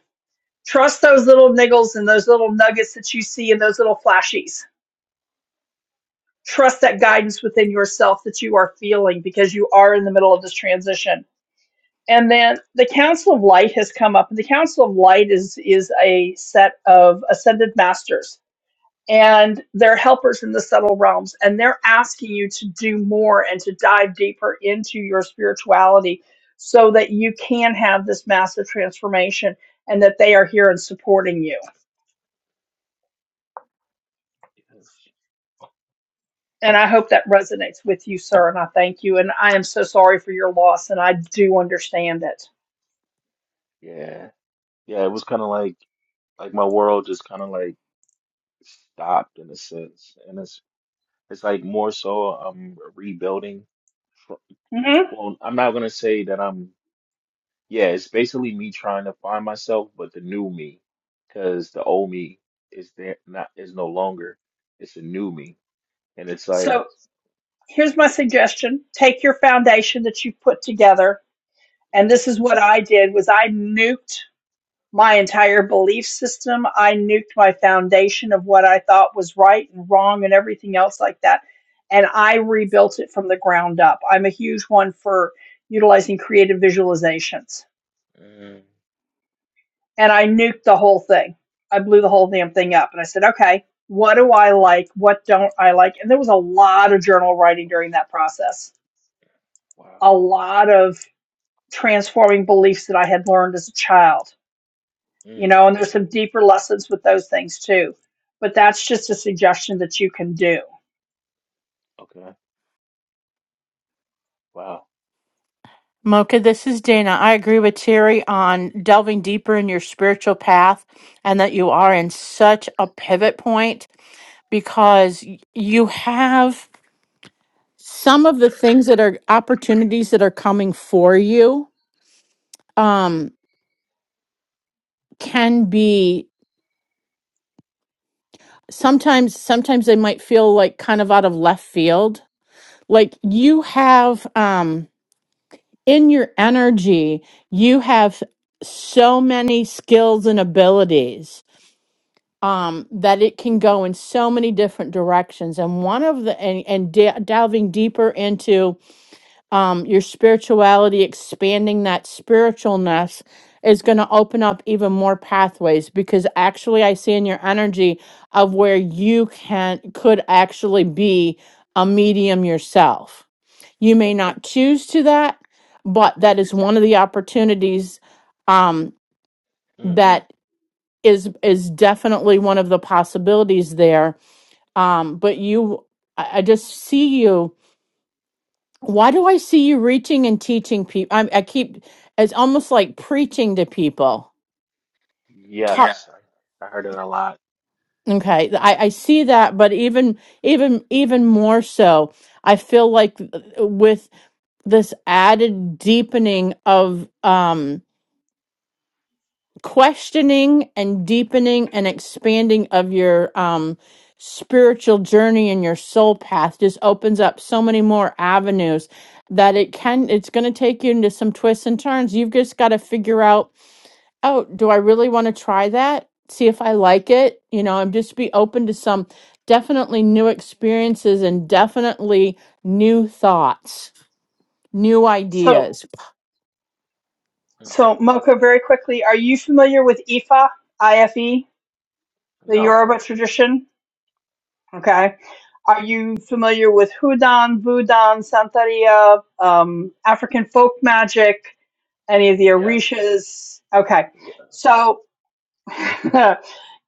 Speaker 1: Trust those little niggles and those little nuggets that you see and those little flashies. Trust that guidance within yourself that you are feeling because you are in the middle of this transition and then the council of light has come up and the council of light is is a set of ascended masters and they're helpers in the subtle realms and they're asking you to do more and to dive deeper into your spirituality so that you can have this massive transformation and that they are here and supporting you
Speaker 7: yes,
Speaker 1: and i hope
Speaker 7: wow,
Speaker 1: that resonates with you sir and i thank you and i am so sorry for your loss and i do understand it
Speaker 7: yeah, yeah. It was kind of like like my world just kind of like stopped in a sense, and it's it's like more so I'm rebuilding. fr-
Speaker 1: hmm
Speaker 7: Well, I'm not gonna say that I'm. Yeah, it's basically me trying to find myself, but the new me, because the old me is there not is no longer. It's a new me, and it's like,
Speaker 1: so here's my suggestion take your foundation that you've put together and
Speaker 7: okay,
Speaker 1: this is what i did was i nuked my entire belief system i nuked my foundation of what i thought was right and wrong and everything else like that and i rebuilt it from the ground up i'm a huge one for utilizing creative visualizations
Speaker 7: mm,
Speaker 1: and i nuked the whole thing i blew the whole damn thing up and i said okay what do i like what don't i like and there was a lot of journal writing during that process a
Speaker 7: wow,
Speaker 1: lot of transforming beliefs that I had learned as a child, you
Speaker 7: mm,
Speaker 1: know, and there's some deeper lessons with those things too. But that's just a suggestion that you can do.
Speaker 7: okay, wow,
Speaker 2: mocha this is dana i agree with terry on delving deeper in your spiritual path and that you are in such a pivot point because y- you have some of the things that are opportunities that are coming for you um can be sometimes sometimes they might feel like kind of out of left field like you have um in your energy you have so many skills and abilities um that it can go in so many different directions and one of the and, and da- delving deeper into um your spirituality expanding that spiritualness is going to open up even more pathways because actually i see in your energy of where you can could actually be a medium yourself you may not choose to that, but that is one of the opportunities um,
Speaker 7: mm,
Speaker 2: that is is definitely one of the possibilities there. Um, but you, I, I just see you. Why do I see you reaching and teaching people? I, I keep it's almost like preaching to people. Talk. Yeah.
Speaker 7: yes, I, I heard it a lot.
Speaker 2: Okay, I, I see that, but even even even more so, I feel like uh, with this added deepening of um questioning and deepening and expanding of your um spiritual journey and your soul path just opens up so many more avenues that it can it's going to take you into some twists and turns you've just got to figure out oh do i really want to try that see if i like it you know and just be open to some definitely new experiences and definitely new thoughts new
Speaker 1: So,
Speaker 2: ideas
Speaker 7: Mm,
Speaker 1: so Moko, very quickly, are you familiar with Ifa, IFE, the
Speaker 7: no,
Speaker 1: Yoruba tradition? Okay. Are you familiar with Hudan, Vudan, Santeria, um, African folk magic, any of the
Speaker 7: yes,
Speaker 1: Orishas? Okay.
Speaker 7: yeah,
Speaker 1: So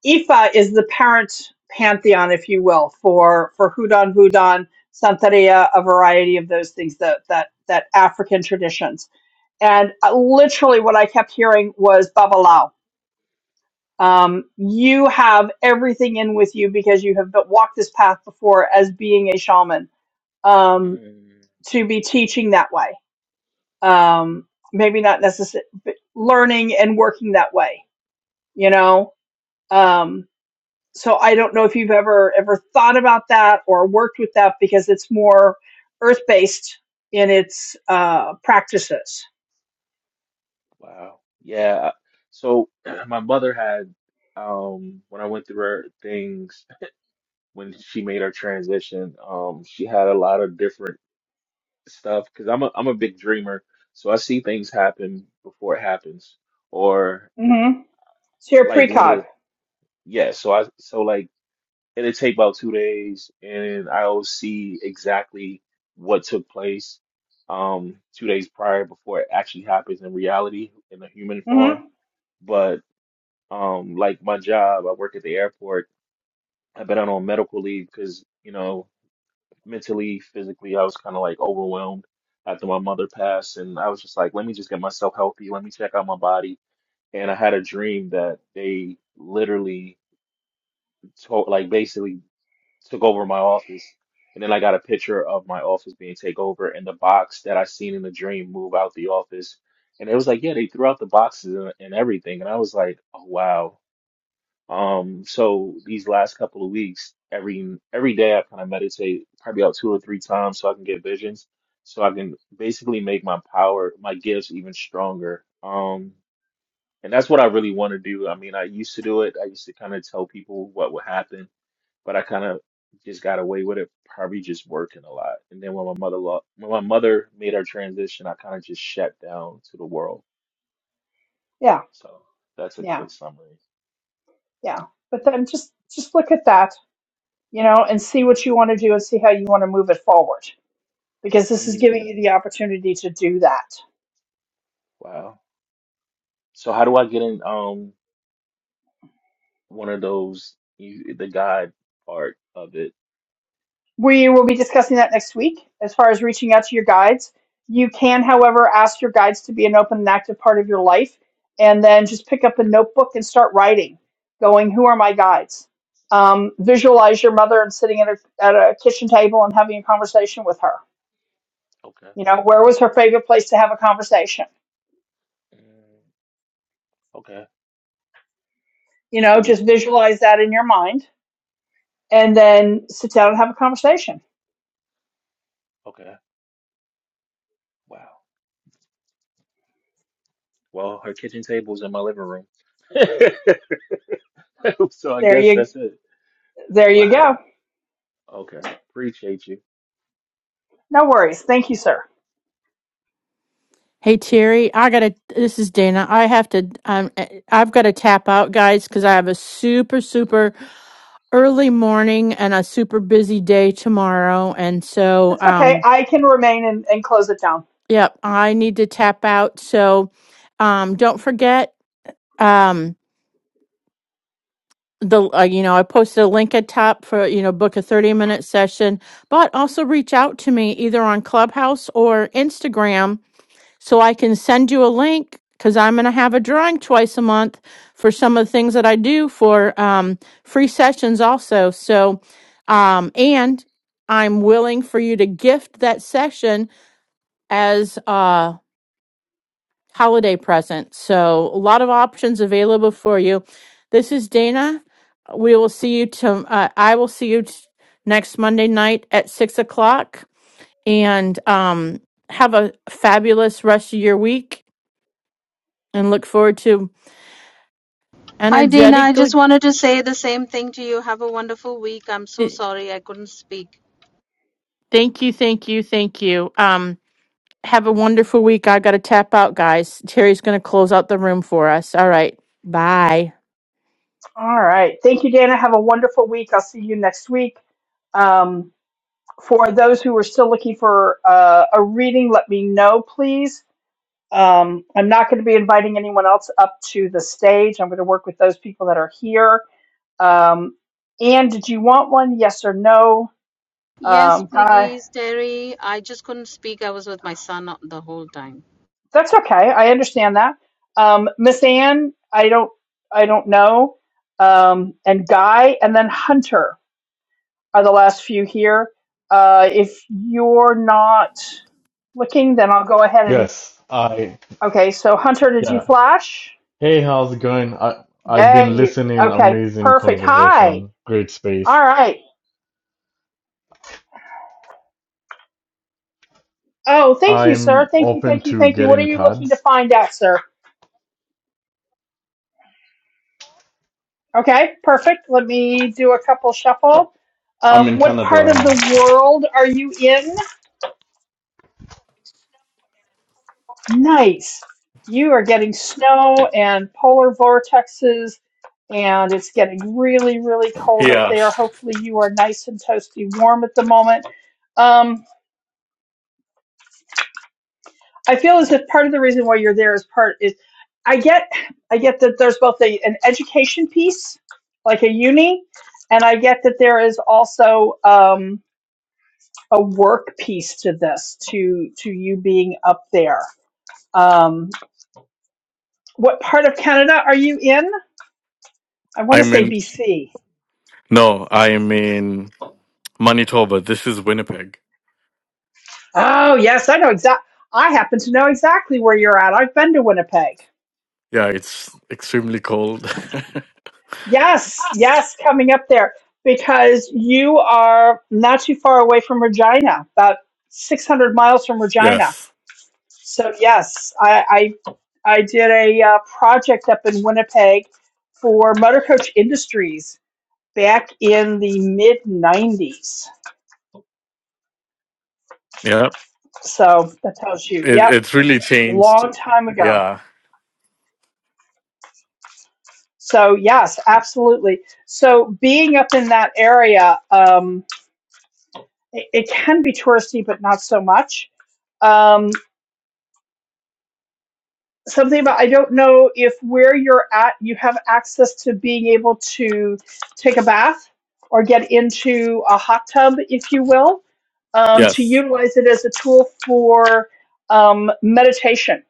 Speaker 1: Ifa is the parent pantheon, if you will, for for Hudan, Vudan, Santeria, a variety of those things that that that African traditions. And uh, literally, what I kept hearing was Babalao. Um, you have everything in with you because you have been- walked this path before as being a shaman um,
Speaker 7: mm,
Speaker 1: to be teaching that way. Um, maybe not necessarily learning and working that way. You know. Um, so I don't know if you've ever ever thought about that or worked with that because it's more earth based in its uh, practices.
Speaker 7: wow, yeah. So my mother had, um, when I went through her things, when she made her transition, um, she had a lot of different stuff because I'm a I'm a big dreamer, so I see things happen before it happens, or
Speaker 1: Mm-hmm. So you're
Speaker 7: like
Speaker 1: precog.
Speaker 7: literally, yeah. So I so like it'll take about two days, and I'll see exactly what took place um two days prior before it actually happens in reality in the human form.
Speaker 1: Mm-hmm.
Speaker 7: But um, like my job, I work at the airport. I've been out on medical leave because you know. mentally, physically, I was kind of like overwhelmed after my mother passed. And I was just like, let me just get myself healthy. Let me check out my body. And I had a dream that they literally told, like basically took over my office. And then I got a picture of my office being taken over and the box that I seen in the dream move out the office. And it was like, yeah, they threw out the boxes and, and everything. And I was like, oh, wow. Um, so these last couple of weeks, every every day I kind of meditate probably about two or three times so I can get visions, so I can basically make my power, my gifts even stronger. Um, and that's what I really want to do. I mean, I used to do it. I used to kind of tell people what would happen, but I kind of just got away with it, probably just working a lot. And then when my mother lo- when my mother made her transition, I kind of just shut down to the world.
Speaker 1: Yeah,
Speaker 7: So that's a
Speaker 1: yeah,
Speaker 7: quick summary.
Speaker 1: yeah. But then just just look at that, you know, and see what you want to do and see how you want to move it forward because this is
Speaker 7: Mm,
Speaker 1: giving you the opportunity to do that.
Speaker 7: wow. So how do I get in? Um, one of those you the God part of it.
Speaker 1: We will be discussing that next week as far as reaching out to your guides. You can, however, ask your guides to be an open and active part of your life and then just pick up a notebook and start writing, going, Who are my guides? Um, visualize your mother and sitting at a, at a kitchen table and having a conversation with her.
Speaker 7: Okay.
Speaker 1: You know, where was her favorite place to have a conversation?
Speaker 7: Mm, okay.
Speaker 1: You know,
Speaker 7: Deep.
Speaker 1: just visualize that in your mind and then sit down and have a conversation.
Speaker 7: Okay. Wow. Well, her kitchen table's in my living room. So I
Speaker 1: There
Speaker 7: guess
Speaker 1: you,
Speaker 7: that's it.
Speaker 1: there you
Speaker 7: Wow.
Speaker 1: go.
Speaker 7: Okay. Appreciate you.
Speaker 1: No worries. Thank you, sir.
Speaker 2: Hey Terry, I gotta. This is Dana. I have to. Um, I've got to tap out, guys, because I have a super super early morning and a super busy day tomorrow. And so,
Speaker 1: That's okay.
Speaker 2: um,
Speaker 1: I can remain and, and close it down.
Speaker 2: yep, I need to tap out. So, um, don't forget. Um, the uh, you know I posted a link at top for you know book a thirty minute session, but also reach out to me either on Clubhouse or Instagram So I can send you a link because I'm going to have a drawing twice a month for some of the things that I do for um, free sessions also. So, um, and I'm willing for you to gift that session as a holiday present. So, a lot of options available for you. This is Dana. We will see you to, uh, I will see you t- next Monday night at six o'clock. And um, have a fabulous rest of your week and look forward to
Speaker 8: Hi, Dana. I just
Speaker 2: energetically.
Speaker 8: wanted to say the same thing to you. Have a wonderful week. I'm so
Speaker 2: th-
Speaker 8: sorry I couldn't speak.
Speaker 2: Thank you, thank you, thank you. Um, have a wonderful week. I got to tap out, guys. Terry's going to close out the room for us. All right. Bye.
Speaker 1: All right. Thank you, Dana. Have a wonderful week. I'll see you next week. Um, for those who are still looking for uh, a reading, let me know, please. Um, I'm not going to be inviting anyone else up to the stage. I'm going to work with those people that are here. Um, Anne, did you want one? Yes or no?
Speaker 8: Yes,
Speaker 1: Um, Guy,
Speaker 8: please, Terry. I just couldn't speak. I was with my son the whole time.
Speaker 1: that's okay. I understand that. Um, Miss Anne, I don't, I don't know. Um, and Guy, and then Hunter. are the last few here. Uh, if you're not looking, then I'll go ahead and.
Speaker 9: Yes, I
Speaker 1: Okay, so Hunter, did you
Speaker 9: yeah.
Speaker 1: flash?
Speaker 9: Hey, how's it going? I I've
Speaker 1: Yeah,
Speaker 9: been
Speaker 1: you.
Speaker 9: listening.
Speaker 1: Okay,
Speaker 9: Amazing
Speaker 1: perfect. Hi.
Speaker 9: conversation. Great
Speaker 1: All
Speaker 9: space.
Speaker 1: right. Oh, thank you, sir.
Speaker 9: I'm
Speaker 1: Thank you,
Speaker 9: open
Speaker 1: thank you,
Speaker 9: to
Speaker 1: thank you. What are
Speaker 9: getting
Speaker 1: you looking to
Speaker 9: cards.
Speaker 1: find out, sir? Okay, perfect. Let me do a couple shuffle.
Speaker 9: I'm
Speaker 1: Uh,
Speaker 9: in
Speaker 1: what
Speaker 9: Canada
Speaker 1: part of
Speaker 9: right now.
Speaker 1: the world are you in? Nice. You are getting snow and polar vortexes, and it's getting really, really cold up
Speaker 9: Yeah.
Speaker 1: there. Hopefully, you are nice and toasty warm at the moment. Um, I feel as if part of the reason why you're there is part is I get I get that there's both a, an education piece, like a uni, and I get that there is also um, a work piece to this, to to you being up there. Um, what part of Canada are you in? I want to
Speaker 9: I'm
Speaker 1: say
Speaker 9: in
Speaker 1: BC.
Speaker 9: no, I'm in Manitoba. This is Winnipeg.
Speaker 1: Oh, yes, I know exact. I happen to know exactly where you're at. I've been to Winnipeg.
Speaker 9: Yeah, it's extremely cold.
Speaker 1: Yes, yes, coming up there because you are not too far away from Regina, about 600 miles from Regina.
Speaker 9: yes.
Speaker 1: So yes, I I, I did a uh, project up in Winnipeg for Motor Coach Industries back in the mid 90s.
Speaker 9: Yeah.
Speaker 1: So that tells you,
Speaker 9: It,
Speaker 1: yep,
Speaker 9: it's really changed.
Speaker 1: long time ago.
Speaker 9: Yeah.
Speaker 1: So yes, absolutely. So being up in that area, um, it, it can be touristy, but not so much. Um, something about I don't know if where you're at, you have access to being able to take a bath or get into a hot tub, if you will, um, to
Speaker 9: Yes.
Speaker 1: utilize it as a tool for um, meditation.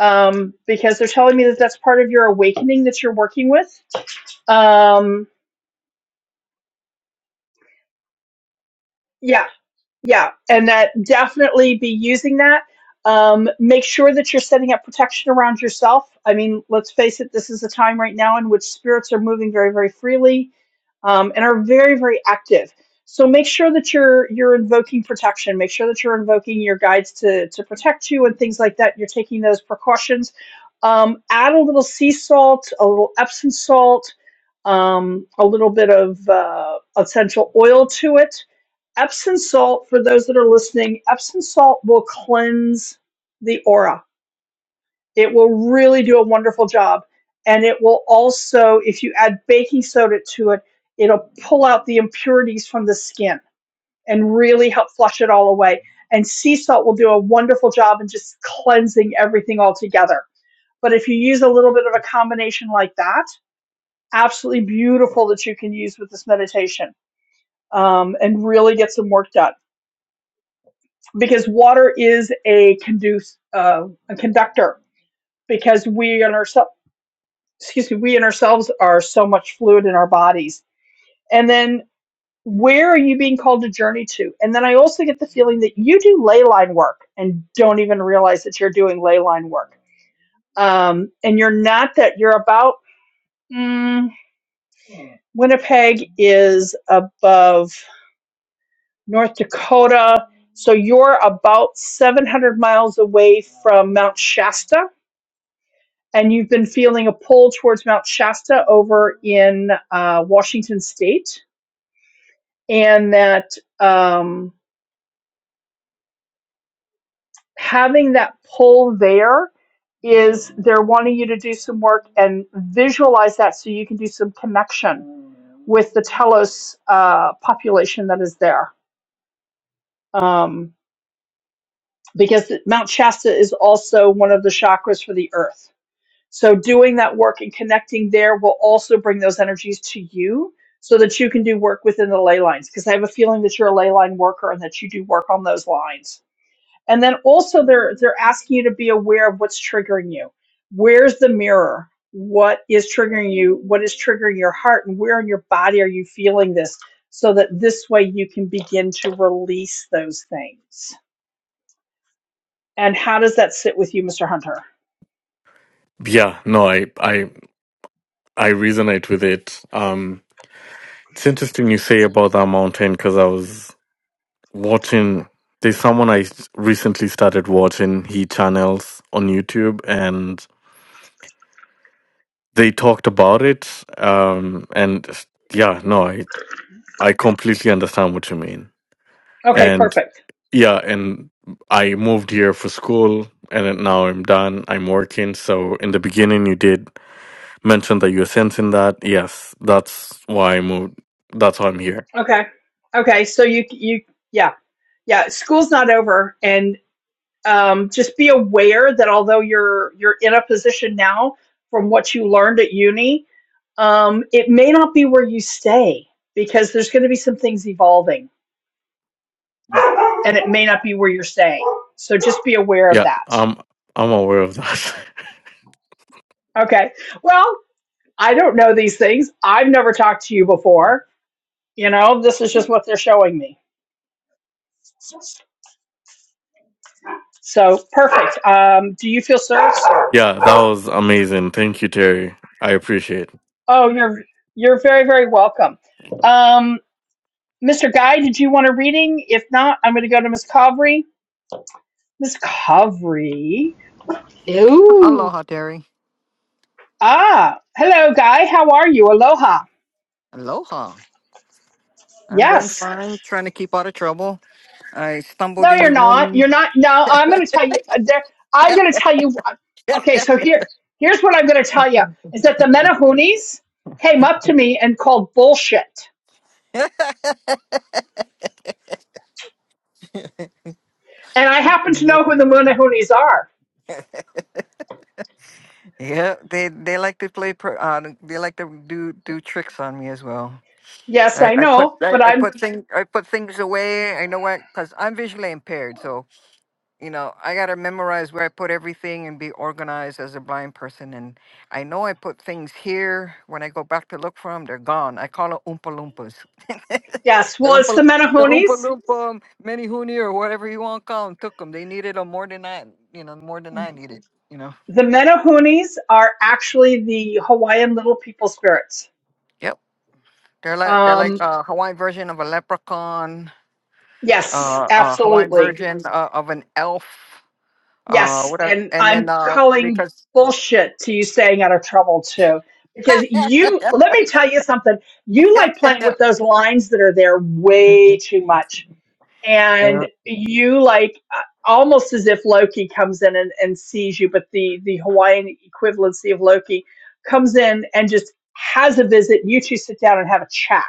Speaker 1: Um, because they're telling me that that's part of your awakening that you're working with. Um, yeah, Yeah, and that definitely be using that. Um, make sure that you're setting up protection around yourself. I mean, let's face it, this is a time right now in which spirits are moving very, very freely um, and are very, very active. So make sure that you're you're invoking protection. Make sure that you're invoking your guides to to protect you and things like that. You're taking those precautions. Um, add a little sea salt, a little Epsom salt, um, a little bit of uh, essential oil to it Epsom salt, for those that are listening, Epsom salt will cleanse the aura. It will really do a wonderful job. And it will also, if you add baking soda to it, it'll pull out the impurities from the skin and really help flush it all away. And sea salt will do a wonderful job in just cleansing everything altogether. But if you use a little bit of a combination like that, absolutely beautiful that you can use with this meditation um, and really get some work done. because water is a conduce uh, a conductor because we and ourselves excuse me we and ourselves are so much fluid in our bodies and then where are you being called to journey to and then i also get the feeling that you do ley line work and don't even realize that you're doing ley line work um, and you're not that you're about mm, winnipeg is above north dakota so you're about 700 miles away from mount shasta and you've been feeling a pull towards Mount Shasta over in uh, Washington State, and that um, having that pull there is they're wanting you to do some work and visualize that so you can do some connection with the Telos uh, population that is there. Um, because Mount Shasta is also one of the chakras for the earth. So doing that work and connecting there will also bring those energies to you so that you can do work within the ley lines because I have a feeling that you're a ley line worker and that you do work on those lines. And then also they're they're asking you to be aware of what's triggering you. Where's the mirror? What is triggering you? What is triggering your heart and where in your body are you feeling this so that this way you can begin to release those things. And how does that sit with you, Mr. Hunter?
Speaker 9: Yeah. No, I I I resonate with it. Um It's interesting you say about that mountain because I was watching. There's someone I s- recently started watching. He channels on YouTube, and they talked about it. Um, and s- yeah, no, I I completely understand what you mean.
Speaker 1: Okay,
Speaker 9: And
Speaker 1: perfect.
Speaker 9: yeah, and I moved here for school, and then now I'm done. I'm working. So in the beginning, you did mention that you're sensing that. Yes, that's why I moved. That's why I'm here.
Speaker 1: Okay. Okay. So you you yeah yeah school's not over, and um, just be aware that although you're you're in a position now from what you learned at uni, um, it may not be where you stay because there's going to be some things evolving, and it may not be where you're staying. So just be aware of
Speaker 9: Yeah,
Speaker 1: that.
Speaker 9: I'm I'm aware of that.
Speaker 1: Okay. Well, I don't know these things. I've never talked to you before. You know, this is just what they're showing me. So perfect. Um, do you feel served, sir?
Speaker 9: Yeah, that was amazing. Thank you, Terry. I appreciate. it.
Speaker 1: Oh, you're you're very very welcome. Um, Mr. Guy, did you want a reading? If not, I'm going to go to Miss Covery. Miss Covery.
Speaker 8: Ooh.
Speaker 10: Aloha, Terry.
Speaker 1: Ah, hello, Guy. How are you? Aloha.
Speaker 10: Aloha. I'm doing
Speaker 1: Yes.
Speaker 10: fine, trying to keep out of trouble. I stumbled
Speaker 1: No,
Speaker 10: in
Speaker 1: you're
Speaker 10: your
Speaker 1: not.
Speaker 10: room.
Speaker 1: You're not. No, I'm going to tell you. uh, There, I'm going to tell you. uh, Okay, so here here's what I'm going to tell you is that the Menahunis came up to me and called bullshit, and I happen to know who the Menahunis are.
Speaker 10: yeah, they they like to play. Pro, uh, they like to do do tricks on me as well.
Speaker 1: Yes,
Speaker 10: I,
Speaker 1: I
Speaker 10: I put
Speaker 1: know,
Speaker 10: I,
Speaker 1: but
Speaker 10: I
Speaker 1: I'm
Speaker 10: put things I put things away. I know where because I'm visually impaired, so you know I gotta memorize where I put everything and be organized as a blind person. And I know I put things here. When I go back to look for them, they're gone. I call it oompa loompas.
Speaker 1: yes.
Speaker 10: The
Speaker 1: Well, it's
Speaker 10: Oompa,
Speaker 1: the
Speaker 10: the Oompa
Speaker 1: Menahunis
Speaker 10: Loompa, um, Mini Hoonie, or whatever you want to call them, took them. They needed them more than I, you know, more than I needed. You know.
Speaker 1: The Menahunis are actually the Hawaiian little people spirits.
Speaker 10: Yep. They're like they're like
Speaker 1: Um,
Speaker 10: a Hawaiian version of a leprechaun,
Speaker 1: yes,
Speaker 10: uh, a Hawaiian
Speaker 1: absolutely.
Speaker 10: version uh, of an elf, uh,
Speaker 1: Yes,
Speaker 10: whatever.
Speaker 1: and
Speaker 10: And then
Speaker 1: I'm
Speaker 10: uh,
Speaker 1: calling
Speaker 10: because
Speaker 1: bullshit to you staying out of trouble too. Because you, let me tell you something, you like playing with
Speaker 10: yeah.
Speaker 1: those lines that are there way too much and you like uh, almost as if Loki comes in and, and sees you, but the the Hawaiian equivalency of Loki comes in and just has a visit. You two sit down and have a chat.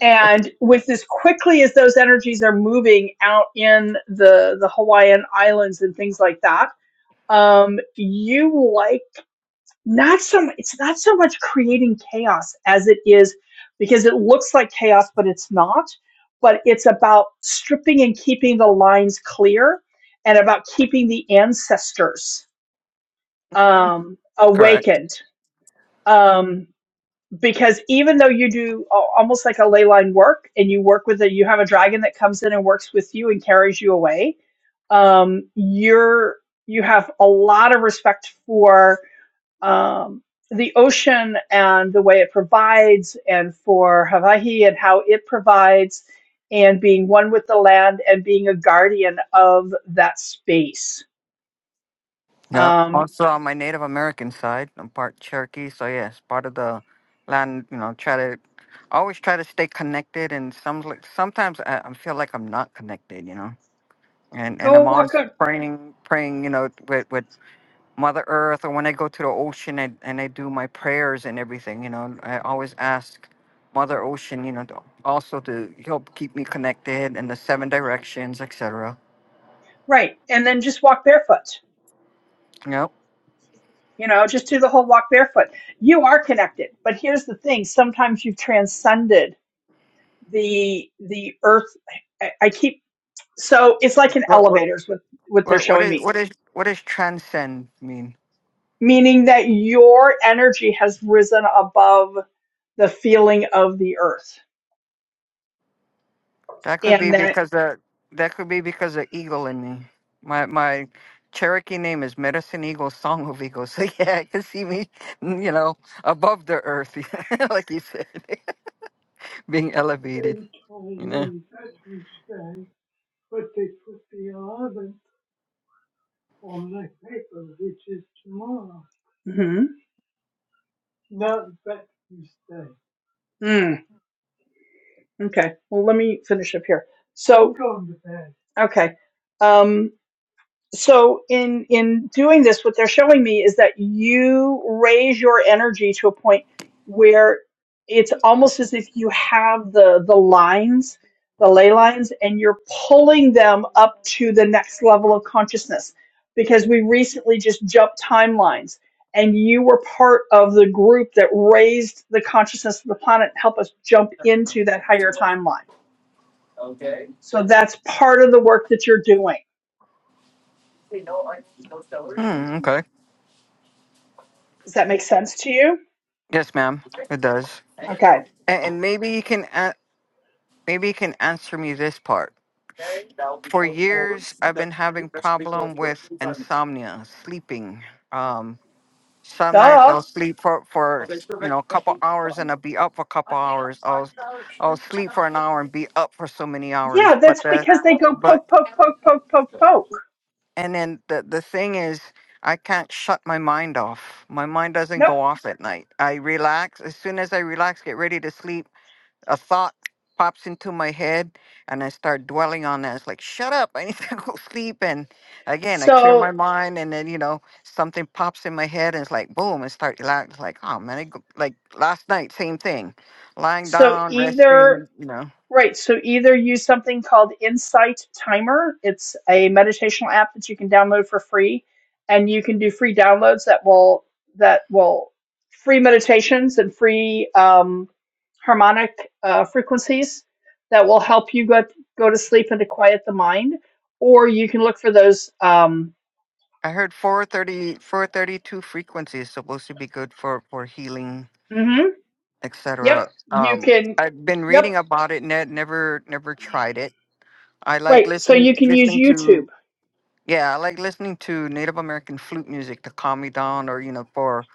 Speaker 1: And with as quickly as those energies are moving out in the the Hawaiian islands and things like that, um, you like not so it's not so much creating chaos as it is because it looks like chaos but it's not but it's about stripping and keeping the lines clear and about keeping the ancestors
Speaker 10: hmm
Speaker 1: um,
Speaker 10: Correct.
Speaker 1: awakened um, because even though you do a- almost like a ley line work and you work with a you have a dragon that comes in and works with you and carries you away um, you're you have a lot of respect for um, the ocean and the way it provides, and for Hawaii and how it provides, and being one with the land and being a guardian of that space.
Speaker 10: Yeah.
Speaker 1: Um,
Speaker 10: Also, on my Native American side, I'm part Cherokee, so yes, part of the land. You know, try to always try to stay connected, and some like sometimes I, I feel like I'm not connected. You know, and and
Speaker 1: go
Speaker 10: I'm
Speaker 1: walk
Speaker 10: always
Speaker 1: a,
Speaker 10: praying, praying. You know, with with Mother Earth, or when I go to the ocean and and I do my prayers and everything. You know, I always ask Mother Ocean. You know, to, also to help keep me connected and the seven directions, etc.
Speaker 1: right, and then just walk barefoot.
Speaker 10: You know,
Speaker 1: You know, just do the whole walk barefoot. You are connected, but here's the thing: sometimes you've transcended the the earth. I, I keep so it's like in
Speaker 10: what what
Speaker 1: elevators with what they're
Speaker 10: what what
Speaker 1: showing
Speaker 10: is
Speaker 1: me
Speaker 10: what is what does transcend mean?
Speaker 1: meaning that your energy has risen above the feeling of the earth
Speaker 10: That could be
Speaker 1: and that
Speaker 10: because of that could be because of eagle in me. My my Cherokee name is Medicine Eagle, Song of Eagle. So yeah, I can see me, you know, above the earth, like you said, being elevated. You know.
Speaker 1: hmm mm, okay well let me finish up here so okay um so in in doing this what they're showing me is that you raise your energy to a point where it's almost as if you have the the lines the ley lines and you're pulling them up to the next level of consciousness because we recently just jumped timelines and you were part of the group that raised the consciousness of the planet to help us jump into that higher timeline so that's part of the work that you're doing
Speaker 10: Hmm, okay.
Speaker 1: does that make sense to you
Speaker 10: Yes, ma'am. It does.
Speaker 1: okay
Speaker 10: And, and maybe you can a- maybe you can answer me this part. For years, I've been having problem with insomnia, sleeping. Um. Some nights I'll
Speaker 1: Duh.
Speaker 10: sleep for for s- you know a couple hours and I'll be up for a couple hours. I'll s- I'll sleep for an hour and be up for so many
Speaker 1: Yeah,
Speaker 10: hours. But
Speaker 1: that's
Speaker 10: the
Speaker 1: because they go
Speaker 10: but
Speaker 1: poke, poke, poke, poke, poke, poke.
Speaker 10: and then the the thing is I can't shut my mind off. My mind doesn't
Speaker 1: Nope.
Speaker 10: go off at night. I relax as soon as I relax, get ready to sleep a thought pops into my head and I start dwelling on that. It's like, shut up, I need to go sleep. And again, I clear my
Speaker 1: So,
Speaker 10: mind and then, you know, something pops in my head and it's like, boom, and start like, it's like, oh man, I go, like last night, same thing, lying
Speaker 1: so
Speaker 10: down,
Speaker 1: either,
Speaker 10: resting, you know.
Speaker 1: right. So either use something called Insight Timer. It's a meditational app that you can download for free and you can do free downloads that will, that will free meditations and free, um, harmonic, uh, frequencies that will help you go, go to sleep and to quiet the mind. Or you can look for those, um,
Speaker 10: I heard four thirty, four thirty-two 432 frequency is supposed to be good for, for healing,
Speaker 1: mhm. Yep.
Speaker 10: etc.
Speaker 1: You
Speaker 10: Um,
Speaker 1: can.
Speaker 10: I've been
Speaker 1: Yep.
Speaker 10: reading about it, ne- never, never tried it. I like
Speaker 1: Right. So
Speaker 10: listening,
Speaker 1: you can use
Speaker 10: listening to
Speaker 1: YouTube.
Speaker 10: Yeah, I like listening to Native American flute music to calm me down, or you know, for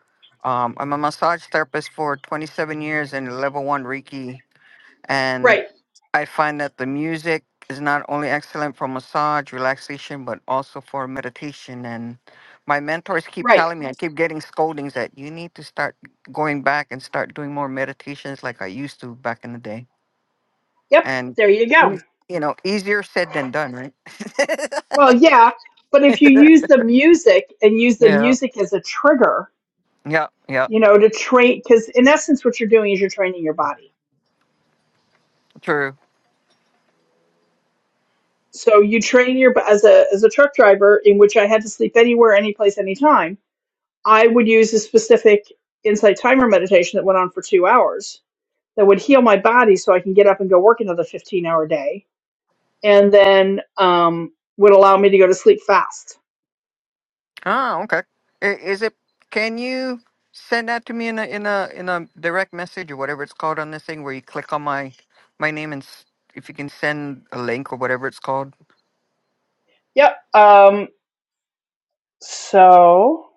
Speaker 10: um, I'm a massage therapist for 27 years in level one Reiki, and
Speaker 1: Right.
Speaker 10: I find that the music is not only excellent for massage relaxation, but also for meditation. And my mentors keep
Speaker 1: Right.
Speaker 10: telling me, I keep getting scoldings that you need to start going back and start doing more meditations like I used to back in the day.
Speaker 1: Yep.
Speaker 10: And
Speaker 1: There you go.
Speaker 10: Yes. you know, easier said than done, right?
Speaker 1: Well, yeah. But if you use the music and use the
Speaker 10: Yeah,
Speaker 1: music as a trigger,
Speaker 10: yeah, yeah,
Speaker 1: you know, to train, because in essence, what you're doing is you're training your body.
Speaker 10: true.
Speaker 1: So you train your as a as a truck driver, in which I had to sleep anywhere, any place, anytime. I would use a specific insight timer meditation that went on for two hours that would heal my body so I can get up and go work another 15 hour day and then um, would allow me to go to sleep fast.
Speaker 10: Ah okay. I- Is it? Can you send that to me in a in a in a direct message or whatever it's called on this thing where you click on my my name and s- if you can send a link or whatever it's called?
Speaker 1: Yep. Um, so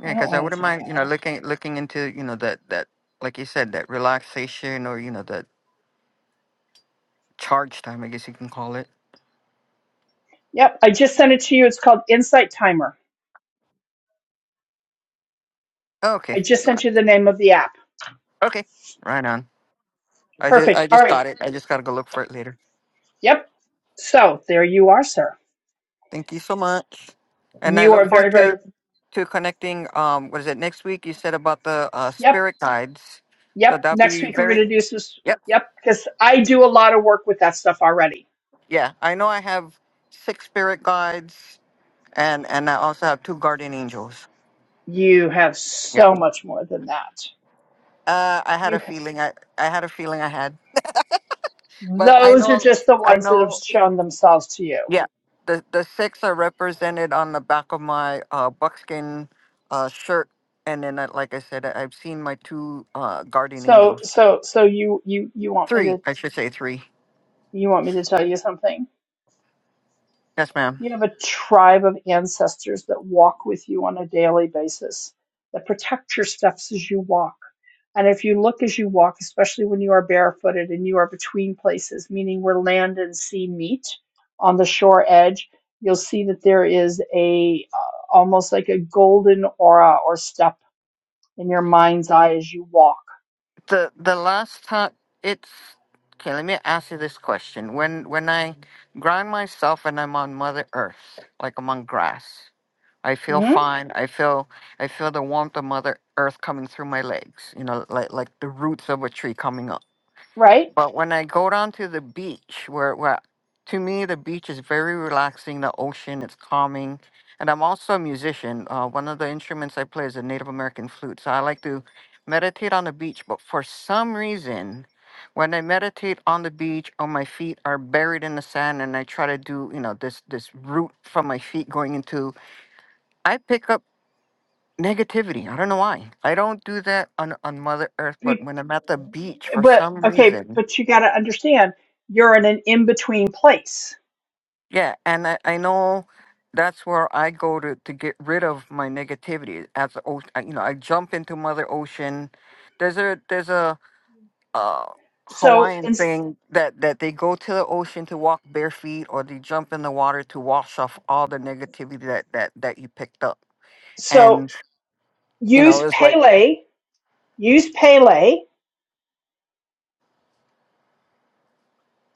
Speaker 10: Yeah,
Speaker 1: I don't
Speaker 10: because I
Speaker 1: want
Speaker 10: wouldn't
Speaker 1: to do
Speaker 10: mind you know
Speaker 1: that.
Speaker 10: looking looking into you know that that like you said that relaxation or you know that charge time I guess you can call it.
Speaker 1: Yep. I just sent it to you. It's called Insight Timer.
Speaker 10: Okay,
Speaker 1: I just sent
Speaker 10: got.
Speaker 1: you the name of the app.
Speaker 10: Okay, right on. I just
Speaker 1: Perfect.
Speaker 10: I
Speaker 1: All
Speaker 10: just
Speaker 1: right.
Speaker 10: got it. I just gotta go look for it later.
Speaker 1: Yep. So there you are, sir.
Speaker 10: Thank you so much. And I
Speaker 1: You
Speaker 10: look
Speaker 1: are
Speaker 10: forward
Speaker 1: very, very,
Speaker 10: to to connecting. Um, what is it next week? You said about the uh,
Speaker 1: yep.
Speaker 10: spirit guides, so
Speaker 1: Yep.
Speaker 10: that'll
Speaker 1: Next
Speaker 10: be
Speaker 1: week we're going
Speaker 10: very.
Speaker 1: to do some, s-
Speaker 10: Yep,
Speaker 1: yep. Because I do a lot of work with that stuff already.
Speaker 10: yeah. I know I have six spirit guides, and and I also have two guardian angels.
Speaker 1: You have
Speaker 10: Yeah.
Speaker 1: so much more than that.
Speaker 10: Uh, I had a
Speaker 1: You,
Speaker 10: feeling. I I had a feeling I had, but I
Speaker 1: those are
Speaker 10: know.
Speaker 1: just the
Speaker 10: I
Speaker 1: ones that have
Speaker 10: know.
Speaker 1: shown themselves to you.
Speaker 10: Yeah. The the six are represented on the back of my uh, buckskin uh, shirt, and then, uh, like I said, I- I've seen my two uh, guardian
Speaker 1: So
Speaker 10: angels.
Speaker 1: so so you you you want me
Speaker 10: Three,
Speaker 1: to
Speaker 10: I should say three.
Speaker 1: you want me to tell you something?
Speaker 10: Yes, ma'am.
Speaker 1: You have a tribe of ancestors that walk with you on a daily basis, that protect your steps as you walk. And if you look as you walk, especially when you are barefooted and you are between places, meaning where land and sea meet on the shore edge, you'll see that there is a uh, almost like a golden aura or step in your mind's eye as you walk.
Speaker 10: The the last time it's okay. Let me ask you this question: When when I ground myself and I'm on Mother Earth, like I'm on grass, I feel
Speaker 1: Mhm.
Speaker 10: fine. I feel I feel the warmth of Mother Earth coming through my legs. You know, like like the roots of a tree coming up.
Speaker 1: Right?
Speaker 10: But when I go down to the beach, where, where to me the beach is very relaxing, the ocean, it's calming. And I'm also a musician. Uh, one of the instruments I play is a Native American flute. So I like to meditate on the beach. But for some reason, when I meditate on the beach, or my feet are buried in the sand, and I try to do, you know, this this root from my feet going into, I pick up negativity. I don't know why. I don't do that on on Mother Earth, but
Speaker 1: Be-
Speaker 10: when I'm at the beach, for
Speaker 1: but
Speaker 10: some
Speaker 1: okay,
Speaker 10: reason,
Speaker 1: but you got to understand you're in an in between place.
Speaker 10: Yeah, and I, I know that's where I go to to get rid of my negativity. As the ocean, you know, I jump into Mother Ocean. There's a there's a uh,
Speaker 1: So
Speaker 10: Hawaiian
Speaker 1: and
Speaker 10: thing that that they go to the ocean to walk bare feet, or they jump in the water to wash off all the negativity that that that you picked up.
Speaker 1: so
Speaker 10: And you know,
Speaker 1: use
Speaker 10: it's like,
Speaker 1: Pele, use Pele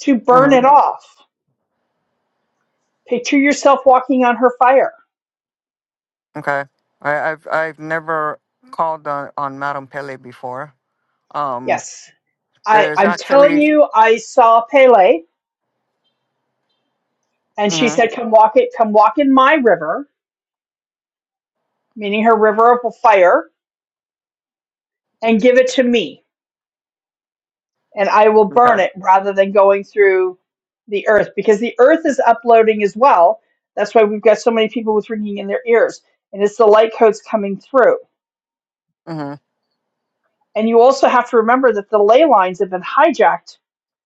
Speaker 1: to burn
Speaker 10: hmm
Speaker 1: it off. Picture yourself walking on her fire.
Speaker 10: okay, I, I've I've never called on on Madame Pele before. Um,
Speaker 1: Yes, I
Speaker 10: there's
Speaker 1: I'm telling
Speaker 10: actually,
Speaker 1: you, I saw Pele, and she
Speaker 10: mm-hmm,
Speaker 1: said, "Come walk it, come walk in my river," meaning her river of fire, and give it to me. and I will
Speaker 10: okay,
Speaker 1: burn it rather than going through the earth because the earth is uploading as well. That's why we've got so many people with ringing in their ears, and it's the light codes coming through.
Speaker 10: mm-hmm,
Speaker 1: And you also have to remember that the ley lines have been hijacked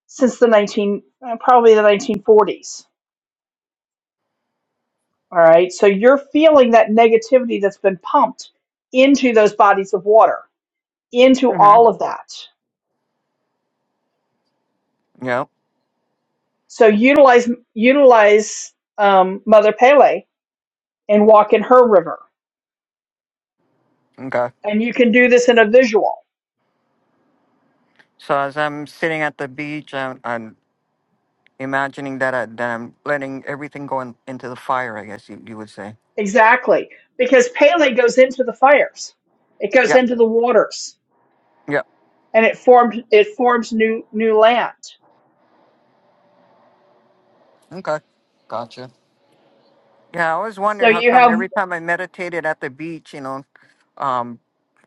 Speaker 1: since the 19, uh, probably the 1940s. All right. So you're feeling that negativity that's been pumped into those bodies of water, into
Speaker 10: mm-hmm.
Speaker 1: all of that. So utilize, utilize um, Mother Pele and walk in her river
Speaker 10: Okay.
Speaker 1: And you can do this in a visual.
Speaker 10: So as I'm sitting at the beach, I'm, I'm imagining that, I, that I'm letting everything go in, into the fire, I guess you, you would say.
Speaker 1: Exactly. Because Pele goes into the fires. It goes
Speaker 10: Yeah,
Speaker 1: into the waters
Speaker 10: yeah.
Speaker 1: and it formed it forms new new land.
Speaker 10: Okay. Gotcha. Yeah, I always
Speaker 1: So
Speaker 10: wondered how
Speaker 1: you
Speaker 10: come
Speaker 1: have
Speaker 10: every time I meditated at the beach, you know, um,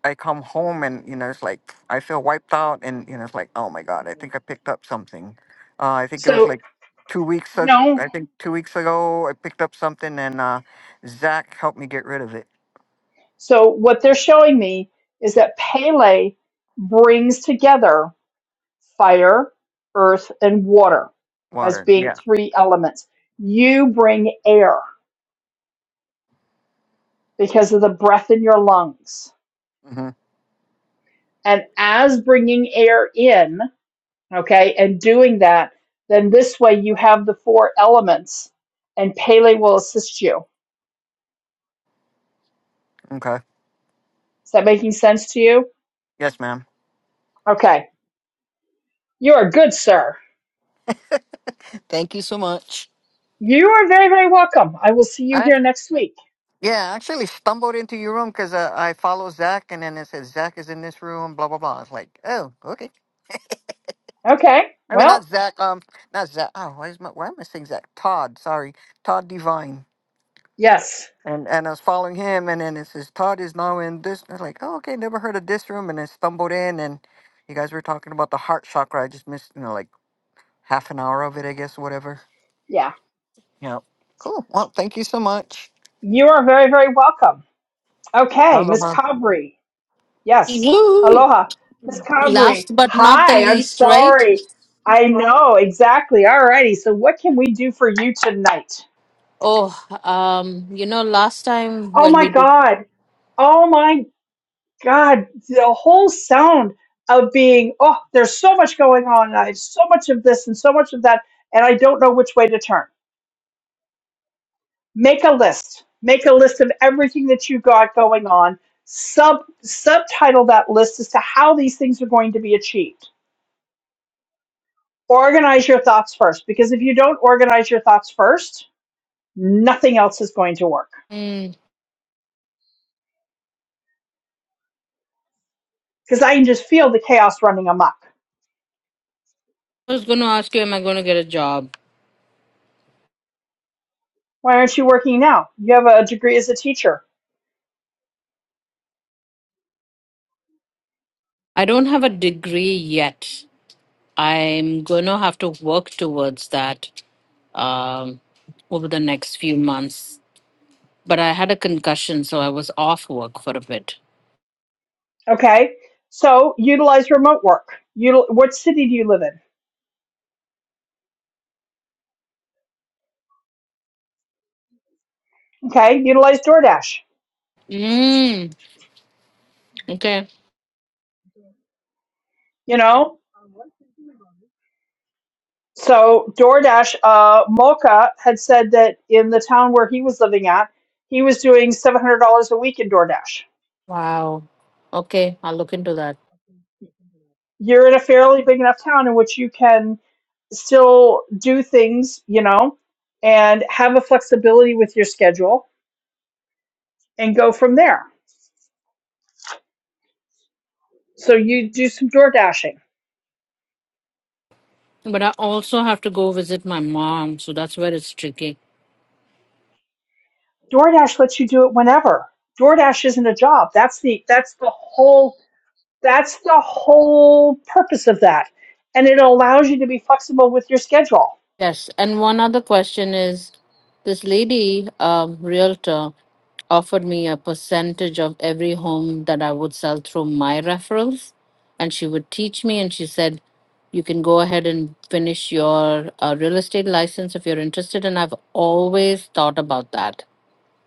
Speaker 10: I come home and, you know, it's like I feel wiped out and, you know, it's like, oh my God, I think I picked up something. Uh, I think it was
Speaker 1: so
Speaker 10: like two weeks ago.
Speaker 1: no.
Speaker 10: I think two weeks ago I picked up something and uh, Zach helped me get rid of it.
Speaker 1: So what they're showing me is that Pele brings together fire, earth, and water as
Speaker 10: Water.
Speaker 1: being
Speaker 10: Yeah.
Speaker 1: three elements. You bring air because of the breath in your lungs.
Speaker 10: Mm-hmm.
Speaker 1: And as bringing air in, okay, and doing that, then this way you have the four elements and Pele will assist you.
Speaker 10: Okay.
Speaker 1: Is that making sense to you?
Speaker 10: Yes, ma'am.
Speaker 1: Okay. You are good, sir.
Speaker 10: Thank you so much.
Speaker 1: You are very, very welcome. I will see you
Speaker 10: I
Speaker 1: here next week.
Speaker 10: yeah, I actually stumbled into your room because uh, I follow Zach, and then it says Zach is in this room. Blah blah blah. It's like, oh, okay.
Speaker 1: Okay.
Speaker 10: I mean, not
Speaker 1: Well,
Speaker 10: Zach. Um, not Zach. Oh, why is my why am I saying Zach? Todd. Sorry, Todd Divine.
Speaker 1: yes.
Speaker 10: And and I was following him, and then it says Todd is now in this. I was like, oh, okay, never heard of this room, and then stumbled in, and you guys were talking about the heart chakra. I just missed, you know, like half an hour of it, I guess, whatever.
Speaker 1: Yeah.
Speaker 10: Yeah. Cool. Well, thank you so much.
Speaker 1: You are very, very welcome. Okay. Miss
Speaker 10: Aloha.
Speaker 1: Cobry. Yes.
Speaker 8: Woo!
Speaker 1: Aloha. Miss Cobry.
Speaker 8: Last but not the
Speaker 1: Hi. I'm
Speaker 8: least, right?
Speaker 1: sorry. I know. Exactly. All righty. So what can we do for you tonight?
Speaker 8: Oh, um, you know, last time
Speaker 1: Oh
Speaker 8: when we
Speaker 1: my
Speaker 8: did,
Speaker 1: God. Oh my God. The whole sound of being, oh, there's so much going on. And I so much of this and so much of that. And I don't know which way to turn. Make a list. Make a list of everything that you got going on. Sub subtitle that list as to how these things are going to be achieved. Organize your thoughts first, because if you don't organize your thoughts first, nothing else is going to work.
Speaker 8: Hmm.
Speaker 1: Because I can just feel the chaos running amok.
Speaker 8: I was going to ask you, am I going to get a job?
Speaker 1: Why aren't you working now? You have a degree as a teacher
Speaker 8: I don't have a degree yet. I'm going to have to work towards that um, over the next few months. but I had a concussion, so I was off work for a bit.
Speaker 1: Okay. So utilize remote work. Util- what city do you live in? Okay. Utilize DoorDash,
Speaker 8: Mm, okay.
Speaker 1: you know? So DoorDash, uh, Mocha had said that in the town where he was living at, he was doing $700 a week in DoorDash.
Speaker 8: Wow. Okay, I'll look into that.
Speaker 1: You're in a fairly big enough town in which you can still do things, you know, and have a flexibility with your schedule and go from there. So you do some DoorDashing
Speaker 8: But I also have to go visit my mom, so that's where it's tricky.
Speaker 1: DoorDash lets you do it whenever. DoorDash isn't a job. That's the that's the whole that's the whole purpose of that. And it allows you to be flexible with your schedule.
Speaker 8: Yes, and one other question is this lady, um, realtor, offered me a percentage of every home that I would sell through my referrals. And she would teach me, and she said, You can go ahead and finish your uh, real estate license if you're interested. And I've always thought about that.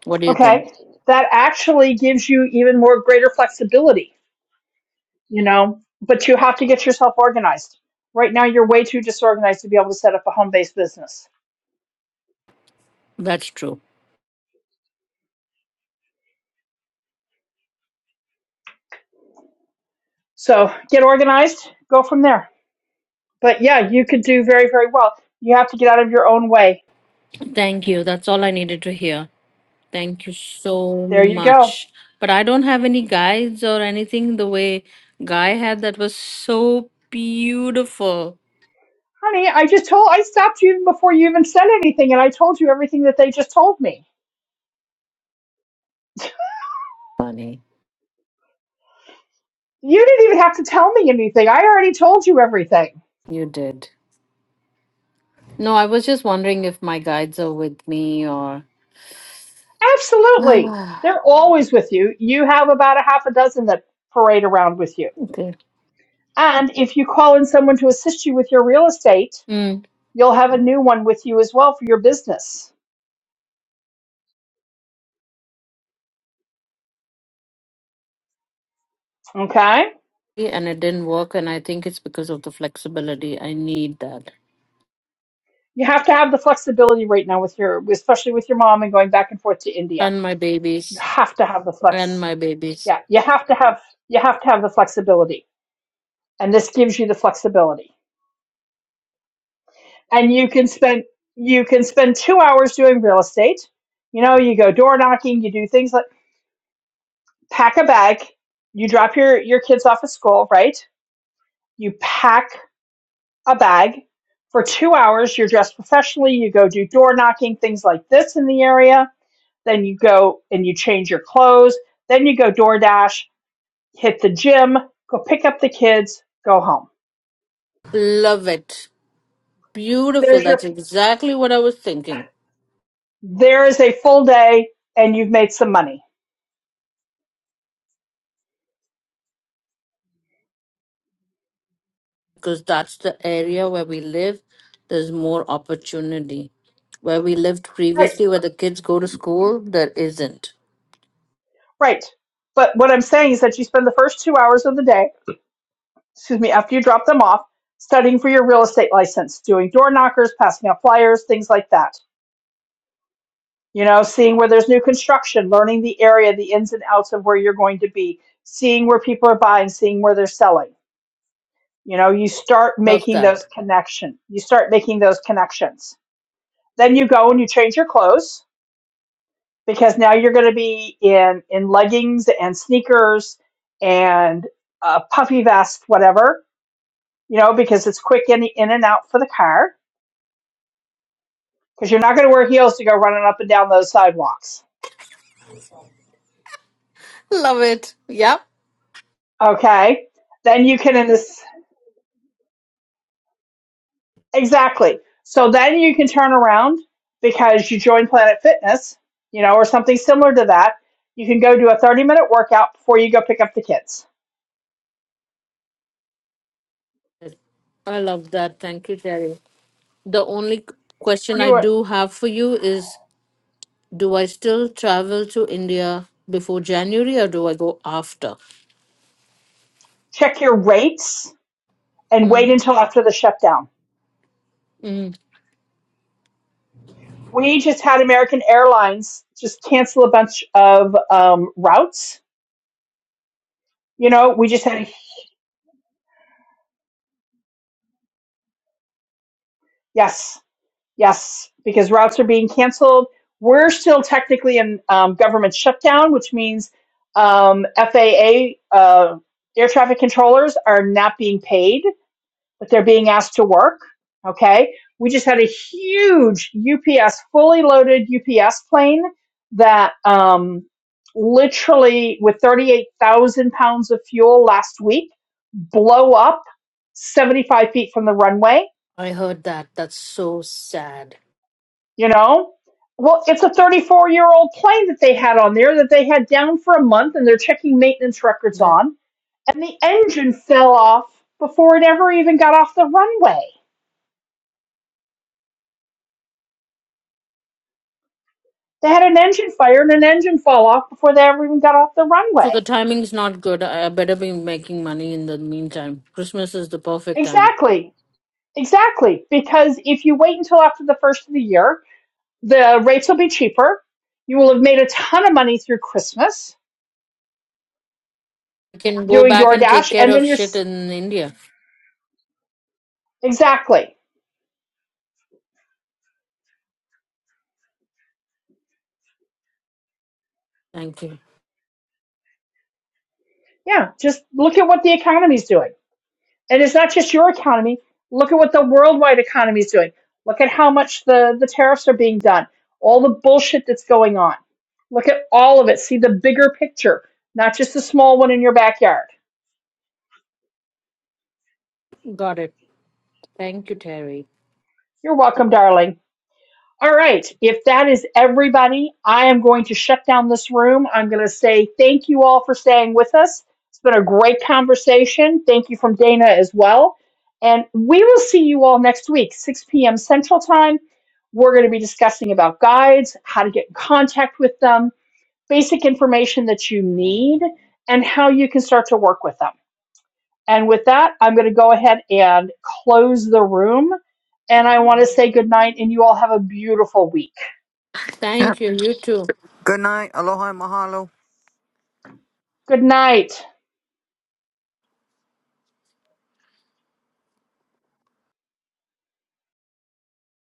Speaker 8: What do you think?
Speaker 1: Okay? That actually gives you even more greater flexibility, you know, but you have to get yourself organized. Right now you're way too disorganized to be able to set up a home-based business.
Speaker 8: That's true.
Speaker 1: So, get organized, go from there. But yeah, you could do very very well. You have to get out of your own way.
Speaker 8: Thank you. That's all I needed to hear. Thank you so
Speaker 1: There you go.
Speaker 8: much. But I don't have any guides or anything the way Guy had that was so beautiful.
Speaker 1: Honey, I just told, I stopped you even before you even said anything, and I told you everything that they just told me.
Speaker 8: Funny.
Speaker 1: You didn't even have to tell me anything. I already told you everything.
Speaker 8: You did. No, I was just wondering if my guides are with me or
Speaker 1: Absolutely.
Speaker 8: Ah,
Speaker 1: They're always with you. You have about a half a dozen that parade around with you.
Speaker 8: okay.
Speaker 1: And if you call in someone to assist you with your real estate,
Speaker 8: Mm.
Speaker 1: you'll have a new one with you as well for your business. Okay?
Speaker 8: and it didn't work and I think it's because of the flexibility. I need that.
Speaker 1: You have to have the flexibility right now with your, especially with your mom and going back and forth to India.
Speaker 8: And my
Speaker 1: You
Speaker 8: babies.
Speaker 1: have to have the flex.
Speaker 8: And my babies.
Speaker 1: yeah you have to have you have to have the flexibility and this gives you the flexibility and you can spend you can spend two hours doing real estate you know you go door knocking you do things like pack a bag you drop your your kids off at school right you pack a bag for two hours you're dressed professionally you go do door knocking things like this in the area then you go and you change your clothes then you go DoorDash, hit the gym go pick up the kids go home
Speaker 8: Love it. Beautiful.
Speaker 1: there's your
Speaker 8: That's exactly what I was thinking.
Speaker 1: there is a full day and you've made some money.
Speaker 8: because that's the area where we live. There's more opportunity. Where we lived
Speaker 1: Right,
Speaker 8: previously, where the kids go to school, there isn't.
Speaker 1: right. But what I'm saying is that you spend the first two hours of the day, excuse me, after you drop them off, studying for your real estate license, doing door knockers, passing out flyers, things like that. You know, seeing where there's new construction, learning the area, the ins and outs of where you're going to be, seeing where people are buying, seeing where they're selling. You know, you start
Speaker 8: Love
Speaker 1: making
Speaker 8: that.
Speaker 1: those connections. You start making those connections. Then you go and you change your clothes because now you're going to be in in leggings and sneakers and a puffy vest, whatever you know, because it's quick in in and out for the car. Because you're not going to wear heels to go running up and down those sidewalks.
Speaker 8: Love it. Yep.
Speaker 1: Okay, then you can in this exactly. So then you can turn around because you join Planet Fitness, you know, or something similar to that. You can go do a 30 minute workout before you go pick up the kids.
Speaker 8: I love that. Thank you, Terry. The only question I
Speaker 1: You
Speaker 8: do have for you is do I still travel to India before January or do I go after?
Speaker 1: check your rates and wait
Speaker 8: Mm,
Speaker 1: until after the shutdown
Speaker 8: mm.
Speaker 1: we just had American Airlines just cancel a bunch of um, routes. You know, we just had yes, yes, because routes are being canceled. We're still technically in um, government shutdown, which means um, FAA uh, air traffic controllers are not being paid but they're being asked to work. Okay. We just had a huge UPS, fully loaded UPS plane that um, literally, with 38,000 pounds of fuel last week, blow up 75 feet from the runway,
Speaker 8: I heard that. That's so sad.
Speaker 1: you know? Well, it's a 34 year old plane that they had on there that they had down for a month and they're checking maintenance records on. And the engine fell off before it ever even got off the runway They had an engine fire and an engine fell off before they ever even got off the
Speaker 8: So the
Speaker 1: runway.
Speaker 8: timing's not good. I better be making money in the meantime. Christmas is the perfect time.
Speaker 1: Exactly. Exactly. Because if you wait until after the first of the year, the rates will be cheaper. You will have made a ton of money through Christmas
Speaker 8: I can go
Speaker 1: doing
Speaker 8: back and take
Speaker 1: DoorDash.
Speaker 8: care
Speaker 1: And
Speaker 8: of
Speaker 1: then you're
Speaker 8: shit
Speaker 1: s-
Speaker 8: in India.
Speaker 1: exactly.
Speaker 8: Thank you.
Speaker 1: Yeah. Just look at what the economy's doing And it's not just your economy. Look at what the worldwide economy is doing. Look at how much the, the tariffs are being done, all the bullshit that's going on. Look at all of it. See the bigger picture, not just the small one in your backyard.
Speaker 8: Got it. Thank you, Terry.
Speaker 1: You're welcome, darling. All right. If that is everybody, I am going to shut down this room. I'm going to say thank you all for staying with us. It's been a great conversation. Thank you from Dana as well. And we will see you all next week, 6 p.m. Central Time. We're going to be discussing about guides, how to get in contact with them, basic information that you need, and how you can start to work with them. And with that, I'm going to go ahead and close the room. And I want to say good night, and you all have a beautiful week.
Speaker 8: Thank you. You too.
Speaker 10: Good night. Aloha and mahalo.
Speaker 1: Good night.